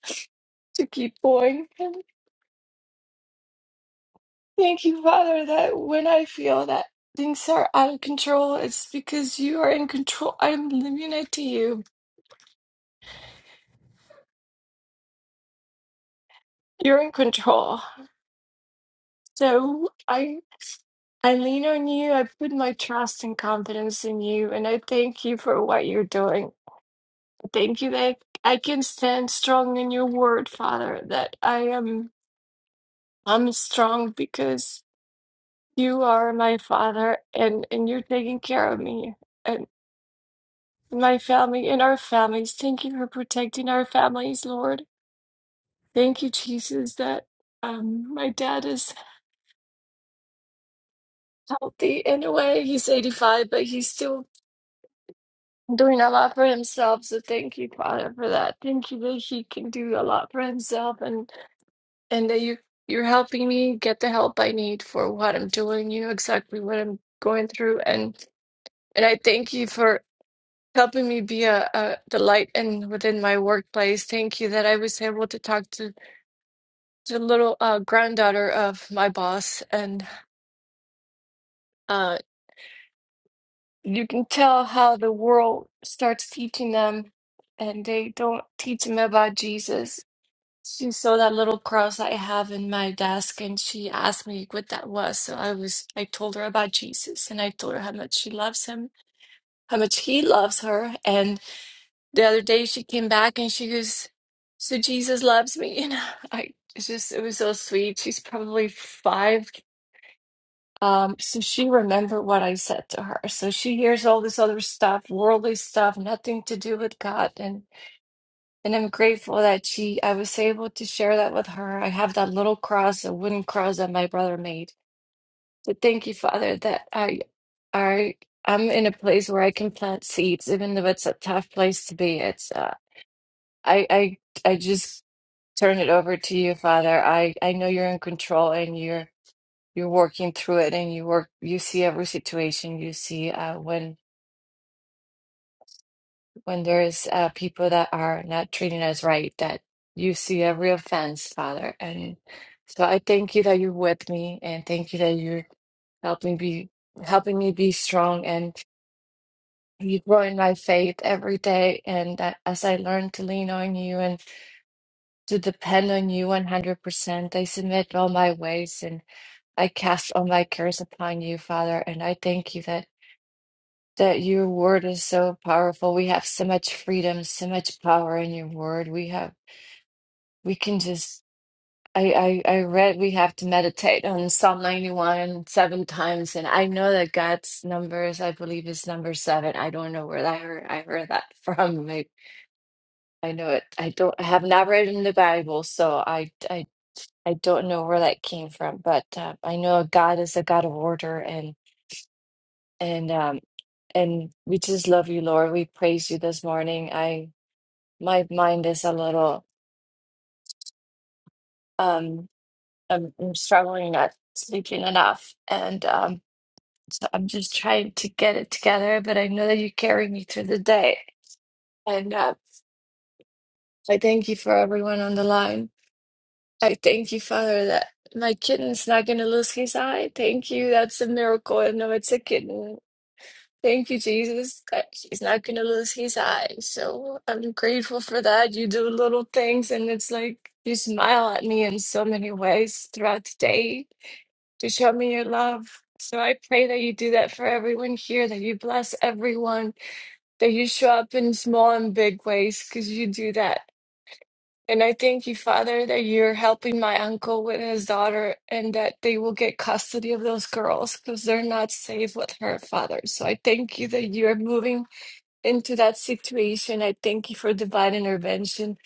to keep going. And thank you, Father, that when I feel that things are out of control, it's because you are in control. I'm limited to you. You're in control. So I I lean on you. I put my trust and confidence in you, and I thank you for what you're doing. Thank you that I can stand strong in your word, Father, that I am I'm strong because You are my father, and, and you're taking care of me and my family and our families. Thank you for protecting our families, Lord. Thank you, Jesus, that um, my dad is healthy in a way. He's 85, but he's still doing a lot for himself. So thank you, Father, for that. Thank you that he can do a lot for himself and, and that you, you're helping me get the help I need for what I'm doing. You know exactly what I'm going through. And, and I thank you for. helping me be a, a the light and within my workplace. Thank you that I was able to talk to the little uh, granddaughter of my boss, and uh, you can tell how the world starts teaching them, and they don't teach them about Jesus. She saw that little cross I have in my desk, and she asked me what that was. So I was I told her about Jesus, and I told her how much she loves him, how much he loves her, and. the other day she came back and she goes, So Jesus loves me. [laughs] And I it's just, it was so sweet. She's probably five. Um, so she remembered what I said to her. So she hears all this other stuff, worldly stuff, nothing to do with God. And and I'm grateful that she I was able to share that with her. I have that little cross, a wooden cross that my brother made. So thank you, Father, that I I I'm in a place where I can plant seeds, even though it's a tough place to be. I, I, I just turn it over to you, Father. I, I know you're in control and you're, you're working through it and you work, you see every situation. You see, uh, when, when there's, uh, people that are not treating us right, that you see every offense, Father. And so I thank you that you're with me and thank you that you're helping be, helping me be strong and you grow in my faith every day. And that as I learn to lean on you to depend on you 100%. I submit all my ways and I cast all my cares upon you, Father. And I thank you that, that your word is so powerful. We have so much freedom, so much power in your word. We have, we can just, I, I, I read we have to meditate on Psalm 91 seven times. And I know that God's numbers, I believe, is number seven. I don't know where that I heard, I heard that [laughs] from. I, I know it. I don't, I have not read in the Bible, so I, I I don't know where that came from, but uh, I know God is a God of order, and and um and we just love you, Lord. We praise you this morning. I my mind is a little um I'm, I'm struggling not sleeping enough, and um so I'm just trying to get it together. But I know that you carry me through the day, and uh, I thank you for everyone on the line. I thank you, Father, that my kitten's not gonna lose his eye. Thank you. That's a miracle. I know it's a kitten. Thank you, Jesus, that he's not going to lose his eyes. So I'm grateful for that. You do little things, and it's like you smile at me in so many ways throughout the day to show me your love. So I pray that you do that for everyone here, that you bless everyone, that you show up in small and big ways because you do that. And I thank you, Father, that you're helping my uncle with his daughter and that they will get custody of those girls because they're not safe with her, Father. So I thank you that you're moving into that situation. I thank you for divine intervention.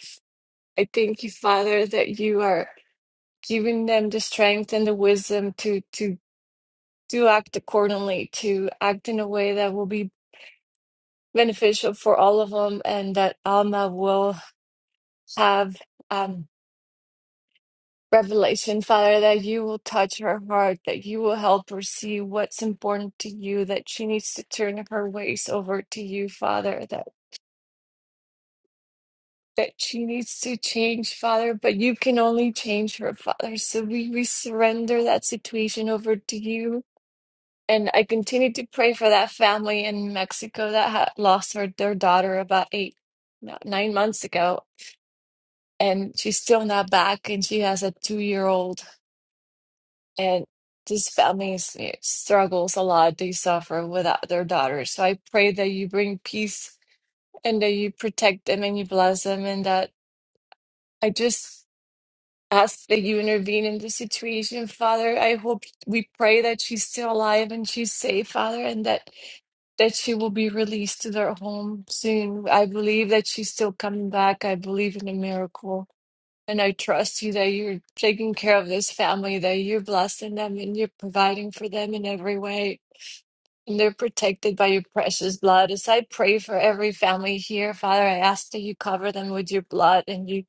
I thank you, Father, that you are giving them the strength and the wisdom to to to act accordingly, to act in a way that will be beneficial for all of them and that Alma will have. um Revelation, Father, that you will touch her heart, that you will help her see what's important to you, that she needs to turn her ways over to you, Father, that, that she needs to change, Father, but you can only change her, Father. So we, we surrender that situation over to you. And I continue to pray for that family in Mexico that had lost her, their daughter about eight, no, nine months ago. And she's still not back, and she has a two year old. and these families eh, struggles a lot they suffer without their daughters so i pray that you bring peace and that you protect them and you bless them and that i just ask that you intervene in the situation father i hope we pray that she's still alive and she's safe father and that that she will be released to their home soon i believe that she's still coming back i believe in a miracle and I trust you that you're taking care of this family, that you're blessing them and you're providing for them in every way. And they're protected by your precious blood. As I pray for every family here, Father, I ask that you cover them with your blood and you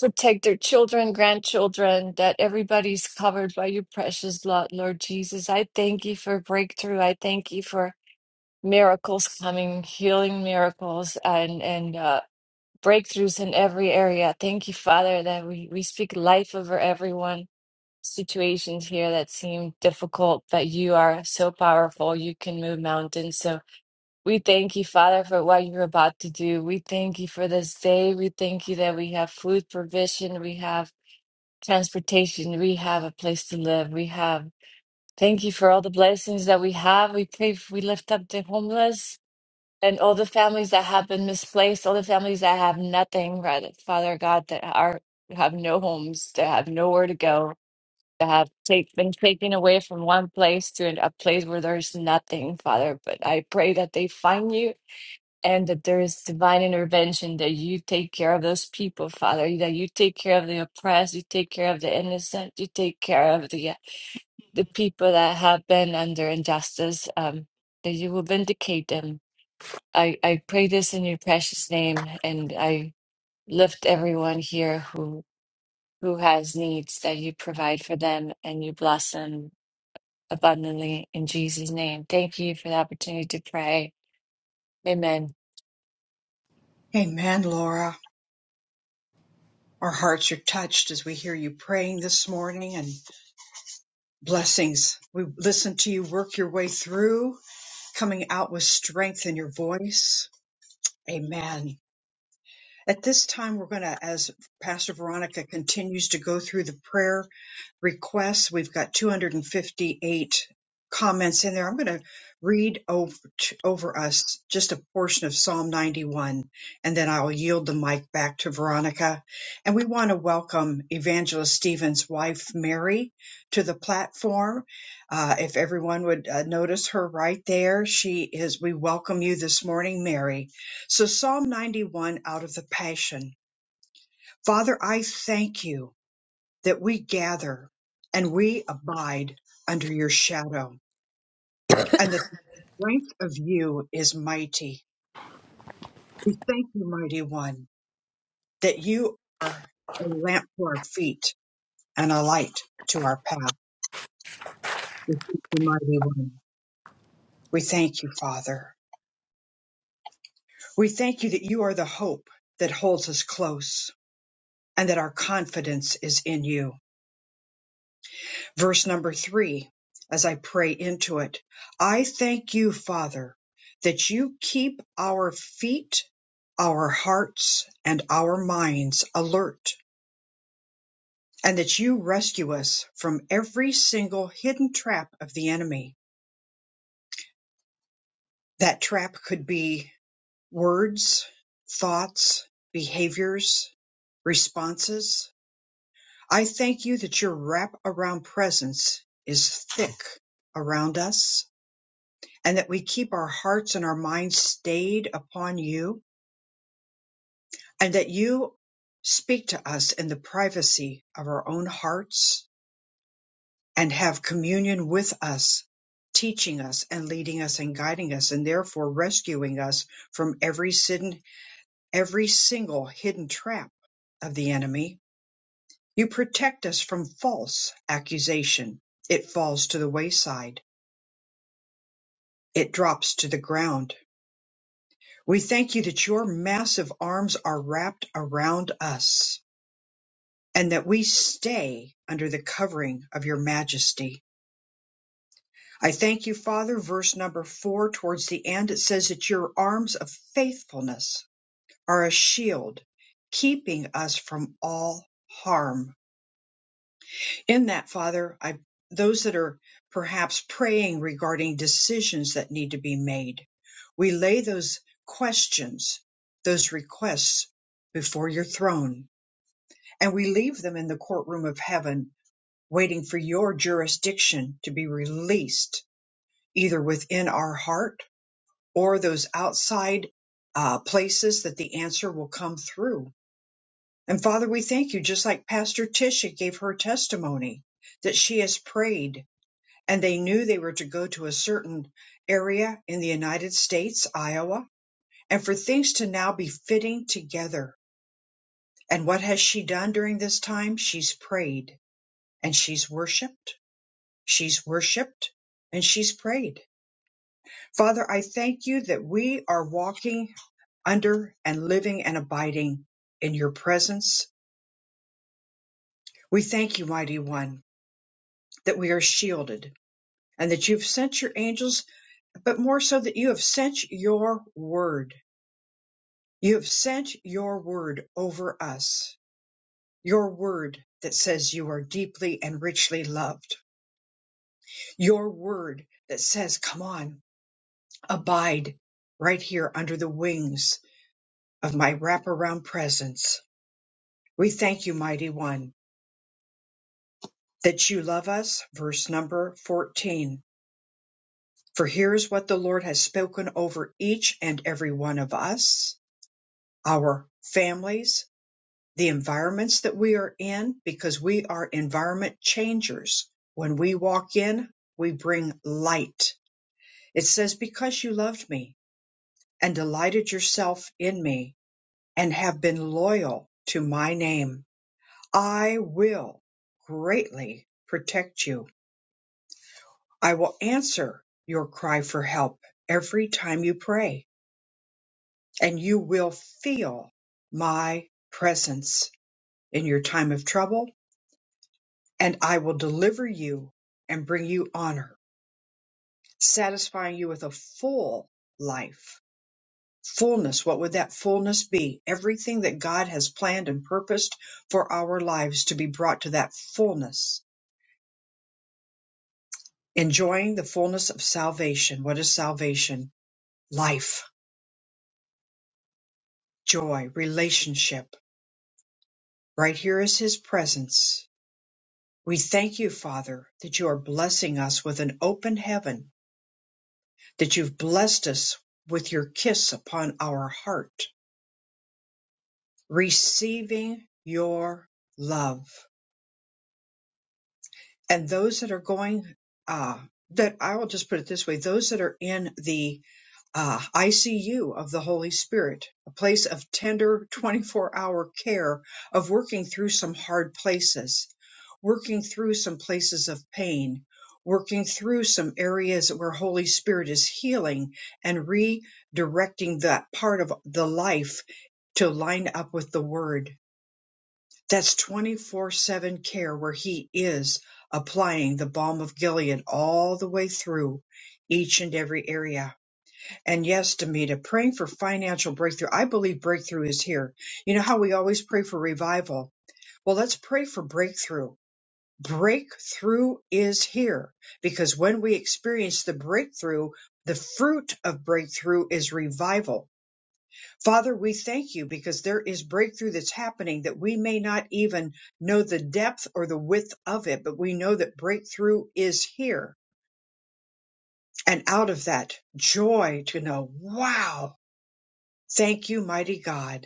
protect their children, grandchildren, that everybody's covered by your precious blood, Lord Jesus. I thank you for breakthrough. I thank you for miracles coming, healing miracles, and and uh, breakthroughs in every area. Thank you, Father, that we, we speak life over everyone. Situations here that seem difficult, but you are so powerful. You can move mountains. So we thank you, Father, for what you're about to do. We thank you for this day. We thank you that we have food provision, we have transportation, we have a place to live. We have thank you for all the blessings that we have. We pray, we lift up the homeless. And all the families that have been misplaced, all the families that have nothing, Father Father God, that are have no homes, that have nowhere to go, that have take, been taken away from one place to an- a place where there's nothing, Father. But I pray that they find you and that there is divine intervention, that you take care of those people, Father, that you take care of the oppressed, you take care of the innocent, you take care of the the people that have been under injustice, um, that you will vindicate them I, I pray this in your precious name, and I lift everyone here who who has needs that you provide for them and you bless them abundantly in Jesus' name. Thank you for the opportunity to pray. Amen. Amen, Laura. Our hearts are touched as we hear you praying this morning and blessings. We listen to you work your way through, coming out with strength in your voice. Amen. At this time, we're going to, as Pastor Veronica continues to go through the prayer requests, we've got 258 comments in there. I'm going to read over, over us just a portion of Psalm 91, and then I'll yield the mic back to Veronica. And we want to welcome Evangelist Stephen's wife, Mary, to the platform. Uh, if everyone would uh, notice her right there, she is, we welcome you this morning, Mary. So, Psalm 91 out of the Passion. Father, I thank you that we gather and we abide under your shadow, and that the strength of you is mighty. We thank you, mighty one, that you are a lamp to our feet and a light to our path. We thank you, mighty one. We thank you, Father. We thank you that you are the hope that holds us close and that our confidence is in you. verse number three, as I pray into it. I thank you, Father, that you keep our feet, our hearts, and our minds alert, and that you rescue us from every single hidden trap of the enemy. That trap could be words, thoughts, behaviors, responses. I thank you that your wrap around presence is thick around us and that we keep our hearts and our minds stayed upon you, and that you speak to us in the privacy of our own hearts and have communion with us, teaching us and leading us and guiding us, and therefore rescuing us from every sin, every single hidden trap of the enemy. You protect us from false accusation. It falls to the wayside. It drops to the ground We thank you that your massive arms are wrapped around us and that we stay under the covering of your majesty. I thank you, Father. Verse number four, towards the end, it says that your arms of faithfulness are a shield, keeping us from all harm. In that, Father, I those that are perhaps praying regarding decisions that need to be made, we lay those questions, those requests before your throne, and we leave them in the courtroom of heaven, waiting for your jurisdiction to be released, either within our heart or those outside uh, places that the answer will come through. And Father, we thank you, just like Pastor Tisha gave her testimony, that she has prayed and they knew they were to go to a certain area in the United States, Iowa, and for things to now be fitting together. And what has she done during this time? She's prayed and she's worshiped. She's worshiped and she's prayed. Father, I thank you that we are walking under and living and abiding in your presence. We thank you, mighty one, that we are shielded and that you've sent your angels, but more so that you have sent your word You have sent your word over us, your word that says you are deeply and richly loved, your word that says, Come on, abide right here under the wings of my wraparound presence. We thank you, mighty one, that you love us. Verse number 14. For here's what the Lord has spoken over each and every one of us, our families, the environments that we are in because we are environment changers. When we walk in, we bring light. It says, Because you loved me and delighted yourself in me and have been loyal to my name, I will greatly protect you. I will answer your cry for help every time you pray, and you will feel my presence in your time of trouble and I will deliver you and bring you honor, satisfying you with a full life. Fullness, what would that fullness be? Everything that God has planned and purposed for our lives to be brought to that fullness. Enjoying the fullness of salvation. What is salvation? Life, joy, relationship. Right here is His presence. We thank you, Father, that you are blessing us with an open heaven, that you've blessed us with your kiss upon our heart receiving your love. And those that are going, uh, that I will just put it this way those that are in the uh, ICU of the Holy Spirit, a place of tender 24 hour care, of working through some hard places, working through some places of pain, working through some areas where Holy Spirit is healing and redirecting that part of the life to line up with the Word That's 24 7 care where He is applying the balm of Gilead all the way through each and every area. And yes, Demita, praying for financial breakthrough. I believe breakthrough is here. You know how we always pray for revival? Well, let's pray for breakthrough. Breakthrough is here because when we experience the breakthrough, the fruit of breakthrough is revival Father, we thank you because there is breakthrough that's happening that we may not even know the depth or the width of it, but we know that breakthrough is here. And out of that joy to know, wow, thank you, mighty God.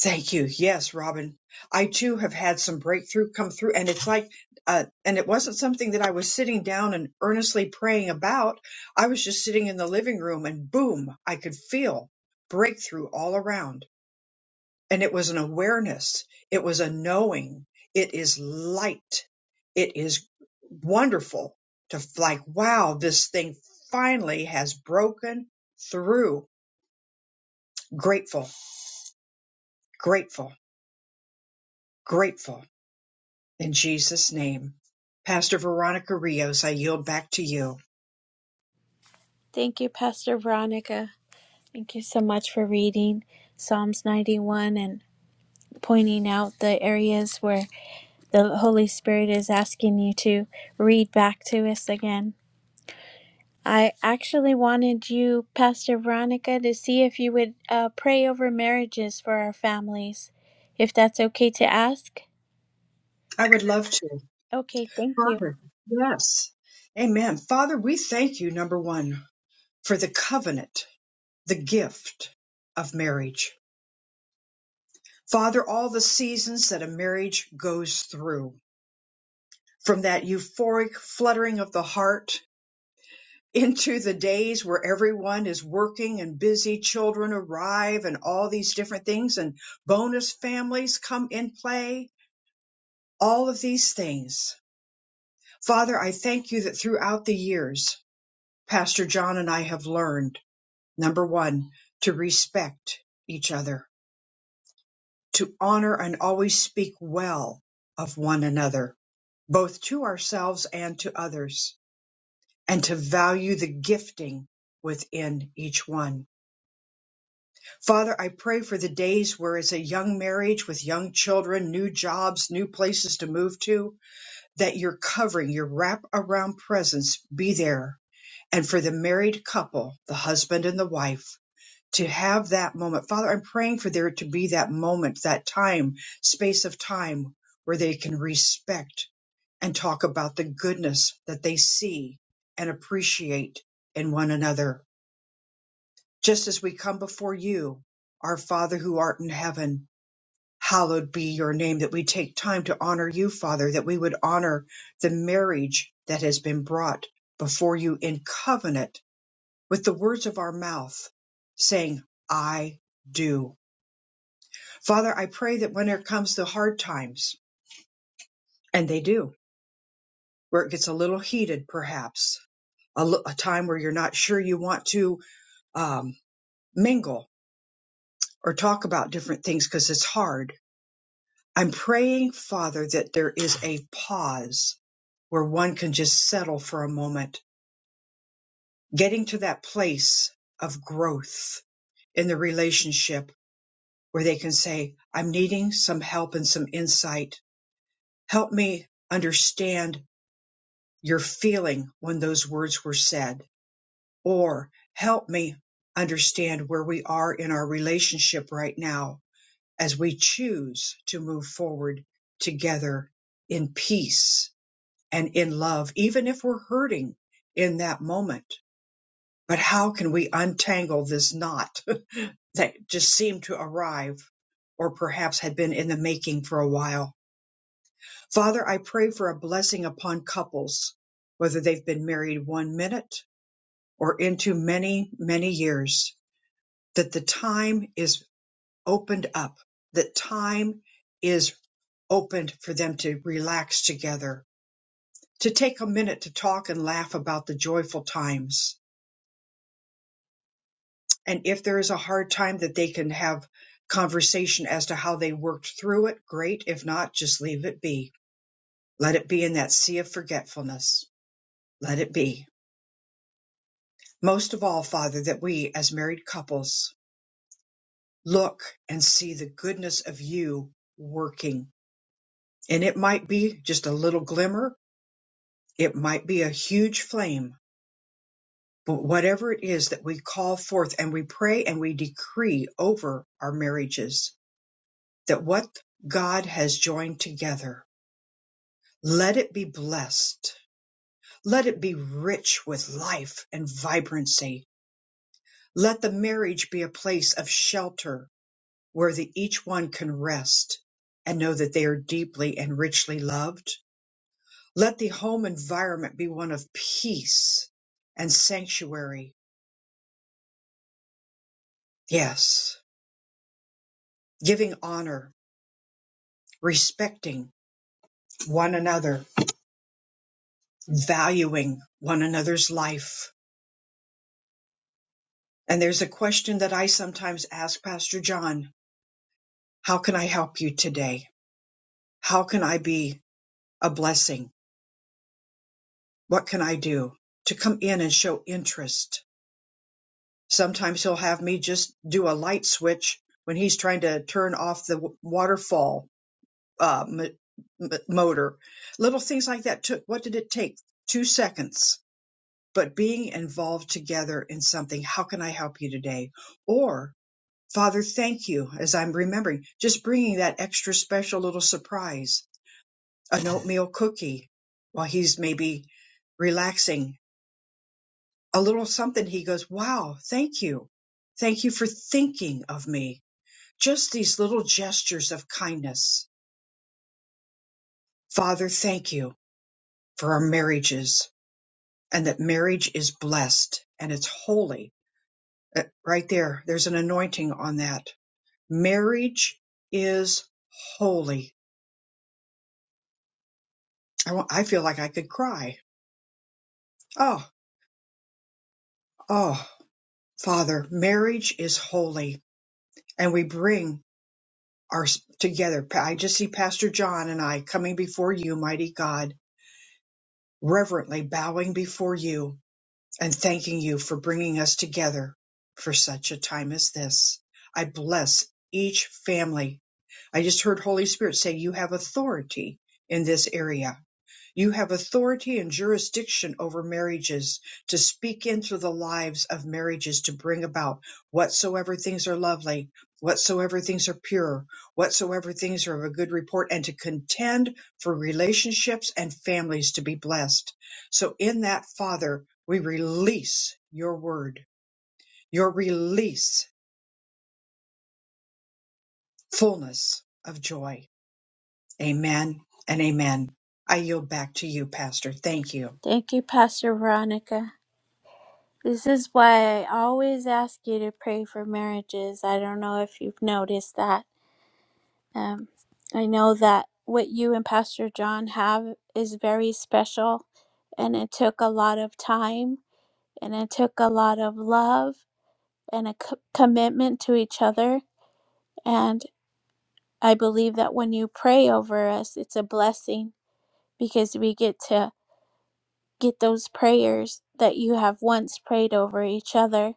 Thank you. Yes, Robin, I too have had some breakthrough come through. And it's like, uh, and it wasn't something that I was sitting down and earnestly praying about. I was just sitting in the living room and boom, I could feel breakthrough all around And it was an awareness. It was a knowing. It is light. It is wonderful to like, wow, this thing finally has broken through. Grateful, grateful, grateful in Jesus' name. Pastor Veronica Rios, I yield back to you. Thank you, Pastor Veronica. Thank you so much for reading Psalms 91 and pointing out the areas where the Holy Spirit is asking you to read back to us again. I actually wanted you, Pastor Veronica, to see if you would uh, pray over marriages for our families, if that's okay to ask. I would love to. Okay, thank you. Father, yes. Amen. Father, we thank you, number one, for the covenant, the gift of marriage Father, all the seasons that a marriage goes through, from that euphoric fluttering of the heart into the days where everyone is working and busy, children arrive and all these different things and bonus families come in play, all of these things. Father, I thank you that throughout the years, Pastor John and I have learned, number one, to respect each other, to honor and always speak well of one another both to ourselves and to others, and to value the gifting within each one. Father, I pray for the days where it's a young marriage with young children, new jobs, new places to move to, that your covering, your wrap around presence be there. And for the married couple, the husband and the wife, to have that moment. Father, I'm praying for there to be that moment, that time, space of time where they can respect and talk about the goodness that they see and appreciate in one another. Just as we come before you, our Father who art in heaven, hallowed be your name, that we take time to honor you, Father, that we would honor the marriage that has been brought before you in covenant with the words of our mouth, saying, I do. Father, I pray that when there comes the hard times, and they do, where it gets a little heated perhaps, a, a time where you're not sure you want to um, mingle or talk about different things because it's hard. I'm praying, Father, that there is a pause where one can just settle for a moment, getting to that place of growth in the relationship where they can say, I'm needing some help and some insight. Help me understand your feeling when those words were said or help me understand where we are in our relationship right now as we choose to move forward together in peace and in love, even if we're hurting in that moment. But how can we untangle this knot [laughs] that just seemed to arrive or perhaps had been in the making for a while? Father, I pray for a blessing upon couples, whether they've been married one minute or into many, many years that the time is opened up, that time is opened for them to relax together, to take a minute to talk and laugh about the joyful times. And if there is a hard time that they can have conversation as to how they worked through it, great. If not, just leave it be. Let it be in that sea of forgetfulness. Let it be. Most of all, Father, that we as married couples look and see the goodness of you working And it might be just a little glimmer, it might be a huge flame, but whatever it is that we call forth and we pray and we decree over our marriages, that what God has joined together, let it be blessed. Let it be rich with life and vibrancy. Let the marriage be a place of shelter where the, each one can rest and know that they are deeply and richly loved Let the home environment be one of peace and sanctuary. Yes. Giving honor, respecting one another, valuing one another's life. And there's a question that I sometimes ask Pastor John How can I help you today? How can I be a blessing? What can I do to come in and show interest? Sometimes he'll have me just do a light switch when he's trying to turn off the waterfall uh, m- m- motor. Little things like that took, what did it take? Two seconds. But being involved together in something, how can I help you today? Or, Father, thank you, as I'm remembering, just bringing that extra special little surprise, an [laughs] oatmeal cookie while he's maybe relaxing, a little something. He goes, wow, thank you. Thank you for thinking of me. Just these little gestures of kindness. Father, thank you for our marriages and that marriage is blessed and it's holy. Uh, Right there, there's an anointing on that. Marriage is holy. I, wa- I feel like I could cry. Oh, oh, Father, marriage is holy, and we bring our s- together. Pa- I just see Pastor John and I coming before you, mighty God, reverently bowing before you and thanking you for bringing us together for such a time as this. I bless each family. I just heard Holy Spirit say you have authority in this area. You have authority and jurisdiction over marriages to speak into the lives of marriages to bring about whatsoever things are lovely, whatsoever things are pure, whatsoever things are of a good report, and to contend for relationships and families to be blessed. So, in that, Father, we release your word, your release, fullness of joy. Amen and amen. I yield back to you, Pastor. Thank you. Thank you, Pastor Veronica. This is why I always ask you to pray for marriages. I don't know if you've noticed that. Um, I know that what you and Pastor John have is very special, and it took a lot of time, and it took a lot of love and a co- commitment to each other And I believe that when you pray over us, it's a blessing because we get to get those prayers that you have once prayed over each other.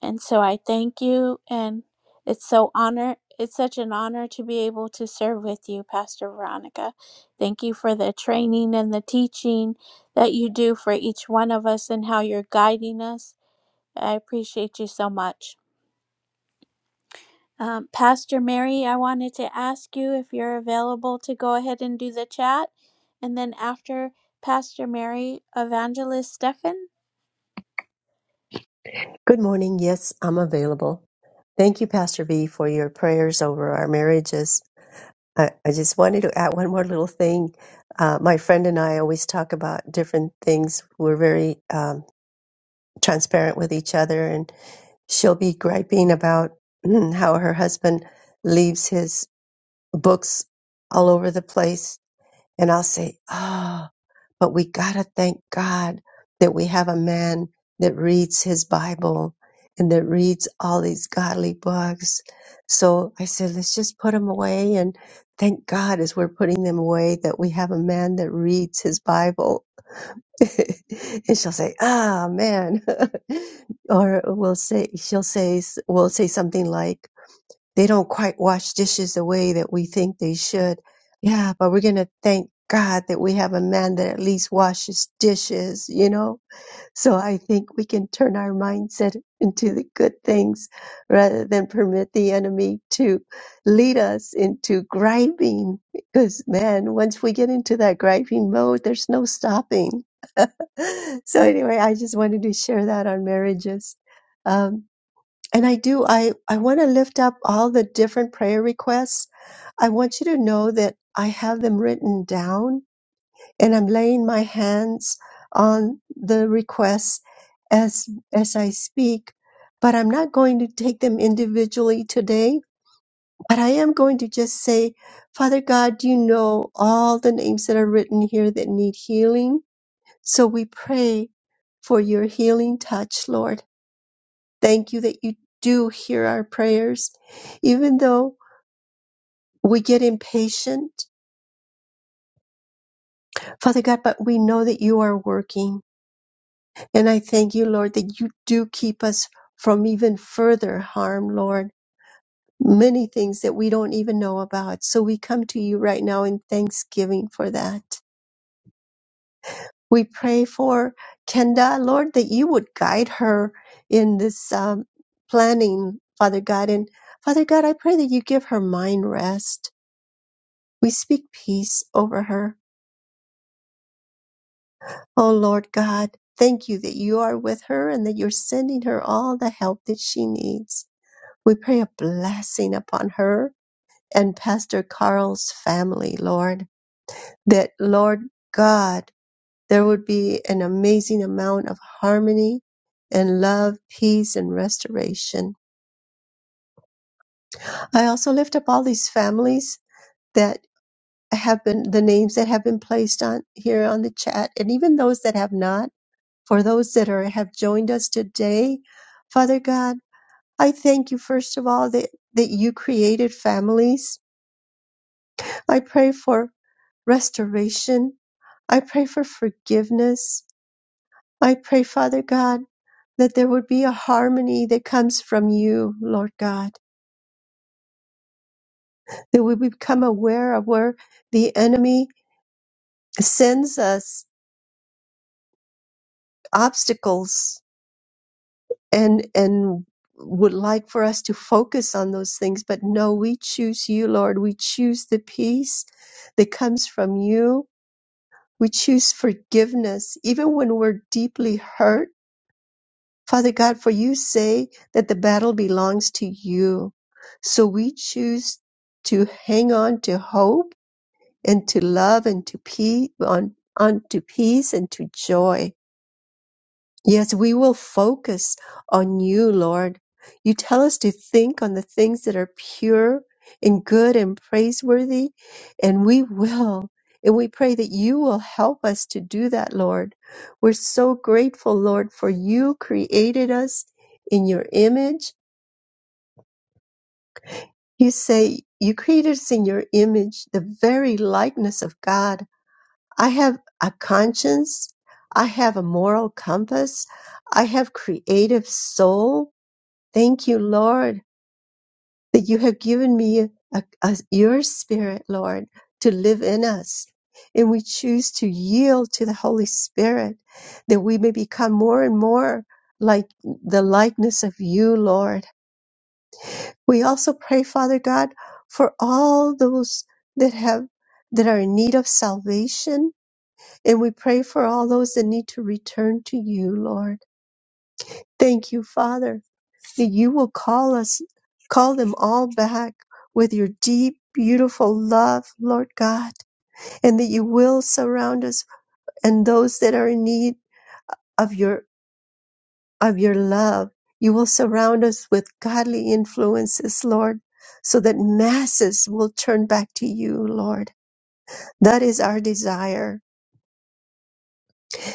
And so I thank you and it's so honor it's such an honor to be able to serve with you, Pastor Veronica. Thank you for the training and the teaching that you do for each one of us and how you're guiding us. I appreciate you so much. Um, Pastor Mary, I wanted to ask you if you're available to go ahead and do the chat. And then after Pastor Mary, Evangelist Stefan. Good morning. Yes, I'm available. Thank you, Pastor V, for your prayers over our marriages. I, I just wanted to add one more little thing. Uh, my friend and I always talk about different things. We're very um, transparent with each other, and she'll be griping about [clears throat] how her husband leaves his books all over the place. And I'll say, Oh, but we gotta thank God that we have a man that reads his Bible and that reads all these godly books. So I said, let's just put them away and thank God as we're putting them away that we have a man that reads his Bible. [laughs] and she'll say, ah, man. [laughs] or we'll say, she'll say, we'll say something like, they don't quite wash dishes the way that we think they should. Yeah, but we're going to thank God that we have a man that at least washes dishes, you know? So I think we can turn our mindset into the good things rather than permit the enemy to lead us into griping. Because, man, once we get into that griping mode, there's no stopping. [laughs] So, anyway, I just wanted to share that on marriages. Um, and I do, I, I want to lift up all the different prayer requests. I want you to know that I have them written down and I'm laying my hands on the requests as, as I speak, but I'm not going to take them individually today, but I am going to just say, Father God, you know all the names that are written here that need healing. So we pray for your healing touch, Lord. Thank you that you do hear our prayers, even though we get impatient, Father God, but we know that you are working. And I thank you, Lord, that you do keep us from even further harm, Lord. Many things that we don't even know about. So we come to you right now in thanksgiving for that. We pray for Kenda, Lord, that you would guide her in this um, planning, Father God. And Father God, I pray that you give her mind rest. We speak peace over her. Oh Lord God, thank you that you are with her and that you're sending her all the help that she needs. We pray a blessing upon her and Pastor Carl's family, Lord, that Lord God, there would be an amazing amount of harmony and love, peace and restoration. I also lift up all these families that have been the names that have been placed on here on the chat and even those that have not for those that are have joined us today. Father God, I thank you first of all that, that you created families. I pray for restoration. I pray for forgiveness. I pray, Father God, that there would be a harmony that comes from you, Lord God, that we become aware of where the enemy sends us obstacles and and would like for us to focus on those things but no we choose you lord we choose the peace that comes from you we choose forgiveness even when we're deeply hurt father god for you say that the battle belongs to you so we choose to hang on to hope and to love and to peace on, on to peace and to joy Yes, we will focus on you, Lord. You tell us to think on the things that are pure and good and praiseworthy, and we will. And we pray that you will help us to do that, Lord. We're so grateful, Lord, for you created us in your image. You say you created us in your image, the very likeness of God. I have a conscience. I have a moral compass. I have creative soul. Thank you, Lord, that you have given me a, a- your spirit, Lord, to live in us. And we choose to yield to the Holy Spirit that we may become more and more like the likeness of you, Lord. We also pray, Father God, for all those that have that are in need of salvation. And we pray for all those that need to return to you, Lord. Thank you, Father, that you will call us, call them all back with your deep, beautiful love, Lord God, and that you will surround us and those that are in need of your, of your love. You will surround us with godly influences, Lord, so that masses will turn back to you, Lord. That is our desire.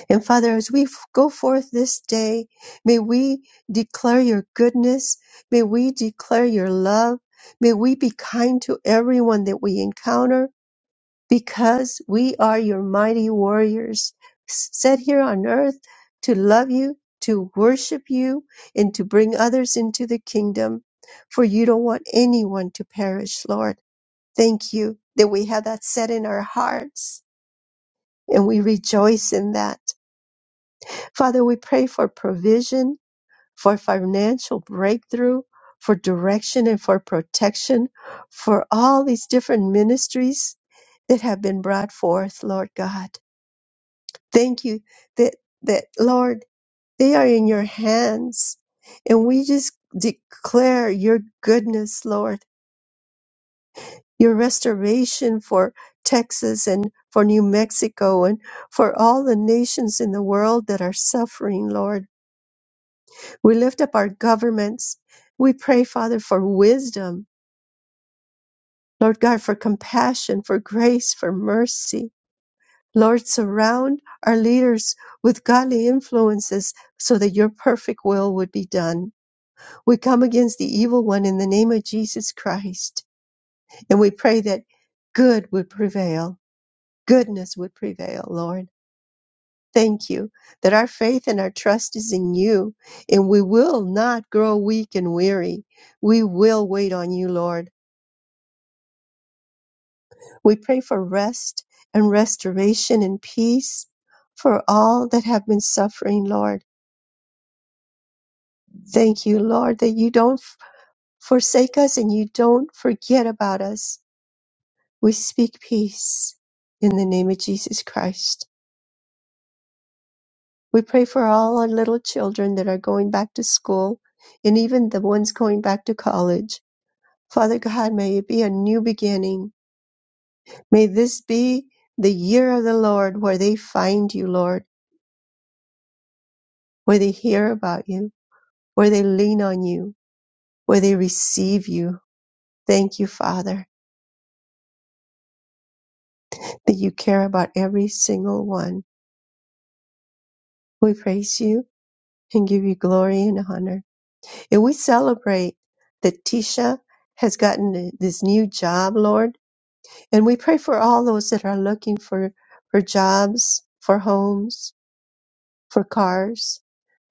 And Father, as we f- go forth this day, may we declare your goodness. May we declare your love. May we be kind to everyone that we encounter because we are your mighty warriors s- set here on earth to love you, to worship you, and to bring others into the kingdom. For you don't want anyone to perish, Lord. Thank you that we have that set in our hearts and we rejoice in that. Father, we pray for provision, for financial breakthrough, for direction and for protection for all these different ministries that have been brought forth, Lord God. Thank you that, that Lord, they are in your hands. And we just declare your goodness, Lord, your restoration for Texas and for New Mexico and for all the nations in the world that are suffering, Lord. We lift up our governments. We pray, Father, for wisdom, Lord God, for compassion, for grace, for mercy. Lord, surround our leaders with godly influences so that your perfect will would be done. We come against the evil one in the name of Jesus Christ, and we pray that good would prevail. Goodness would prevail, Lord. Thank you that our faith and our trust is in you, and we will not grow weak and weary. We will wait on you, Lord. We pray for rest and restoration and peace for all that have been suffering, Lord. Thank you, Lord, that you don't f- forsake us and you don't forget about us. We speak peace in the name of Jesus Christ. We pray for all our little children that are going back to school and even the ones going back to college. Father God, may it be a new beginning. May this be the year of the Lord where they find you, Lord, where they hear about you, where they lean on you, where they receive you. Thank you, Father, that you care about every single one. We praise you and give you glory and honor. And we celebrate that Tisha has gotten this new job, Lord. And we pray for all those that are looking for, for jobs, for homes, for cars.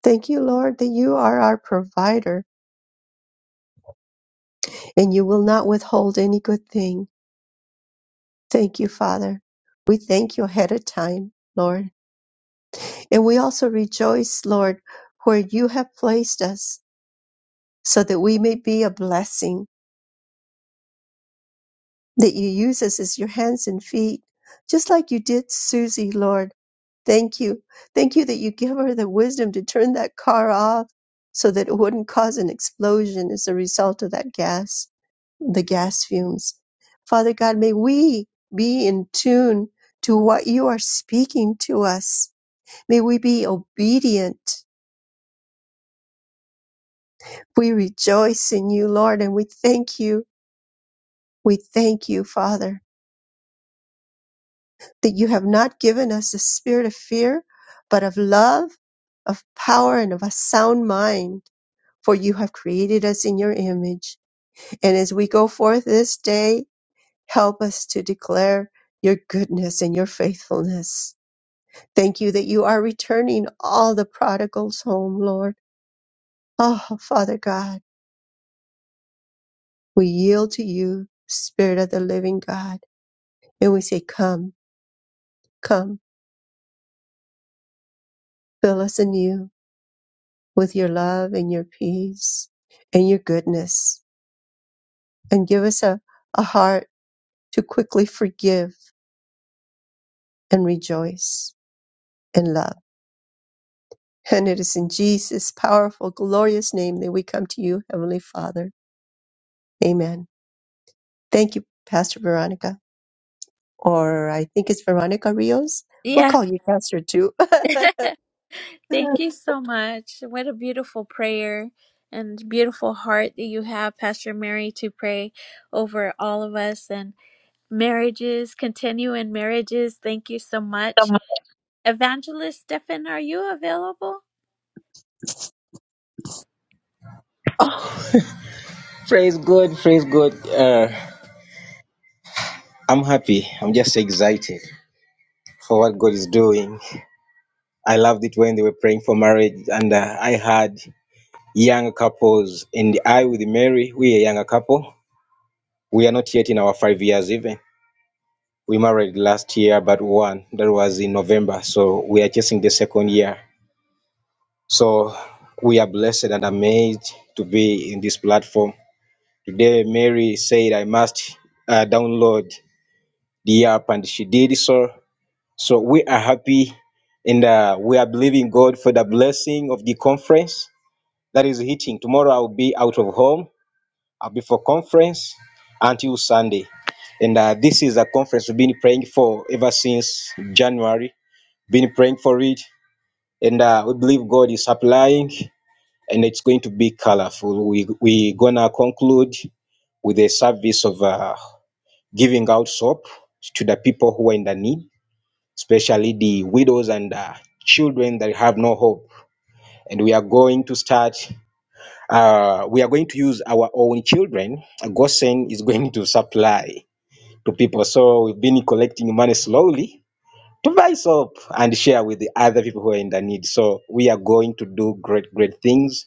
Thank you, Lord, that you are our provider and you will not withhold any good thing. Thank you, Father. We thank you ahead of time, Lord. And we also rejoice, Lord, where you have placed us so that we may be a blessing, that you use us as your hands and feet, just like you did Susie, Lord. Thank you. Thank you that you give her the wisdom to turn that car off so that it wouldn't cause an explosion as a result of that gas. the gas fumes. Father God, may we be in tune to what you are speaking to us. May we be obedient. We rejoice in you, Lord, and we thank you. We thank you, Father, that you have not given us a spirit of fear, but of love, of power, and of a sound mind. For you have created us in your image. And as we go forth this day, help us to declare your goodness and your faithfulness. Thank you that you are returning all the prodigals home, Lord. Oh, Father God, we yield to you, Spirit of the living God, and we say, Come, come, fill us anew with your love and your peace and your goodness, and give us a, a heart to quickly forgive and rejoice and love. And it is in Jesus' powerful, glorious name that we come to you, Heavenly Father. Amen. Thank you, Pastor Veronica. or I think it's Veronica Rios. We'll Yeah. call you Pastor too. [laughs] [laughs] Thank you so much. What a beautiful prayer and beautiful heart that you have, Pastor Mary, to pray over all of us and marriages, continue in marriages. Thank you so much. Evangelist Stefan, are you available? [laughs] Oh, Praise God, praise God. Uh, I'm happy. I'm just excited for what God is doing. I loved it when they were praying for marriage, and uh, I had young couples, and I with Mary, we are a younger couple. We are not yet in our five years even. We married last year, but one that was in November, so we are chasing the second year. So we are blessed and amazed to be in this platform. Today, Mary said I must uh, download the app, and she did so. So we are happy and uh, we are believing God for the blessing of the conference that is hitting. Tomorrow I'll be out of home. I'll be for conference until Sunday. And uh, this is a conference we've been praying for ever since January. Been praying for it. And uh, we believe God is supplying and it's going to be colorful. We, we're going to conclude with a service of uh, giving out soap to the people who are in the need especially the widows and uh, children that have no hope. And we are going to start, uh, we are going to use our own children. Gosen is [laughs] going to supply to people. So we've been collecting money slowly to buy soap and share with the other people who are in the need. So we are going to do great, great things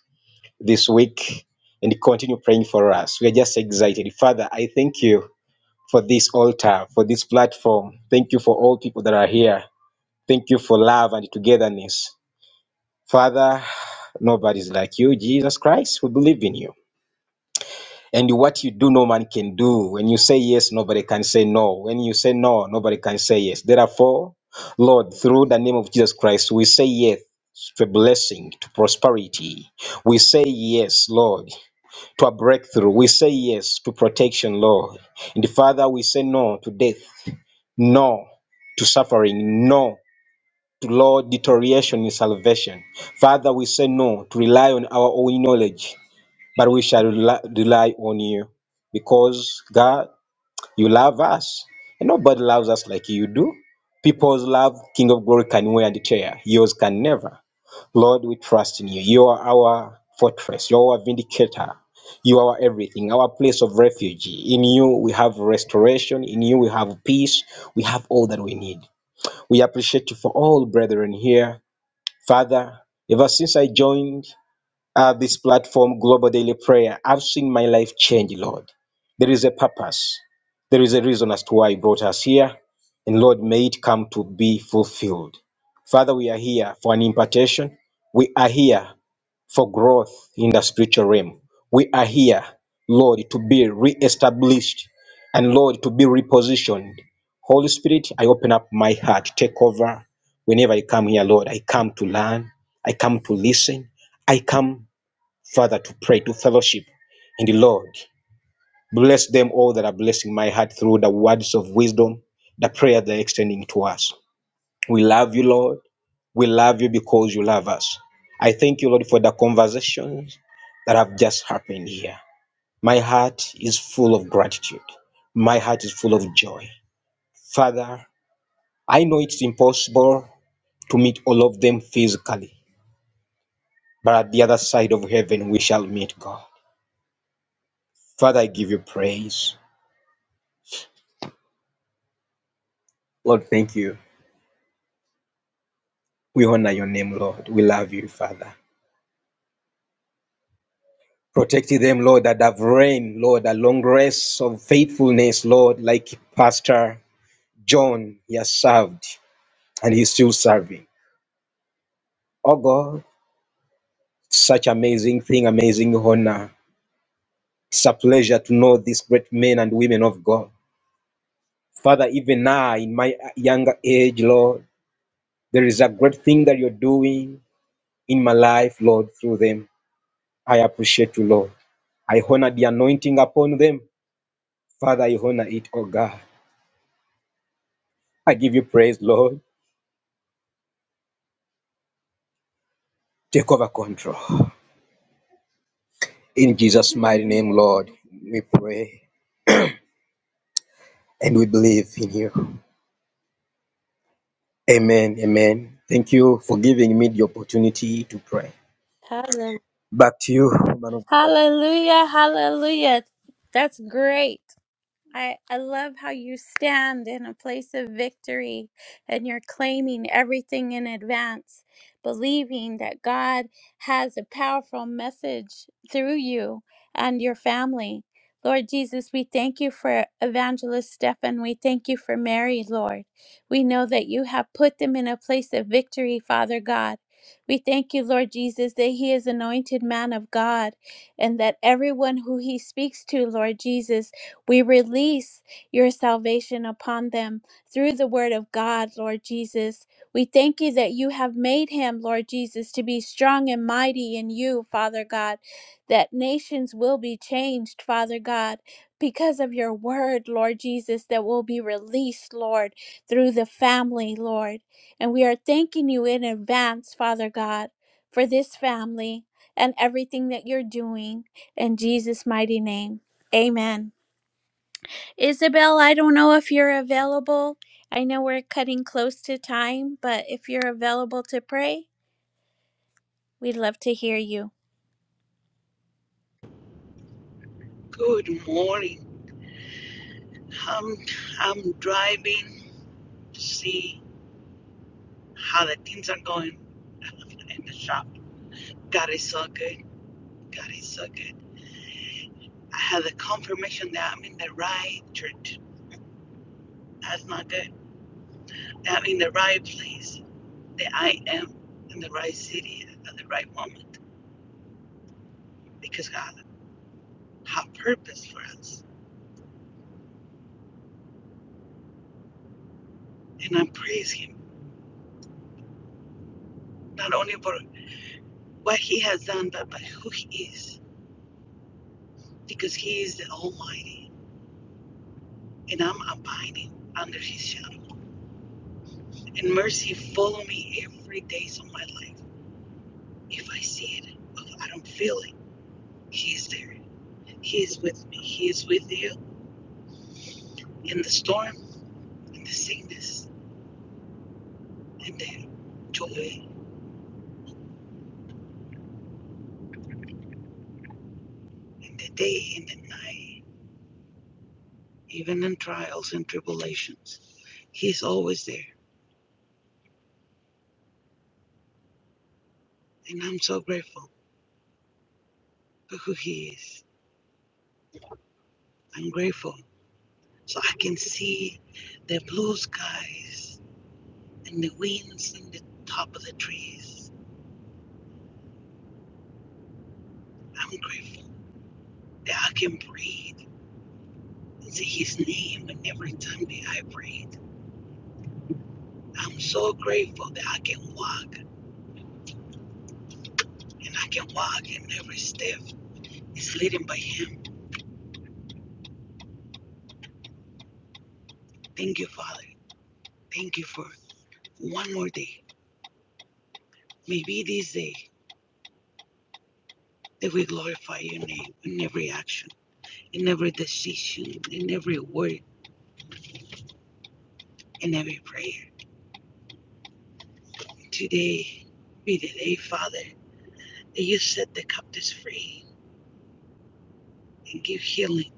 this week and continue praying for us. We are just excited. Father, I thank you for this altar, for this platform. Thank you for all people that are here. Thank you for love and togetherness. Father, nobody's like you, Jesus Christ. We believe in you. And what you do, no man can do. When you say yes, nobody can say no. When you say no, nobody can say yes. Therefore, Lord, through the name of Jesus Christ, we say yes to blessing, to prosperity. We say yes, Lord, to a breakthrough. We say yes to protection, Lord. And Father, we say no to death, no to suffering, no to Lord, deterioration in salvation. Father, we say no to rely on our own knowledge, but we shall rely rely on you because God, you love us, and nobody loves us like you do. People's love, King of Glory, can wear the chair. Yours can never. Lord, we trust in you. You are our fortress. You are our vindicator. You are everything, our place of refuge. In you, we have restoration. In you, we have peace. We have all that we need. We appreciate you for all brethren here Father, ever since I joined uh, this platform, Global Daily Prayer, I've seen my life change, Lord. There is a purpose, there is a reason as to why you brought us here, and Lord, may it come to be fulfilled. Father, we are here for an impartation. We are here for growth in the spiritual realm. We are here, Lord, to be reestablished and Lord, to be repositioned. Holy Spirit, I open up my heart. Take over whenever I come here, Lord. I come to learn. I come to listen. I come, Father, to pray, to fellowship. And the Lord, bless them all that are blessing my heart through the words of wisdom, the prayer they're extending to us. We love you, Lord. We love you because you love us. I thank you, Lord, for the conversations that have just happened here. My heart is full of gratitude. My heart is full of joy. Father, I know it's impossible to meet all of them physically, but at the other side of heaven, we shall meet God. Father, I give you praise. Lord, thank you. We honor your name, Lord. We love you, Father. Protect them, Lord, that have reigned, Lord, a long race of faithfulness, Lord, like Pastor John, he has served and he's still serving. Oh God, such amazing thing, amazing honor. It's a pleasure to know these great men and women of God. Father, even now in my younger age, Lord, there is a great thing that you're doing in my life, Lord, through them. I appreciate you, Lord. I honor the anointing upon them. Father, I honor it, oh God. I give you praise, Lord. Take over control. In Jesus' mighty name, Lord, we pray and we believe in you. Amen. Amen. Thank you for giving me the opportunity to pray. Back to you, man of God. Hallelujah, hallelujah. That's great. I, I love how you stand in a place of victory and you're claiming everything in advance, believing that God has a powerful message through you and your family. Lord Jesus, we thank you for Evangelist Stephen. We thank you for Mary, Lord. We know that you have put them in a place of victory, Father God. We thank you, Lord Jesus, that he is anointed man of God and that everyone who he speaks to, Lord Jesus, we release your salvation upon them through the word of God, Lord Jesus. We thank you that you have made him, Lord Jesus, to be strong and mighty in you, Father God, that nations will be changed, Father God, because of your word, Lord Jesus, that will be released, Lord, through the family, Lord. And we are thanking you in advance, Father God, for this family and everything that you're doing. In Jesus' mighty name, amen. Isabel, I don't know if you're available. I know we're cutting close to time, but if you're available to pray, we'd love to hear you. Good morning. I'm I'm driving to see how the things are going in the shop. God is so good. God is so good. I have the confirmation that I'm in the right church. That's not good. That I'm in the right place. That I am in the right city at the right moment. Because God has purpose for us. And I praise Him. Not only for what He has done, but by who He is. Because He is the Almighty. and I'm abiding under his shadow. And mercy follow me every days of my life. If I see it, if I don't feel it, he is there. He is with me. He is with you in the storm, in the sickness, in the joy, in the day, in the night, even in trials and tribulations. He is always there. And I'm so grateful for who he is. I'm grateful. So I can see the blue skies and the winds in the top of the trees. I'm grateful that I can breathe and say his name and every time that I breathe. I'm so grateful that I can walk and I can walk and every step is leading by him. Thank you, Father. Thank you for one more day. Maybe this day that we glorify your name in every action, in every decision, in every word, in every prayer. Today be the day, Father, that you set the captives free and give healing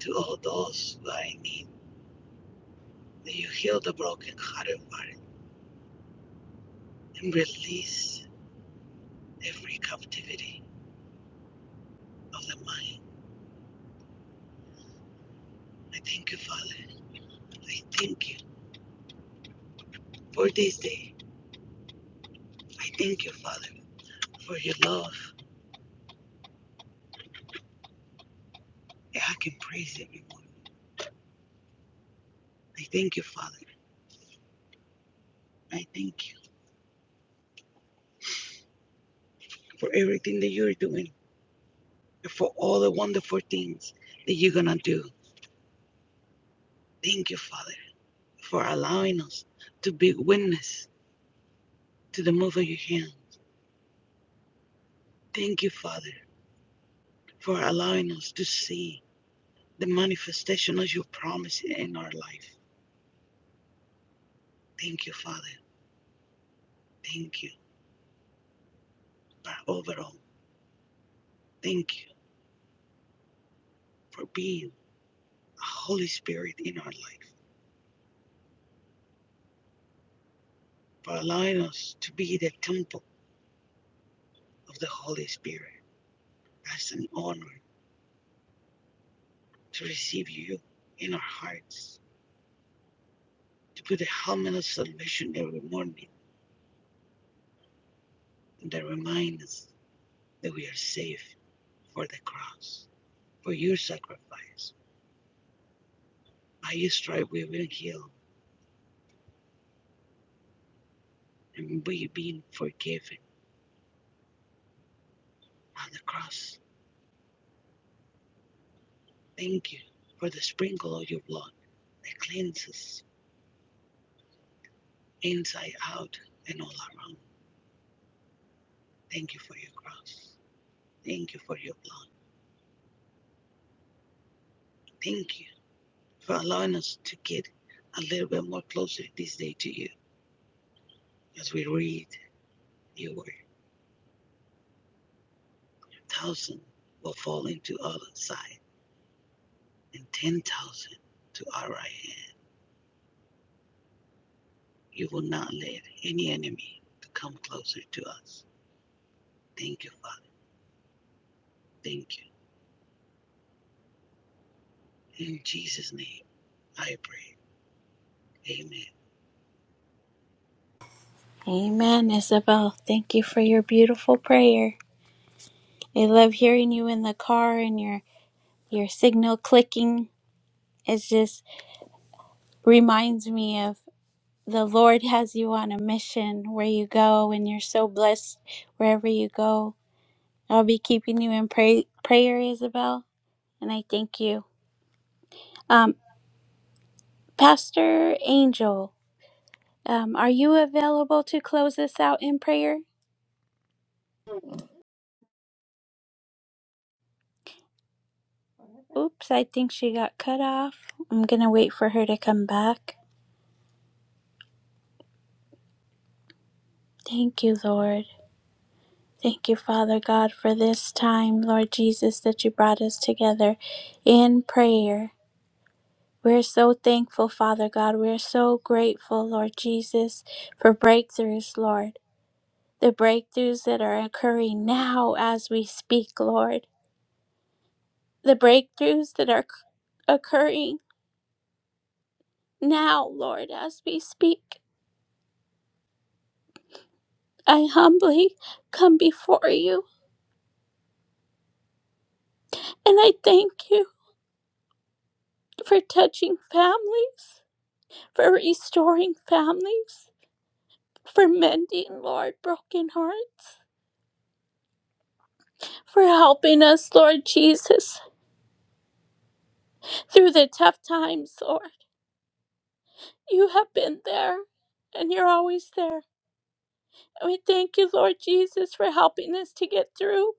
to all those who are in need. May you heal the broken heart and mind and release every captivity of the mind. I thank you, Father. I thank you for this day. I thank you, Father, for your love. that I can praise every morning. I thank you, Father. I thank you for everything that you're doing and for all the wonderful things that you're going to do. Thank you, Father, for allowing us to be witness to the move of your hand. Thank you, Father, for allowing us to see the manifestation of your promise in our life. Thank you, Father. Thank you. But overall, thank you for being a Holy Spirit in our life, for allowing us to be the temple of the Holy Spirit. As an honor to receive you in our hearts, to put the helmet of salvation every morning that reminds us that we are safe for the cross, for your sacrifice. By your stripe we will heal. and we've been forgiven on the cross. Thank you for the sprinkle of your blood that cleanses inside out and all around. Thank you for your cross. Thank you for your blood. Thank you for allowing us to get a little bit more closer this day to you as we read your word. Thousand will fall into our side and ten thousand to our right hand. You will not let any enemy to come closer to us. Thank you, Father. Thank you. In Jesus' name. I pray. Amen. Amen, Isabel. Thank you for your beautiful prayer. I love hearing you in the car and your your signal clicking. It just reminds me of the Lord has you on a mission where you go, and you're so blessed wherever you go. I'll be keeping you in pray, prayer, Isabel, and I thank you. Um. Pastor Angel, um, are you available to close this out in prayer? Oops, I think she got cut off. I'm going to wait for her to come back. Thank you, Lord. Thank you, Father God, for this time, Lord Jesus, that you brought us together in prayer. We're so thankful, Father God. We're so grateful, Lord Jesus, for breakthroughs, Lord. The breakthroughs that are occurring now as we speak, Lord. The breakthroughs that are occurring Now, Lord, as we speak, I humbly come before you and I thank you for touching families, for restoring families, for mending, Lord, broken hearts, for helping us, Lord Jesus, through the tough times, Lord. You have been there and you're always there. And we thank you, Lord Jesus, for helping us to get through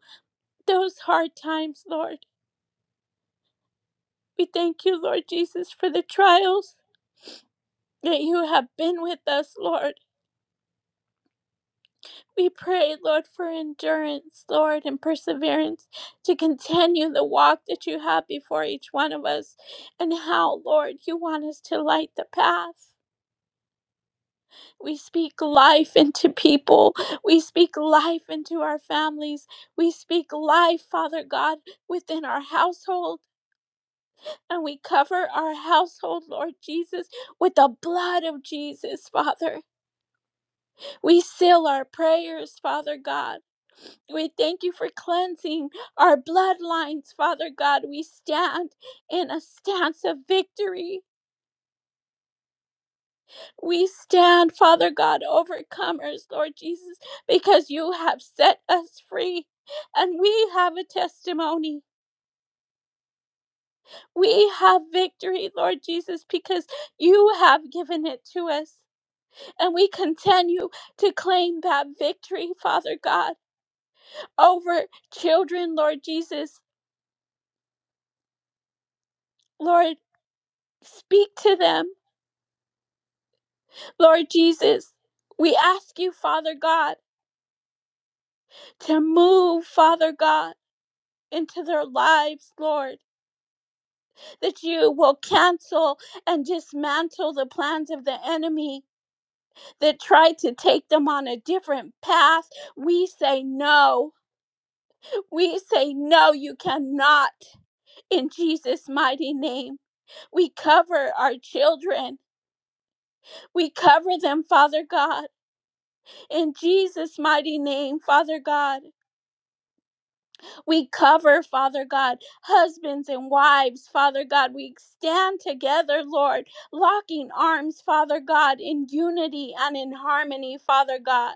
those hard times, Lord. We thank you, Lord Jesus, for the trials that you have been with us, Lord. We pray, Lord, for endurance, Lord, and perseverance to continue the walk that you have before each one of us and how, Lord, you want us to light the path. We speak life into people. We speak life into our families. We speak life, Father God, within our household. And we cover our household, Lord Jesus, with the blood of Jesus, Father. We seal our prayers, Father God. We thank you for cleansing our bloodlines, Father God. We stand in a stance of victory. We stand, Father God, overcomers, Lord Jesus, because you have set us free. And we have a testimony. We have victory, Lord Jesus, because you have given it to us. And we continue to claim that victory, Father God. over children, Lord Jesus. Lord, speak to them, Lord Jesus. We ask you, Father God, to move, Father God, into their lives, Lord, that you will cancel and dismantle the plans of the enemy that tried to take them on a different path. We say no. We say no, you cannot in Jesus' mighty name. We cover our children. We cover them, Father God. In Jesus' mighty name, Father God, we cover, Father God, husbands and wives, Father God. We stand together, Lord, locking arms, Father God, in unity and in harmony, Father God.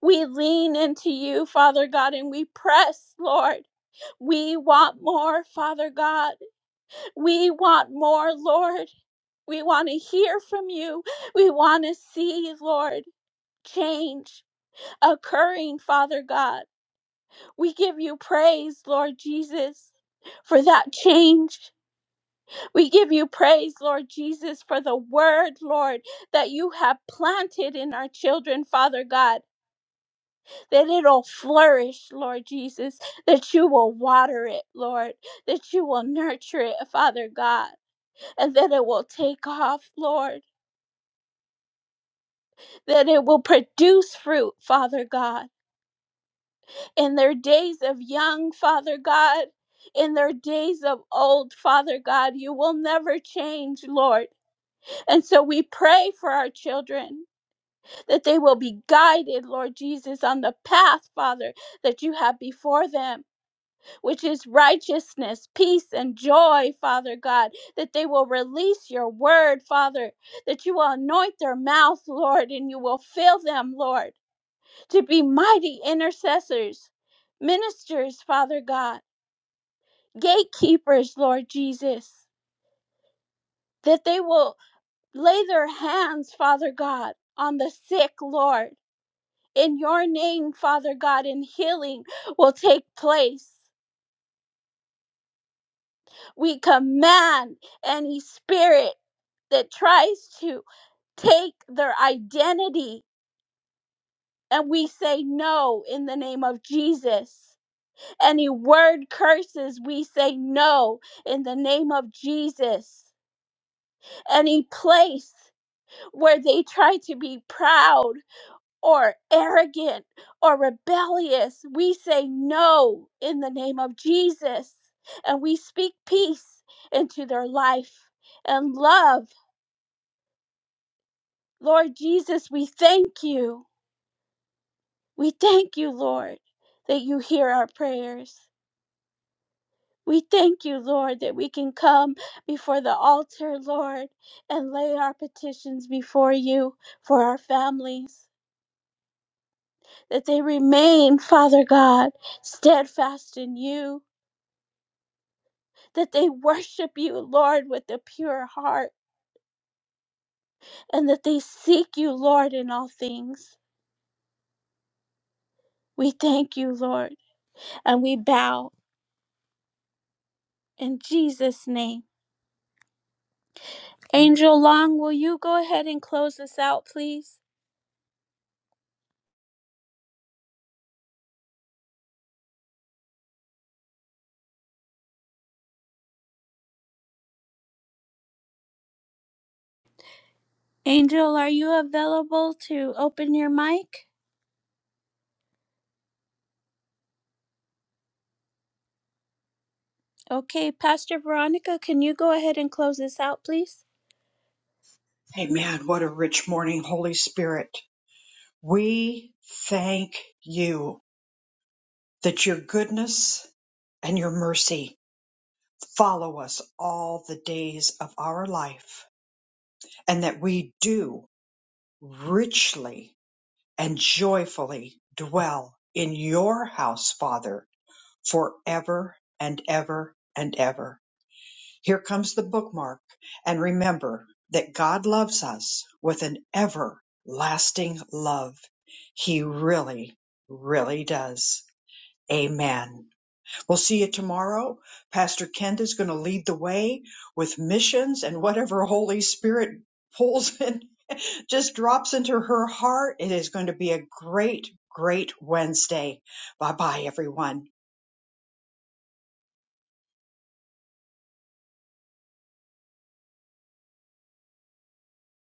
We lean into you, Father God, and we press, Lord. We want more, Father God. We want more, Lord. We want to hear from you. We want to see, Lord, change occurring, Father God. We give you praise, Lord Jesus, for that change. We give you praise, Lord Jesus, for the word, Lord, that you have planted in our children, Father God, that it'll flourish, Lord Jesus, that you will water it, Lord, that you will nurture it, Father God, and that it will take off, Lord, that it will produce fruit, Father God. in their days of young, Father God, in their days of old, Father God. You will never change, Lord. And so we pray for our children that they will be guided, Lord Jesus, on the path, Father, that you have before them, which is righteousness, peace, and joy, Father God, that they will release your word, Father, that you will anoint their mouth, Lord, and you will fill them, Lord to be mighty intercessors, ministers, Father God, gatekeepers, Lord Jesus, that they will lay their hands, Father God, on the sick, Lord. In your name, Father God, and healing will take place. We command any spirit that tries to take their identity, and we say no in the name of Jesus. Any word curses, we say no in the name of Jesus. Any place where they try to be proud or arrogant or rebellious, we say no in the name of Jesus. And we speak peace into their life and love. Lord Jesus, we thank you. We thank you, Lord, that you hear our prayers. We thank you, Lord, that we can come before the altar, Lord, and lay our petitions before you for our families, that they remain, Father God, steadfast in you, that they worship you, Lord, with a pure heart, and that they seek you, Lord, in all things. We thank you, Lord, and we bow in Jesus' name. Angel Long, will you go ahead and close us out, please? Angel, are you available to open your mic? Okay, Pastor Veronica, can you go ahead and close this out, please? Amen. What a rich morning, Holy Spirit. We thank you that your goodness and your mercy follow us all the days of our life, and that we do richly and joyfully dwell in your house, Father, forever and ever and ever. Here comes the bookmark. And remember that God loves us with an everlasting love. He really, really does. Amen. We'll see you tomorrow. Pastor Kent is going to lead the way with missions and whatever Holy Spirit pulls [laughs] in, just drops into her heart. It is going to be a great, great Wednesday. Bye bye, everyone.